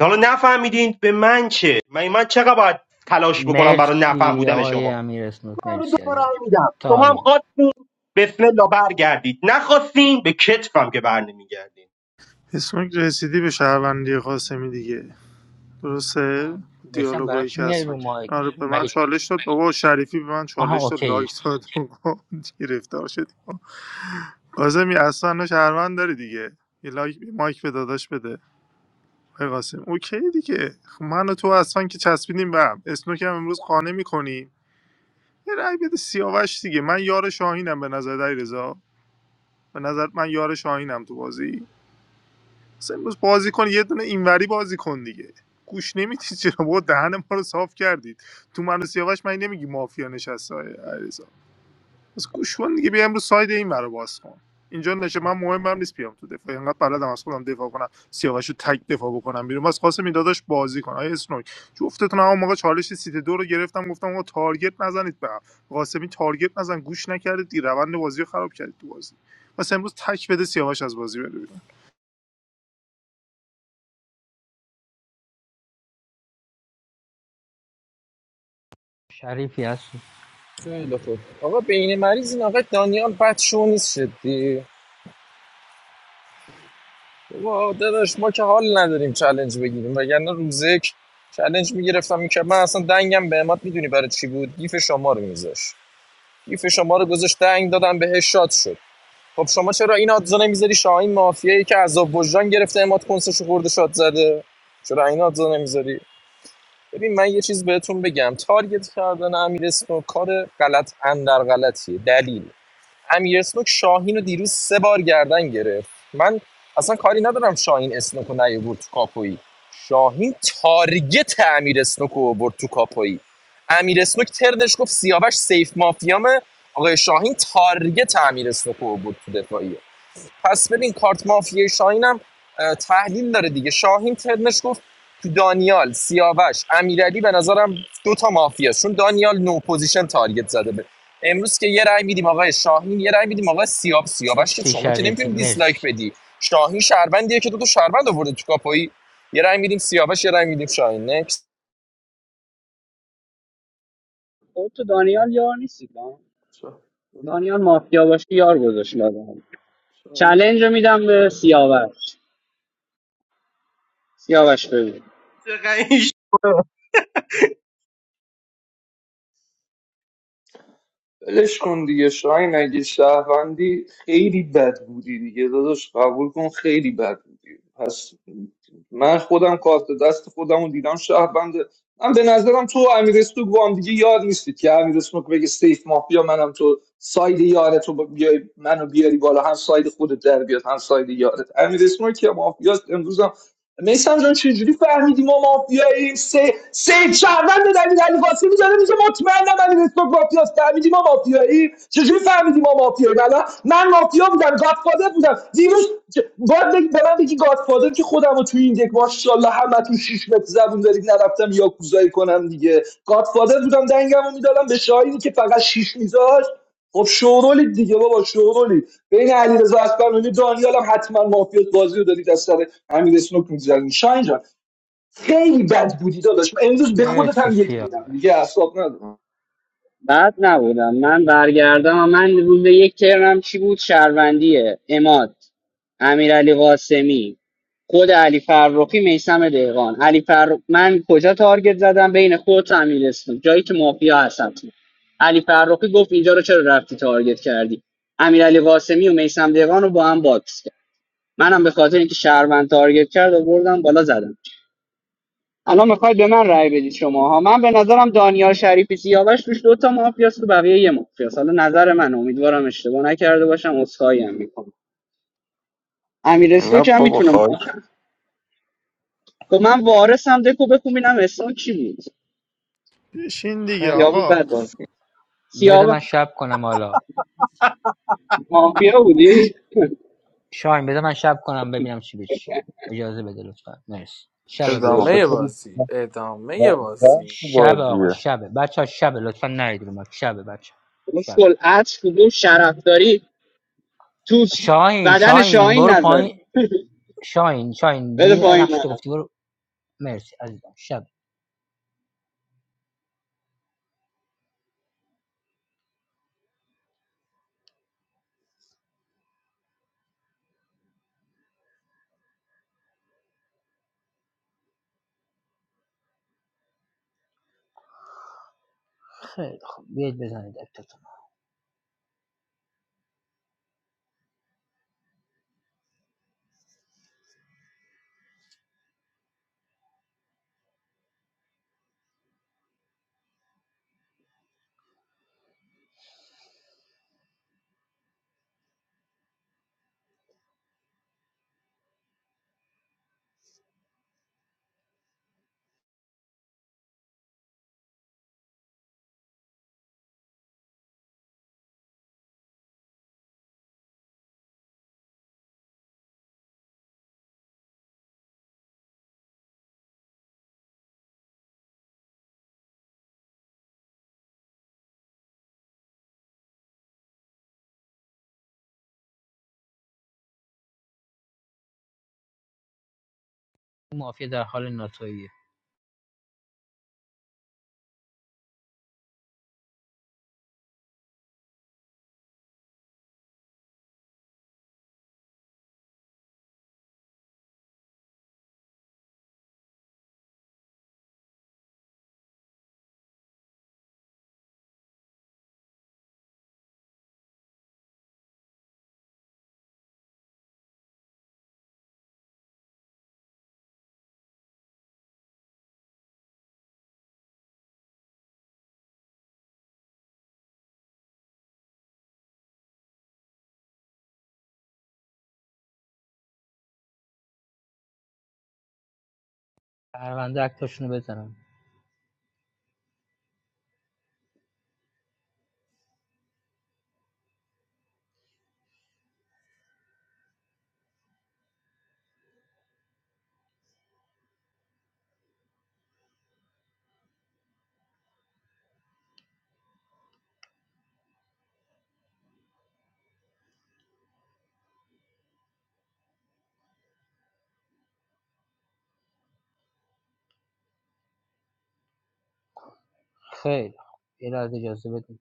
J: حالا نفهمیدین به من چه من من چقدر باید تلاش بکنم برای نفهم
O: مرسی
J: بودن
O: آقای
J: شما
O: امیر اسنوک
J: رو دو
O: مرسی
J: تا
O: ازم
J: رأی میدم شما هم
O: تایم
J: خواستین بسم الله برگردید نخواستین به کتفم که بر نمیگردین
R: اسمک رسیدی به شهروندی قاسمی دیگه درسته
O: میسم برای
R: دیالوگایی
O: چی
R: که
O: میای
R: اصلا
O: رو
R: کرد
O: مایک
R: آره به من
O: مگه
R: چالش داد بابا شریفی به من
O: آها
R: چالش داد لایک
O: اوکی
R: داد بابا، گرفتار شدی قاسمی اصلا نه شهروند داری دیگه یه لایک مایک به داداش بده آقای قاسم اوکی دیگه خب من و تو اصلا که چسبیدیم به هم اسنوک هم امروز قانه میکنیم یه رأی بده سیاوش دیگه من یار شاهینم به نظر دایی به نظر من یار شاهینم تو بازی اصلا امروز بازی کن یه دونه اینوری بازی کن دیگه گوش نمیدی چرا با دهن ما رو صاف کردید تو منو سیاوش من نمیگی مافیا نشسته های علیرضا. بس گوش کن دیگه بیا امروز ساید این ور رو باز کن اینجا نشه من مهمم نیست بیام تو دفاع اینقدر بلدم از خودم دفاع کنم سیاوش رو تک دفاع بکنم بیرون بس قاسم این داداش بازی کن آیا اسنوک جفتتون هم موقع چالش سیت دو رو گرفتم گفتم آقا تارگت نزنید به هم قاسمی تارگت نزن گوش نکردید دیگه روند بازی رو خراب کردید تو بازی پس امروز تک بده سیاوش از بازی بره بیرون
O: شریفی هستی
I: خیلی خوب آقا بین مریض این آقا دانیال بد شو نیست شدی بابا داداش ما که حال نداریم چالش بگیریم وگرنه روزک چلنج میگرفتم که من اصلا دنگم به اماد میدونی برای چی بود گیف شما رو میذاش گیف شما رو گذاشت دنگ دادم بهش شاد شد خب شما چرا این آدزا نمیذاری شاهین مافیایی که عذاب وجدان گرفته اماد کنسش خورده شاد زده چرا این آدزا نمیذاری ببین من یه چیز بهتون بگم تارگت کردن امیر اسنو کار غلط اندر غلطیه دلیل امیر اسنوک شاهین رو دیروز سه بار گردن گرفت من اصلا کاری ندارم شاهین اسنوک رو نیاورد تو کاپویی شاهین تارگت امیر اسنوک رو برد تو کاپویی امیر اسنوک تردش گفت سیاوش سیف مافیامه آقای شاهین تارگت امیر اسنوک رو برد تو دفاعیه پس ببین کارت مافیای شاهین هم اه، تحلیل داره دیگه شاهین ترنش گفت تو دانیال سیاوش امیرعلی به نظرم دوتا مافیا است. چون دانیال نو پوزیشن تارگت زده به امروز که یه رأی میدیم آقای شاهین یه رأی میدیم آقای سیاب سیاوش که
O: مرسی
I: شما که
O: شریفی
I: نمیتونی دیسلایک
O: مرسی
I: بدی شاهین شهروندیه که دو تا شهروند آورده تو کاپایی یه رأی میدیم سیاوش یه رأی میدیم شاهین Next.
L: خب تو دانیال یار نیستی ها؟ دانیال مافیا باشه یار گذاشت لازم
H: سلام
L: چلنج رو میدم به سیاوش سیاوش بگو
H: ولش کن دیگه شاین اگه شهروندی خیلی بد بودی دیگه داداش قبول کن خیلی بد بودی پس من خودم کارت دست خودم رو دیدم شهروند من به نظرم تو و امیر استوک با هم دیگه یاد نیستید که امیر استوک بگه سیف مافیا منم تو ساید یارت رو بیای منو بیاری بالا هم ساید خودت در بیاد هم ساید یارت امیر استوک که مافیاست امروز هم میسم جان چجوری فهمیدی ما مافیاییم سه سه شهروند دلیل علی قاسمی داره میگه مطمئنم علی رسول مافیاست فهمیدی ما مافیاییم چجوری فهمیدی ما مافیاییم الان من مافیا بودم گادفادر بودم دیروز چ- باید بگی به من بگی گادفادر که خودم رو توی این دک ماشاءالله همتون شیش متر زبون دارید نرفتم یاکوزایی کنم دیگه گادفادر بودم دنگمو میدادم به شاهینی که فقط شیش میذاشت خب شورولی دیگه بابا شورولی بین علیرضا اکبر و دانیال هم حتما مافیات بازی رو دارید از سر امیر اسنوک می‌زدیم شاین جان خیلی بد بودی داداش من امروز به خودت
O: مرسی
H: هم یک میدم دیگه
O: سیاوش
H: اعصاب ندارم
L: بعد نبودم من برگردم و من روز یک ترم چی بود شهروندیه اماد امیرعلی قاسمی خود علی فرخی میسم دهقان علی فر... من کجا تارگت زدم بین خود و امیر اسلام جایی که مافیا هستم علی فرخی گفت اینجا رو چرا رفتی تارگت کردی امیرعلی قاسمی و میسم دهقان رو با هم باکس کرد منم به خاطر اینکه شهروند تارگت کرد آوردم بالا زدم الان میخواید به من رأی بدید شما ها من به نظرم دانیال شریفی سیاوش توش دوتا مافیاس تو بقیه یه مافیاس حالا نظر من امیدوارم اشتباه نکرده باشم عذرخواهی هم میکنم امیر
G: نه
L: اسلوک هم
G: بابا
L: میتونم
G: خواهش
L: خب من وارثم دکو بکن ببینم اسلوک چی بود
R: بشین دیگه
O: خیلی
L: یا بود
R: آقا
L: بد بود
O: بذار
L: سیاوش
O: من شب کنم حالا
L: مافیا بودی
O: ش... شاین بذار من شب کنم ببینم چی به چی اجازه بده لطفا مرسی شب
G: با
O: بچه
L: شو.
E: ادامه
G: بذارید
E: بازی
G: زن
E: ادامه
G: زن
E: بازی
G: تو
O: شب
G: بازیه
O: آقا شبه بچه ها شبه لطفا نرید رو ما شبه بچه شب
L: مسکل عطر بود شرف تو
O: شاهین
L: بدن
O: شاهین
L: شاهین
O: برو
L: نذاری
O: پایین شاهین شاهین دیدی
L: بده پایین
O: نقش
L: منو
O: تو گفتی برو مرسی عزیزم شب خیلی خوب بیاید بزنید اکتاتون مافیا در حال ناتاییه پرونده اکتاشونو بزنم خیلی خوب یه لحظه اجازه بدید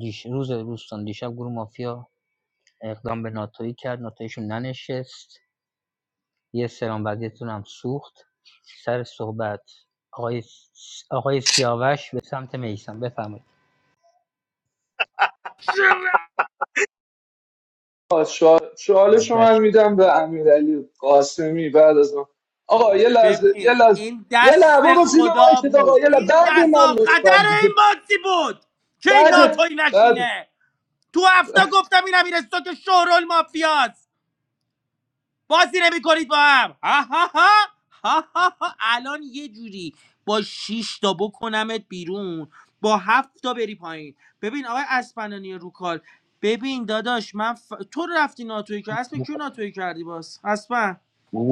O: دیش... روز دوستان دیشب گروه مافیا اقدام به ناتایی کرد ناتاییشون ننشست یه سلام بعدیتون هم سوخت سر صحبت آقای, س- آقای سیاوش به سمت میسم بفرمایید
H: آه، چا-
O: رو مایک
H: چالش رو من
O: بچه
H: میدم به امیرعلی قاسمی بعد از من آقا یه لحظه یه
E: ببین
H: لحظه
E: این
H: یه لحظه
E: دست
H: برو زیر
E: خدا
H: مایکت آقا
E: بود
H: یه لحظه
E: این
H: بعد
E: غذا
H: من لطفا
E: قدر این
H: دیگه
E: بازی بود که این
H: بعد
E: ناتوی
H: بعد
E: نشینه تو هفته گفتم این امیر که شهرال مافیاست بازی نمی کنید با هم ها ها ها ها ها ها. الان یه جوری با شش تا بکنمت بیرون با هفت تا بری پایین ببین آقای اسپنانی رو کال ببین داداش من ف... تو رفتی ناتوی که اسم کیو ناتوی کردی باز اسپن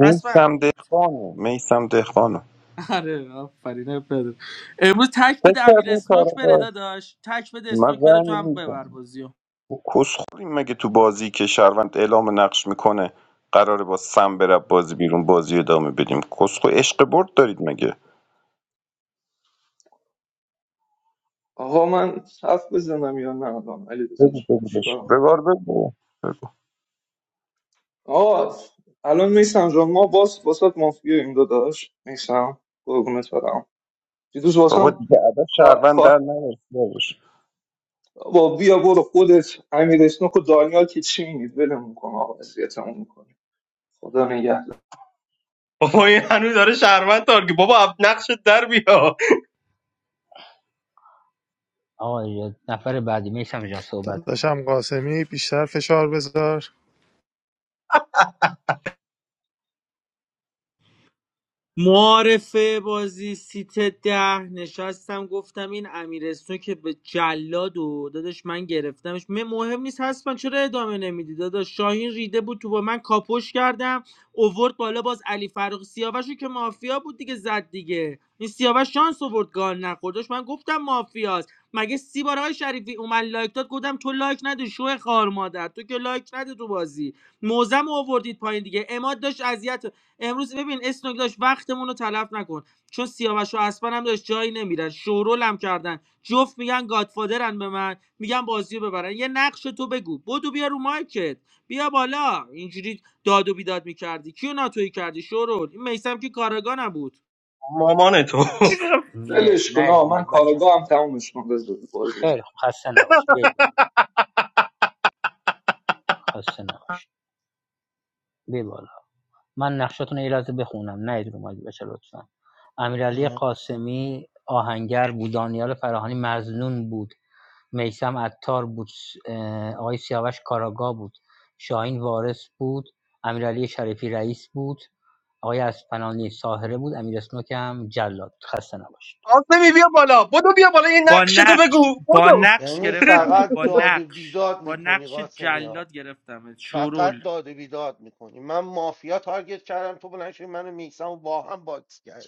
E: اسپن
G: دهقانه میسم دهقانه
E: آره آفرین پدر. امروز تک
G: فکر
E: بده امیر
G: کردیم
E: اسنوک بره
G: کارگاه
E: داداش تک بده
G: من
E: اسنوک بره تو
G: زنگ
E: هم ببر بازیو.
G: کسخوریم مگه تو بازی که شهروند اعلام نقش میکنه قراره با سم بره بازی بیرون بازی ادامه بدیم کسخو عشق برد دارید مگه
H: آقا من حرف بزنم یا نه الان علی رضا
G: بگو
H: جان
G: بگو بش
H: چیکار می‌خوای؟
G: بگار بگو بگو.
H: آقا الان میسم جان ما باز واسات مافیا این داداش میسم قربونت برم دیروز
G: بابا
H: واسم
G: دیگه ادب شهروند در نرسیدش
H: با بیا برو خودت امیر اسنوک و دانیال که چی میگید ولمون کن آقا اذیتمون میکنه خدا نگهدار
J: بابا این هنوز داره شهروند تارگی بابا اب- نقشت در بیا
O: آقا نفر بعدی میسم جان صحبت کن
R: داداشم قاسمی بیشتر فشار بذار
E: معارفه بازی سیت ده نشستم گفتم این امیرستون که به جلاد و داداش من گرفتمش من مهم نیست هست من چرا ادامه نمیدی داداش شاهین ریده بود تو با من کاپوش کردم اوورد بالا باز علی فرخ سیاوشو که مافیا بود دیگه زد دیگه این سیاوش شانس اوورد گال نخوردش من گفتم مافیاست مگه سی بار های شریفی اومد لایک داد گفتم تو لایک نده شو خار مادر تو که لایک نده تو بازی موزم اووردید پایین دیگه اماد داشت اذیتمون امروز ببین اسنوک داشت وقتمون رو تلف نکن چون سیاوش و اسپن هم داشت جایی نمیرن شورول هم کردن جفت میگن گادفادرن به من میگن بازی رو ببرن یه نقش تو بگو بدو بیا رو مایکت بیا بالا اینجوری داد و بیداد میکردی کیو ناتوی کردی شورول این میسم که کارگاه نبود
J: مامان تو
O: مرد
H: ولش کن
O: نه رو
H: آقا من
O: مایک بچه
H: کارگاه هم تمومش کن بذار باز بزن.
O: خیلی خوب خسته نباشید بید بالا خسته نباشید بید بالا من نقشاتون رو یه لحظه بخونم نه رو مایک بچه لطفا امیرعلی قاسمی آهنگر بود دانیال فراهانی مزنون بود میسم عطار بود اه، آقای سیاوش کاراگا بود شاهین وارث بود امیرعلی شریفی رئیس بود آقای اسپنانی ساهره بود امیر اسنوک هم جلاد خسته نباشید
J: آسمی بیا بالا بدو بیا بالا این
E: با
J: نقشتو بگو
E: نقش با
J: بدو
E: نقش
N: یعنی
E: گرفتمت
N: فقط
E: با
N: داد و
E: نقش
N: بیداد
E: با
N: میکنی
E: نقش
N: قاسمی ها.
E: جلاد گرفتمت شورول
N: فقط داد و بیداد میکنی من مافیا تارگت کردم تو بلند شدی من و میسم رو با هم باکس کرد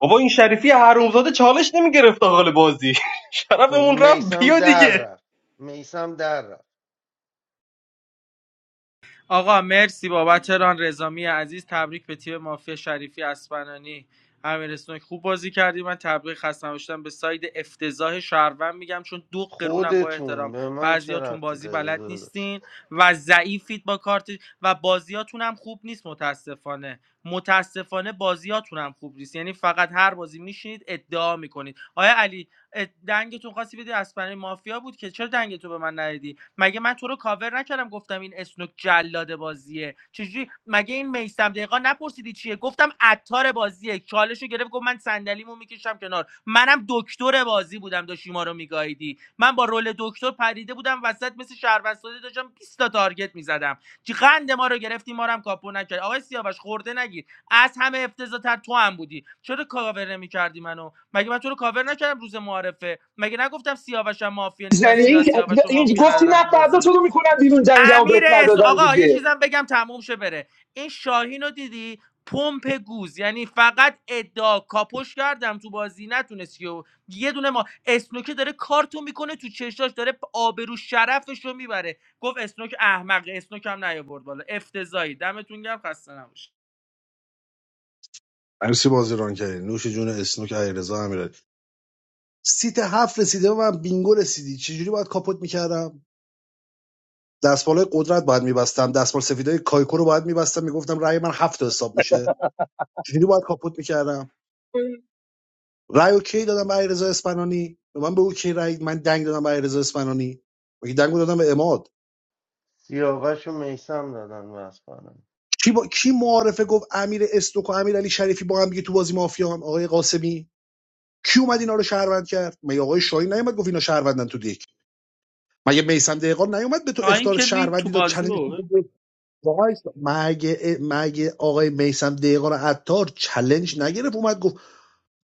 J: بابا این شریفی حرومزاده چالش نمیگرفت آقال بازی شرفمون رفت
N: میسم
J: بیا
N: در
J: دیگه
N: رفت میسم در رفت
E: آقا مرسی بابت ران رزامی عزیز تبریک به تیم مافیا شریفی اسپنانی امیر اسنوک خوب بازی کردی من تبریک خستم باشتم به ساید افتضاح شهروند میگم چون دو قرونم با
N: خودتون
E: احترام
N: به من چه
E: بعضیاتون
N: ربطی
E: بازی
N: داره
E: بلد
N: داداش
E: نیستین و ضعیفید با کارت و بازیاتون هم خوب نیست متاسفانه متاسفانه بازیاتون هم خوب نیست یعنی فقط هر بازی میشینید ادعا میکنید آیا علی اه، دنگتون خواستی بدی اسپرانی مافیا بود که چرا دنگتو به من ندیدی مگه من تو رو کاور نکردم گفتم این اسنوک جلاد بازیه چجوری مگه این میسم دقیقا نپرسیدی چیه گفتم عطار بازیه چالشو گرفت گفت من صندلیمو میکشم کنار منم دکتر بازی بودم داشتی ما رو میگاییدی من با رول دکتر پریده بودم وسط مثل شهروستاده داشتم بیست تا تارگت میزدم چی قند ما رو گرفتی ما رو هم کاپو نکرد آقای سیاوش خورده نگیر از همه افتضاحتر تو هم بودی چرا کاور نمیکردی منو مگه من تو رو کاور نکردم روز معارفه مگه نگفتم سیاوشم مافیا نیست من
H: زنی این
E: زیاد سیاوش و
H: این
E: مافیا
H: گفتی
E: ندارم
H: نه
E: تو
H: فردا تو
E: بازی
H: رو میکنم بیرون جنگمو
E: امیر
H: بهت
E: اس
H: ندادم
E: آقا یه
H: دیگه
E: چیزم بگم تموم شه بره این شاهین رو دیدی پمپ گوز یعنی فقط ادعا کاپوش کردم تو بازی نتونستی و یه دونه ما اسنوکه داره کارتون میکنه تو چشاش داره آبرو شرفش رو میبره گفت اسنوک احمق اسنوک هم نیاورد بالا افتضایی دمتون گرم خسته نباشید
K: مرسی بازی ران کردی نوش جون اسنوک علیرضا امیرعلی سیت هفت رسیده و من بینگو رسیدی چجوری باید کاپوت میکردم دستمال قدرت باید میبستم دستمال سفیدای کایکو رو باید میبستم میگفتم رأی من هفت تا حساب میشه چجوری باید کاپوت میکردم رأی اوکی دادم به علیرضا اسپنانی به من به اوکی رأی من دنگ دادم به علیرضا اسپنانی مگه دنگو دادم به اماد
N: سیاوش و میسم دادن واسپارم
K: کی با... کی معارفه گفت امیر استوک و امیر علی شریفی با هم دیگه تو بازی مافیان آقای قاسمی کی اومد اینا رو شهروند کرد مگه آقای شاهین نیومد گفت اینا شهروندن تو دیک مگه میسم دهقان نیومد به تو
E: شاهین
K: اختار
E: که رید تو
K: شهروندی داد
E: بازی
K: چالش دیگه
E: بابا
K: مگه مگه آقای میسم دهقان عطار چالش نگرفت اومد گفت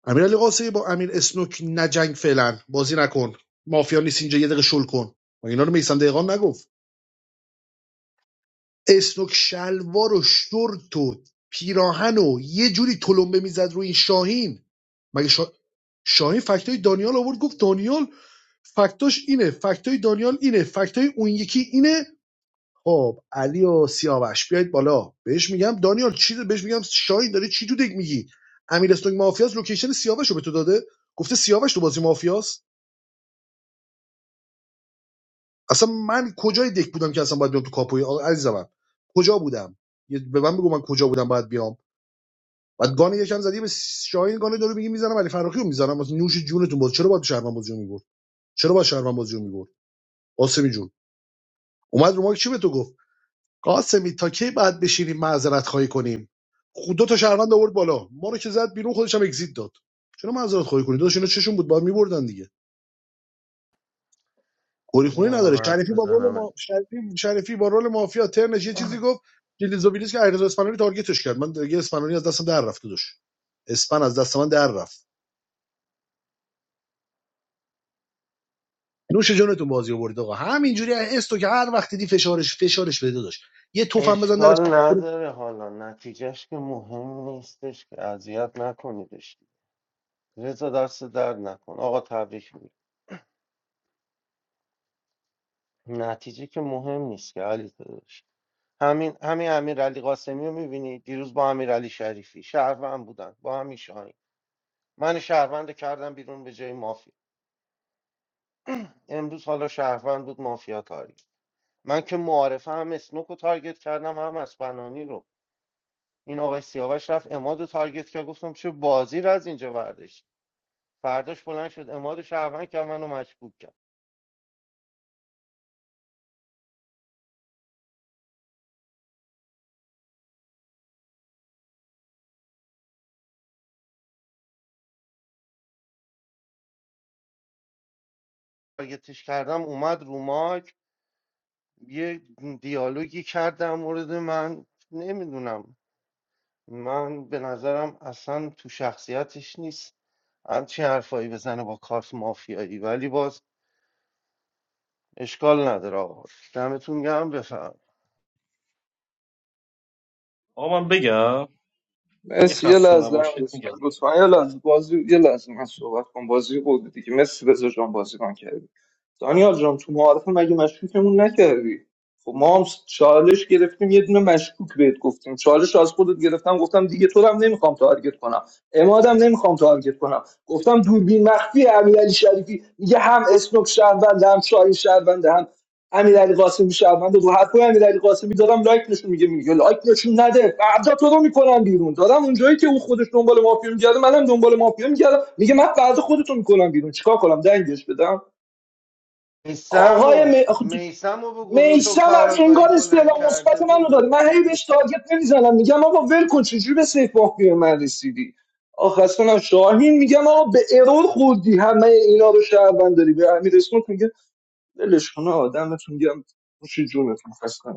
K: امیر علی قاسمی با امیر اسنوک نجنگ فعلا بازی نکن مافیا نیست اینجا یه دقیقه شل کن مگه اینا رو میسم دهقان نگفت اسنوک شلوار و شورت و پیراهن و یه جوری تلمبه میزد روی این شاهین مگه شا... شاهین فکتای دانیال آورد گفت دانیال فکتاش اینه فکتای دانیال اینه فکتای اون یکی اینه خب علی و سیاوش بیاید بالا بهش میگم دانیال چی بهش میگم شاهین داره چی تو دک میگی امیر اسنوک مافیاس لوکیشن سیاوش رو به تو داده گفته سیاوش تو بازی مافیاس اصلا من کجای دک بودم که اصلا باید بیام تو کاپوی عزیزم من. کجا بودم یه- به من بگو من کجا بودم باید بیام بعد گان یکم زدی به شاهین گان داره میگی میزنم علی فراخی رو میزنم واسه نوش جونتون بود چرا باید شهروند بازی رو میبرد چرا باید شهروند بازی رو میبرد قاسمی جون اومد رو ما چی به تو گفت قاسمی تا کی بعد بشینیم معذرت خواهی کنیم خود دو تا شهروند آورد بالا ما رو که زد بیرون خودش هم اگزییت داد چرا معذرت خواهی کنید داداش اینا چشون بود باید میبردن دیگه
N: بذار
K: گریخونی
N: منم
K: نداره
N: حرف
K: شریفی با رول ما...
N: بزنم
K: شریفی شریفی با رول مافیا ترنش یه چیزی گفت جلیزوبیلیس که ایرز اسپانیایی تارگتش کرد من دیگه اسپانیایی از دستم در رفت داداش اسپن از دست من در رفت نوش جونتون بازی آورد آقا همینجوری استو که هر وقت دیدی فشارش فشارش بده داشت یه تفم بزن در
N: اشکال
K: کنه
N: نداره حالا نتیجهش که مهم نیستش که اذیت نکنیدش رضا دست درد نکن آقا تبریک میگم نتیجه که مهم نیست که علی داداش. همین همین امیرعلی قاسمی رو میبینی دیروز با امیرعلی شریفی شهروند بودن با همین شاهین من شهروند رو کردم بیرون به جای مافیا امروز حالا شهروند بود مافیا تاری من که معارفه هم اسنوک رو تارگت کردم هم اسپنانی رو این آقای سیاوش رفت اماد رو تارگت کرد گفتم چه بازی رو از اینجا برداشت فرداش بلند شد اماد رو شهروند کرد منو مشکوک کرد تارگتش کردم اومد رو ماک یه دیالوگی کرد در مورد من نمیدونم من به نظرم اصلا تو شخصیتش نیست همچین حرفایی بزنه با کارت مافیایی ولی باز اشکال نداره آقا دمتون گرم بفهم
J: آقا من بگم من یه
H: مرسی یه
J: خسته
H: لحظه امیر
J: نباشید میگم
H: اسنوک لطفا یه لحظه بازی یه لحظه من صحبت کنم بازی بود دیگه مرسی رضا جان بازی کردی. دانیال جان تو معارف مگه مشکوکمون نکردی خب ما هم چالش گرفتیم یه دونه مشکوک بهت گفتیم چالش رو از خودت گرفتم گفتم دیگه تو رو هم نمیخوام تارگت کنم امادم نمیخوام تارگت کنم گفتم دوربین مخفی امیرعلی شریفی میگه هم اسنوک شهروند هم شاهین شهروند هم امیرعلی قاسمی شهروند رو حرفای امیرعلی قاسمی دارم لایک نشون میگه میگه لایک نشون نده فردا تو رو میکنم بیرون دارم اونجایی که اون خودش دنبال مافیا میگرده منم دنبال مافیا میگردم میگه من فردا خودتو میکنم بیرون چیکار کنم دنگش بدم
N: میسم
H: آقای
N: و
H: می... آخه تو-
N: میسم و به گروه تو
H: میسم از
N: کاراگاهی
H: انگار
N: بلند
H: استعلام
N: کرده
H: مثبت منو
N: بود
H: داد من هی بهش تارگت نمیزنم میگم آقا ول کن چجوری به سیف مافی من رسیدی آخه اصلا هم شاهین میگم آقا به ارور خوردی همه اینا رو شهروند داری به امیر اسمت میگه ولش کن آقا دمتون گرم خوش جونتون خسته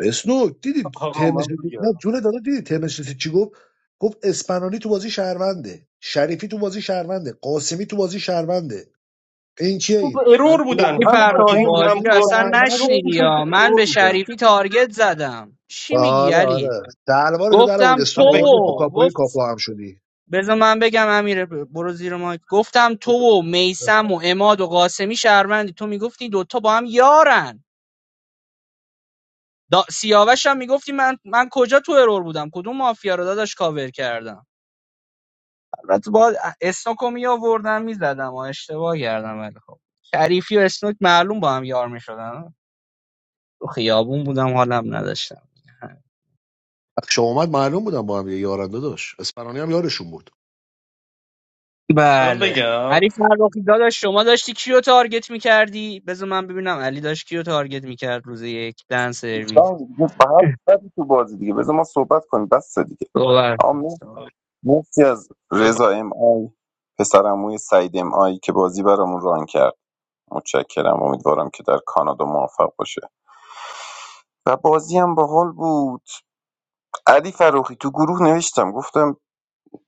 K: اسنو دیدی
J: آقا من
K: ترمش نه
J: بگم
K: جون داده دیدی ترمش رسید چی گفت گفت اسپنانی تو بازی شهرونده شریفی تو بازی شهرونده قاسمی تو بازی شهرونده این چیه
J: تو به
K: این
J: ارور بودن
K: تو
L: شریف
J: هم
L: فرخی
J: شاهین هم
L: بازی رو
K: بازی
L: اصلا
J: قاسمی
K: شهرونده
L: نشنیدی
J: جفتشون تو
L: یا من
J: ارور
L: به
J: بودن
L: شریفی تارگت زدم چی میگی
K: آره
L: علی
K: آره دلوار تو در
L: گفتم
K: آورد
L: تو
J: من
K: استو آوردی تو
J: بگم
L: و
K: کاپوی
L: گفت
K: کاپو هم شدی
L: بذار من بگم امیر برو زیر مایک گفتم تو و میسم
J: بفهم.
L: و اماد و قاسمی شهروندی تو میگفتی دوتا با هم یارن دا... سیاوش هم میگفتی من من کجا تو ارور بودم کدوم مافیا رو داداش کاور کردم البته با اسنوکو می آوردم میزدم و اشتباه کردم ولی خب شریفی و اسنوک معلوم با هم یار میشدن تو خیابون بودم حالم نداشتم
K: شما اومد معلوم بودم با هم یه یارنده داشت اسپنانی هم یارشون
J: من
L: بله
J: بگم
L: علی فرخی داداش شما داشتی کیو تارگت میکردی بذار من ببینم علی داشت کیو تارگت میکرد روز یک دن سرویس
G: دیگه به هفت زدی تو بازی دیگه بذار ما صحبت کنیم بس دیگه
L: باور
G: آمین
L: کن.
G: مرسی از
J: بفهم
G: رضا ام آی پسرموی سعید ام آی که بازی برامون ران کرد متشکرم امیدوارم که در کانادا موفق باشه و بازی هم باحال بود علی فروخی تو گروه نوشتم گفتم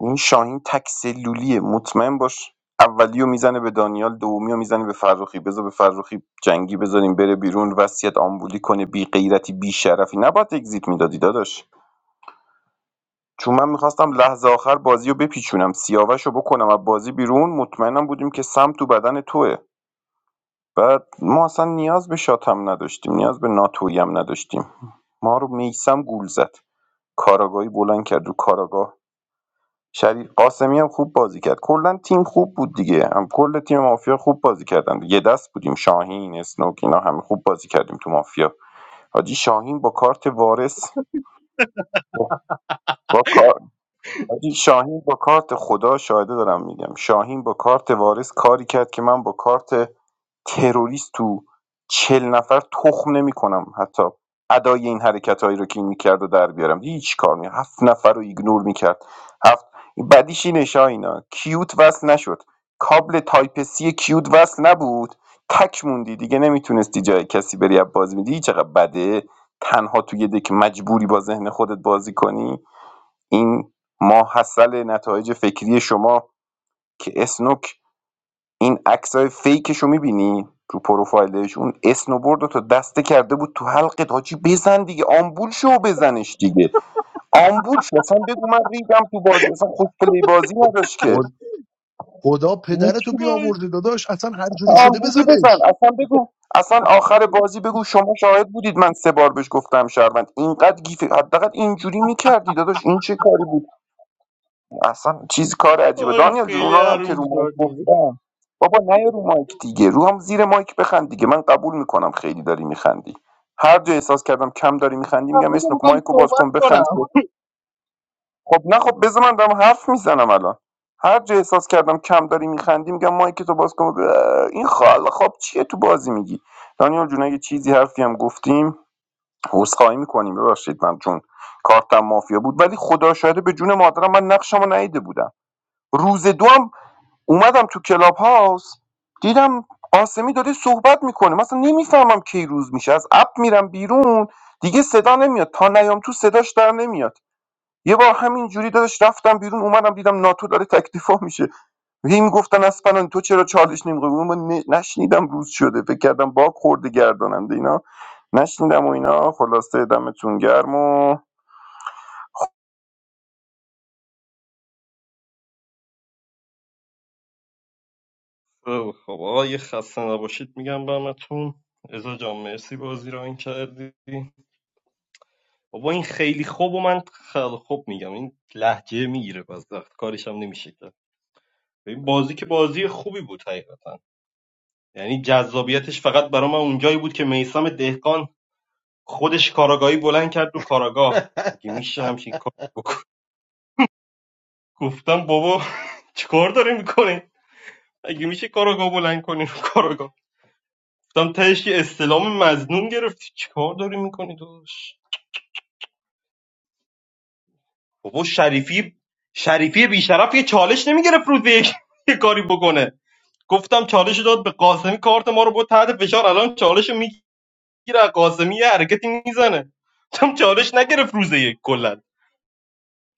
G: این شاهین تک سلولیه مطمئن باش اولیو میزنه به دانیال دومیو میزنه به فروخی بذار به فروخی جنگی بذاریم بره بیرون وصیت آمبولی کنه بی غیرتی بی شرفی نباید اگزیت میدادی داداش چون من میخواستم لحظه آخر بازی رو بپیچونم سیاوش رو بکنم و بازی بیرون مطمئنم بودیم که سم تو بدن توه بعد ما اصلا نیاز به شاتم نداشتیم نیاز به ناتویی هم نداشتیم ما رو میثم گول زد کاراگاهی بلند کرد رو کاراگاه شریف قاسمی هم خوب بازی کرد کلا تیم خوب بود دیگه هم کل تیم مافیا خوب بازی کردن یه دست بودیم شاهین اسنوک اینا همه خوب بازی کردیم تو مافیا حاجی شاهین با کارت وارث با کار حاجی شاهین با کارت خدا شاهده دارم میگم شاهین با کارت وارث کاری کرد که من با کارت تروریست تو چهل نفر تخم نمیکنم حتی ادای این حرکتهایی رو که این میکرد و در بیارم دیدی چی کار می هفت نفر رو ایگنور میکرد هفت بدیش اینه اینا کیوت وصل نشد کابل تایپ سی کیوت وصل نبود تک موندی دیگه نمیتونستی جای کسی بری از بازی میدی چقدر بده تنها توی دک مجبوری با ذهن خودت بازی کنی این ما حاصل نتایج فکری شما که اسنوک این عکسای فیکش رو میبینی تو پروفایلش اون اسنوبورد رو تا دسته کرده بود تو حلقت حاجی بزن دیگه آمبول شو بزنش دیگه آمبول شو اصلا بگو من ریدم تو بازی اصلا خود پلی بازی نداشت که
K: بود خدا پدرتو
G: هیچی.
J: آی
K: بیامرزه داداش اصلا هر جوری شده
G: آمبولی بزن
K: بزنش
G: اصلا بگو اصلا آخر بازی بگو شما شاهد بودید من سه بار بهش گفتم شهروند اینقدر گیف حداقل اینجوری میکردی داداش این چه کاری بود اصلا چیز کار عجیبه
J: آی
G: دانیال جون
J: خیلی
G: اونا هم که
J: عروم
G: رو مایک
J: شدی
G: گفتم بابا نه رو مایک دیگه رو هم زیر مایک بخند دیگه من قبول میکنم خیلی داری میخندی هر جا احساس کردم کم داری میخندی میگم
J: تبریک
G: اسنوک
J: میگم
G: مایکو باز
J: صحبت
G: کن بخند
J: کنم
G: که خب نه خب بذار من دارم حرف میزنم الان هر جا احساس کردم کم داری میخندی میگم مایک تو باز کن اه، این خال خب چیه تو بازی میگی دانیال جون اگه چیزی حرفی هم گفتیم عذرخواهی میکنیم ببخشید من چون کارتم مافیا بود ولی خدا شاهده به جون مادرم من نقشمو ندیده بودم روز دو اومدم تو کلاب هاوس دیدم قاسمی داره صحبت میکنه مثلا نمیفهمم کی روز میشه از اپ میرم بیرون دیگه صدا نمیاد تا نیام تو صداش در نمیاد یه بار همین جوری دادش رفتم بیرون اومدم دیدم ناتو داره تکلیفا میشه هی میگفتن اسپنان تو چرا چالش نمیخوای من نشنیدم روز شده فکر کردم باگ خورده گرداننده اینا نشنیدم و اینا خلاصه دمتون گرم و
J: خب خب آقا یه خسته نباشید میگم به همتون ازا جان مرسی بازی رو این کردی بابا این خیلی خوب و من خیلی خوب میگم این لحجه میگیره باز وقت کارش هم نمیشه کرد این بازی که بازی خوبی بود حقیقتا یعنی جذابیتش فقط برای من اونجایی بود که میسم دهقان خودش کاراگاهی بلند کرد رو کاراگاه اگه میشه همچین کار بکن گفتم بابا چیکار داره میکنه اگه میشه کاراگاه بلند کنی رو کاراگاه گفتم تهش یه استلام مزنون گرفتی چیکار داری میکنی داداش بابا شریفی شریفی بیشرف یه چالش نمیگرفت روز یک یه کاری بکنه گفتم چالش داد به قاسمی کارت ما رو بود تحت فشار الان چالش میگیره از قاسمی یه حرکتی میزنه گفتم چالش نگرفت روز یک کلا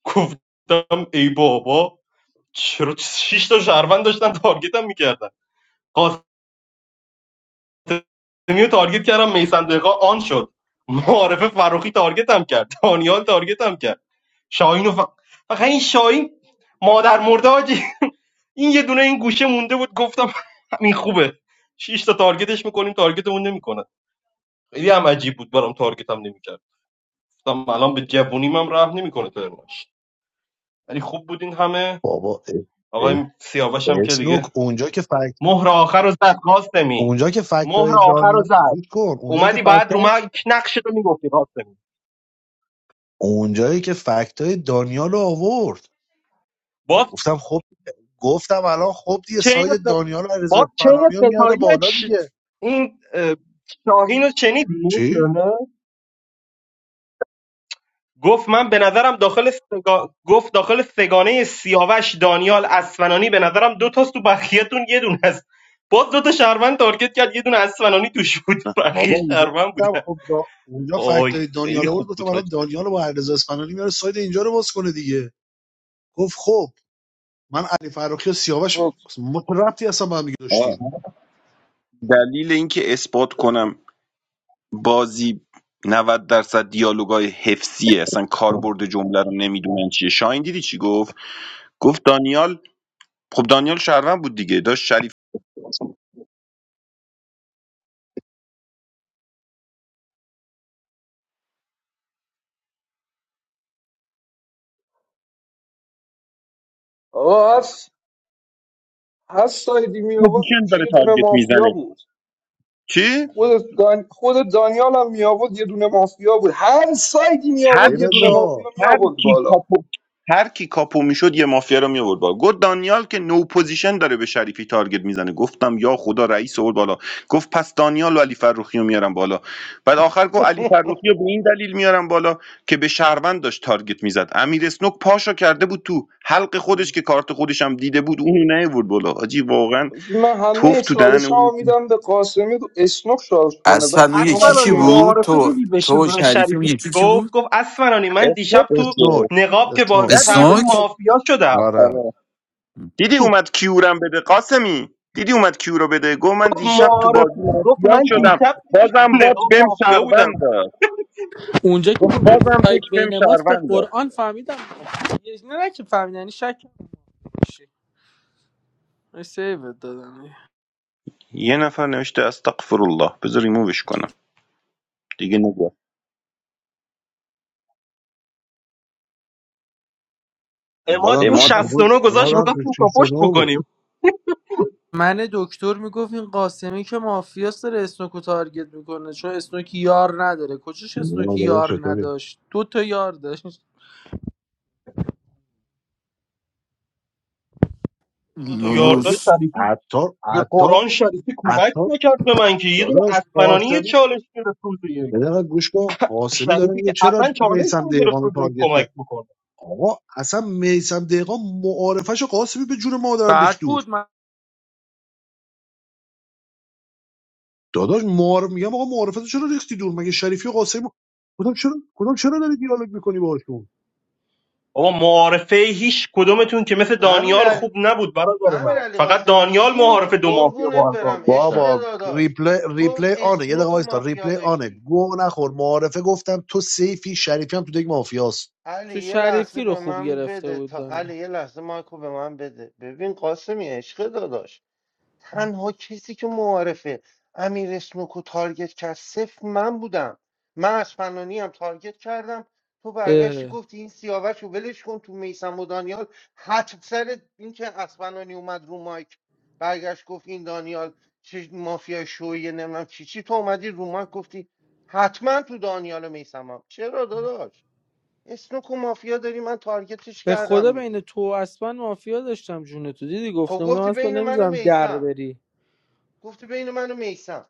J: گفتم ای بابا چرا شش تا شهروند داشتن تارگتم میکردن قاسمی رو تارگت کردم میسن دقیقا آن شد معارف فروخی تارگت هم کرد دانیال تارگت هم کرد شاهین و ف... فقط این شاهین مادر مرده حاجی. این یه دونه این گوشه مونده بود گفتم همین خوبه 6 تا تارگتش میکنیم تارگتمون نمیکنه خیلی هم عجیب بود برام تارگت هم نمیکرد گفتم الان به جوونیم هم رحم نمیکنه ترنش ولی خوب بود این همه
K: بابا اه، اه،
J: آقای سیاوش هم که دیگه
K: اسنوک اونجا که فکت
J: مهر آخر رو زد قاسمی
K: اونجا که
J: مهر
K: فکتای
J: آخر رو
K: دانیال
J: زد
K: گوش کن اونجا که
J: اومدی بعد رو
K: فکتای
J: من نقش رو میگفتی قاسمی
K: اونجایی که فکتای دانیال رو آورد
J: باز
K: گفتم خب گفتم الان خب دیگه
J: چین
K: ساید
J: س-
K: دانیال و علیرضا
J: باز چین
K: اصفهانی رو میاره
J: ستایی
K: بالا
J: چ-
K: دیگه
J: این اه، شاهین رو شنیدی
K: چی
J: نه؟ گفت من به نظرم داخل سگا... گفت داخل سگانه سیاوش دانیال اسفنانی به نظرم دو تاست تو بخیتون یه دونه است باز دو تا شهروند تارگت کرد یه دونه اسفنانی توش بود
K: نه
J: بقیه
K: بابا اونجا
J: شهروند
K: گفتم
J: بودن
K: خب دا... اونجا
J: آی
K: فکتای
J: خیلی
K: دانیال آورد
J: خوب
K: گفتم
J: بود
K: الان دانیال رو با علیرضا اصفهانی میاره ساید اینجا رو باز کنه دیگه گفت خب من علی فراخی و سیاوش
H: نباشید.
K: ما ربطی اصلا با هم دیگه
G: آه،
K: داشتیم
G: دلیل اینکه اثبات کنم بازی 90 درصد دیالوگای حفظیه اصلا کاربرد جمله رو نمیدونن چیه شاین دیدی چی گفت گفت دانیال خب دانیال شهروند بود دیگه داشت شریف
H: آقا هست هست سایدی می آورد
G: پوزیشن
H: توش
G: داره
H: یه دونه
G: تارگت
H: مافیا
G: میزنه
H: بود
G: چی
H: خود دان... خود دانیال هم می آورد یه دونه مافیا بود هر سایدی می
G: هر
K: علی
H: آورد یه دونه
G: کی
K: رضا
H: مافیا می
G: هر
H: آورد
G: کی
H: بالا
G: کاپو هر کی کاپو میشد یه مافیا رو میورد بالا گفت دانیال که نو پوزیشن داره به شریفی تارگت میزنه گفتم یا خدا رئیس آورد بالا گفت پس دانیال و علی فروخی رو میارم بالا بعد آخر گفت علی فروخی رو به این دلیل میارم بالا که به شهروند داشت تارگت میزد امیر اسنوک پاشو کرده بود تو حلق خودش که کارت خودش هم دیده بود اونو نیورد بالا آجی واقعا
H: حاجی، من همه
G: توف تو دهن
H: چالش
G: اون
H: میدم به قاسمی اسنوک شارژ کنه بعد
B: اصلا اون یکی
H: منم
B: کی
J: اسفنانی
H: چین
B: بود
H: میکنم
J: معارفه
B: تو
J: دیدی به ش-
B: تو و
J: به
B: شریفی اون
J: شریفی چی
B: یکی کی
J: گفت
B: بود
J: گفت اسفنانی من
G: اسنوک
J: دیشب تو
K: اسنوک
G: دیگه
J: نقاب که بازی
K: اسنوک
G: ندیدی
J: کردی
B: اسنوک
G: اسنوک
J: مافیا شدم
K: آره
G: آره. دیدی اومد کیورم بده قاسمی دیدی اومد کیورو بده گفت من
J: گفت
G: دیشب تو
J: معارفه
G: بازی
J: گفت
G: مافیا
J: من
G: شدم
E: آه.
J: دیشب تو
G: بازم بات
J: نقاب
G: بهم
J: مافیا
G: شهروند
J: بودم
G: داد
E: اونجا که
G: گفت بازم
E: سایت
G: دک بهم
E: بین ماست به
G: شهروند داد
E: قرآن فهمیدم یه- نه نه که فهمیدم یعنی شک میشی سیوت دادم
G: یه نفر نوشته استغفر الله بذار ریمووش کنم دیگه نگو
J: اماد
K: امادم تو
J: یه
G: اماد
K: شیش و نو
J: 69 گذاشت
K: امادم تو
J: می‌خواستیم
K: شیش و
J: کاپشت
K: نو بود
J: بکنیم
E: من دکتر میگفت این قاسمی که مافیاس داره اسنوکو تارگت میکنه چون اسنوکی یار نداره کجاش
K: ما
E: اسنوکی
K: داداش
E: یار
K: چطوری
E: نداشت دو تا یار داشت
J: دو تا
K: حاجی
J: یارداش
B: لولوس
J: شریفی
K: عطار
J: به
K: عطار
J: قرآن شریفی کمک
K: عطار
J: نکرد به من که یه دونه
K: داداش
J: اسفنانی یه
K: قاسمی
J: چالش گرفت روز یک
K: یه دقیقه گوش کن قاسمی داره
J: شریفی
K: میگه
J: که
K: چرا
J: اصلا چالش
K: میسم
J: نمی‌گرفت
K: دقیقان رو
J: روز یک
K: تارگت
J: کمک
K: کرد
J: بکنه
K: آقا اصلا میسم دقیقان معارفش قاسمی به جون مادرم ریخت
E: بعد
K: دور
E: بود من
K: داداش معارف میگم آقا معارفتو چرا ریختی دور مگه شریفی و قاسمی کدوم چرا کدوم چرا داری دیالوگ میکنی باهاشون
J: آقا معارفه هیچ کدومتون که مثل
N: امیر
J: دانیال
N: علی
J: خوب نبود برادر
N: امیر
J: من
N: علی
J: فقط
N: قاسمی
J: دانیال
N: چی میگی
J: معارفه دو مافیا
N: قربونت
J: با هم
N: برم
J: تارگت
N: عشق
J: کرد
K: بابا
N: داداش
K: ریپلی
N: تو
K: ریپلی آنه یه دقیقه
N: اسنوک و
K: وایستا
N: مافیا
K: ریپلی آنه
N: داشتی
K: گو نخور معارفه گفتم تو سیفی شریفی هم تو دیگه مافیاست
N: علی
E: تو
N: یه لحظه
E: شریفی رو
N: به
E: خوب
N: من
E: گرفته
N: بده
E: بود
N: تا
E: دانیال
N: علی یه لحظه مایکو به من بده ببین قاسمی عشق داداش تنها کسی که معارفه امیر اسنوکو تارگت کرد صفر من بودم من از فنانی هم تارگت کردم تو برگشتی
E: اه.
N: گفتی این سیاوش رو ولش کن تو میسم و دانیال حد سر اینکه اسفنانی اومد رو مایک برگشت گفت این دانیال چه مافیا شویه نمیدونم چی چی تو اومدی رو مایک گفتی حتما تو دانیال و میسمم چرا داداش اسنوک و مافیا داری من تارگتش
E: به خدا
N: کردم
E: بین
N: دیگه
E: تو و اسپن مافیا داشتم جون تو دیدی
N: خب
E: گفتم بودم
N: گفتی
E: اسپن
N: بین من و
E: نمیذارم در
N: میسم
E: بری
N: گفتی بین من و میسم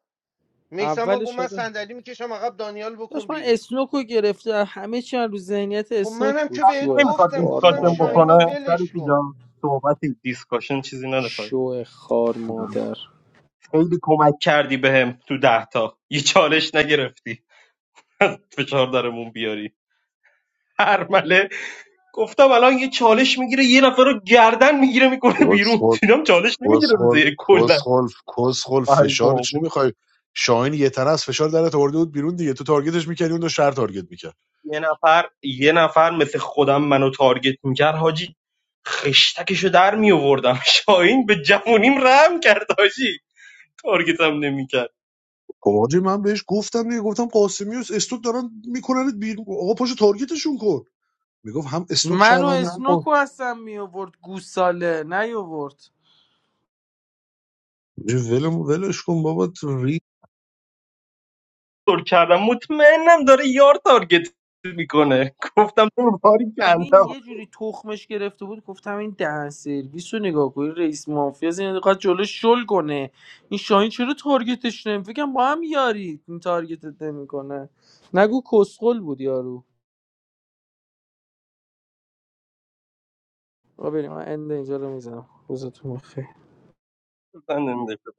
N: میسم
E: اول
N: گفت من
E: شده
N: صندلی میکشم عقب دانیال بکن
E: داشت من
N: بیرون
E: اسنوک رو گرفته همه چی هم رو ذهنیت
N: خب
E: اسنوک
N: منم که
E: بود
N: بهت
E: شو
J: نمیخواد
N: گفتم
E: خار
N: گفتم
J: دیسکاشن
E: مادر
N: شاهین رو
J: بکنه
N: ولش
J: شریفی
N: کن
J: جان صحبتی دیسکاشن چیزی نداره
E: شو خار مادر
J: خیلی کمک کردی بهم تو ده تا یه چالش نگرفتی از فشار درمون بیاری هر مله گفتم الان یه چالش میگیره یه نفر رو گردن میگیره میکنه بیرون
K: کسخل
J: اینام چالش نمیگیره روزه
K: کسخل
J: یک کلا
K: کسخل کسخل
J: ای
K: فشار
J: بابا.
K: چی میخوای شاهین یه تنه از فشار درت آورده بود بیرون دیگه تو تارگتش میکردی اون دو شهر تارگت میکرد
J: یه نفر یه نفر مثل خودم منو تارگت میکرد حاجی خشتکشو در میآوردم شاهین به جوونیم رحم کرد حاجی تارگتم نمیکرد
K: خب حاجی من بهش گفتم دیگه گفتم قاسمیوس استوک دارن میکنن بیرون آقا پاشو تارگتشون کن میگفت هم استوک
E: منو
K: شهرونده هم
E: اسنوکو
K: قاسم.
E: هستم می آورد گوساله نیاورد
K: ولم ولش کن بابا
J: تر کردم مطمئنم داره یار تارگت میکنه گفتم تو رو باری
E: این
J: کردم
E: یه جوری تخمش گرفته بود گفتم این دهن سرویس رو نگاه کنی رئیس مافیا این قد جلو شل کنه این شاهین چرا تارگتش نمی فکرم با هم یاری این تارگتت نمیکنه نگو کسخل بود یارو آ بریم من اند اینجا رو میزنم روزتون بخیر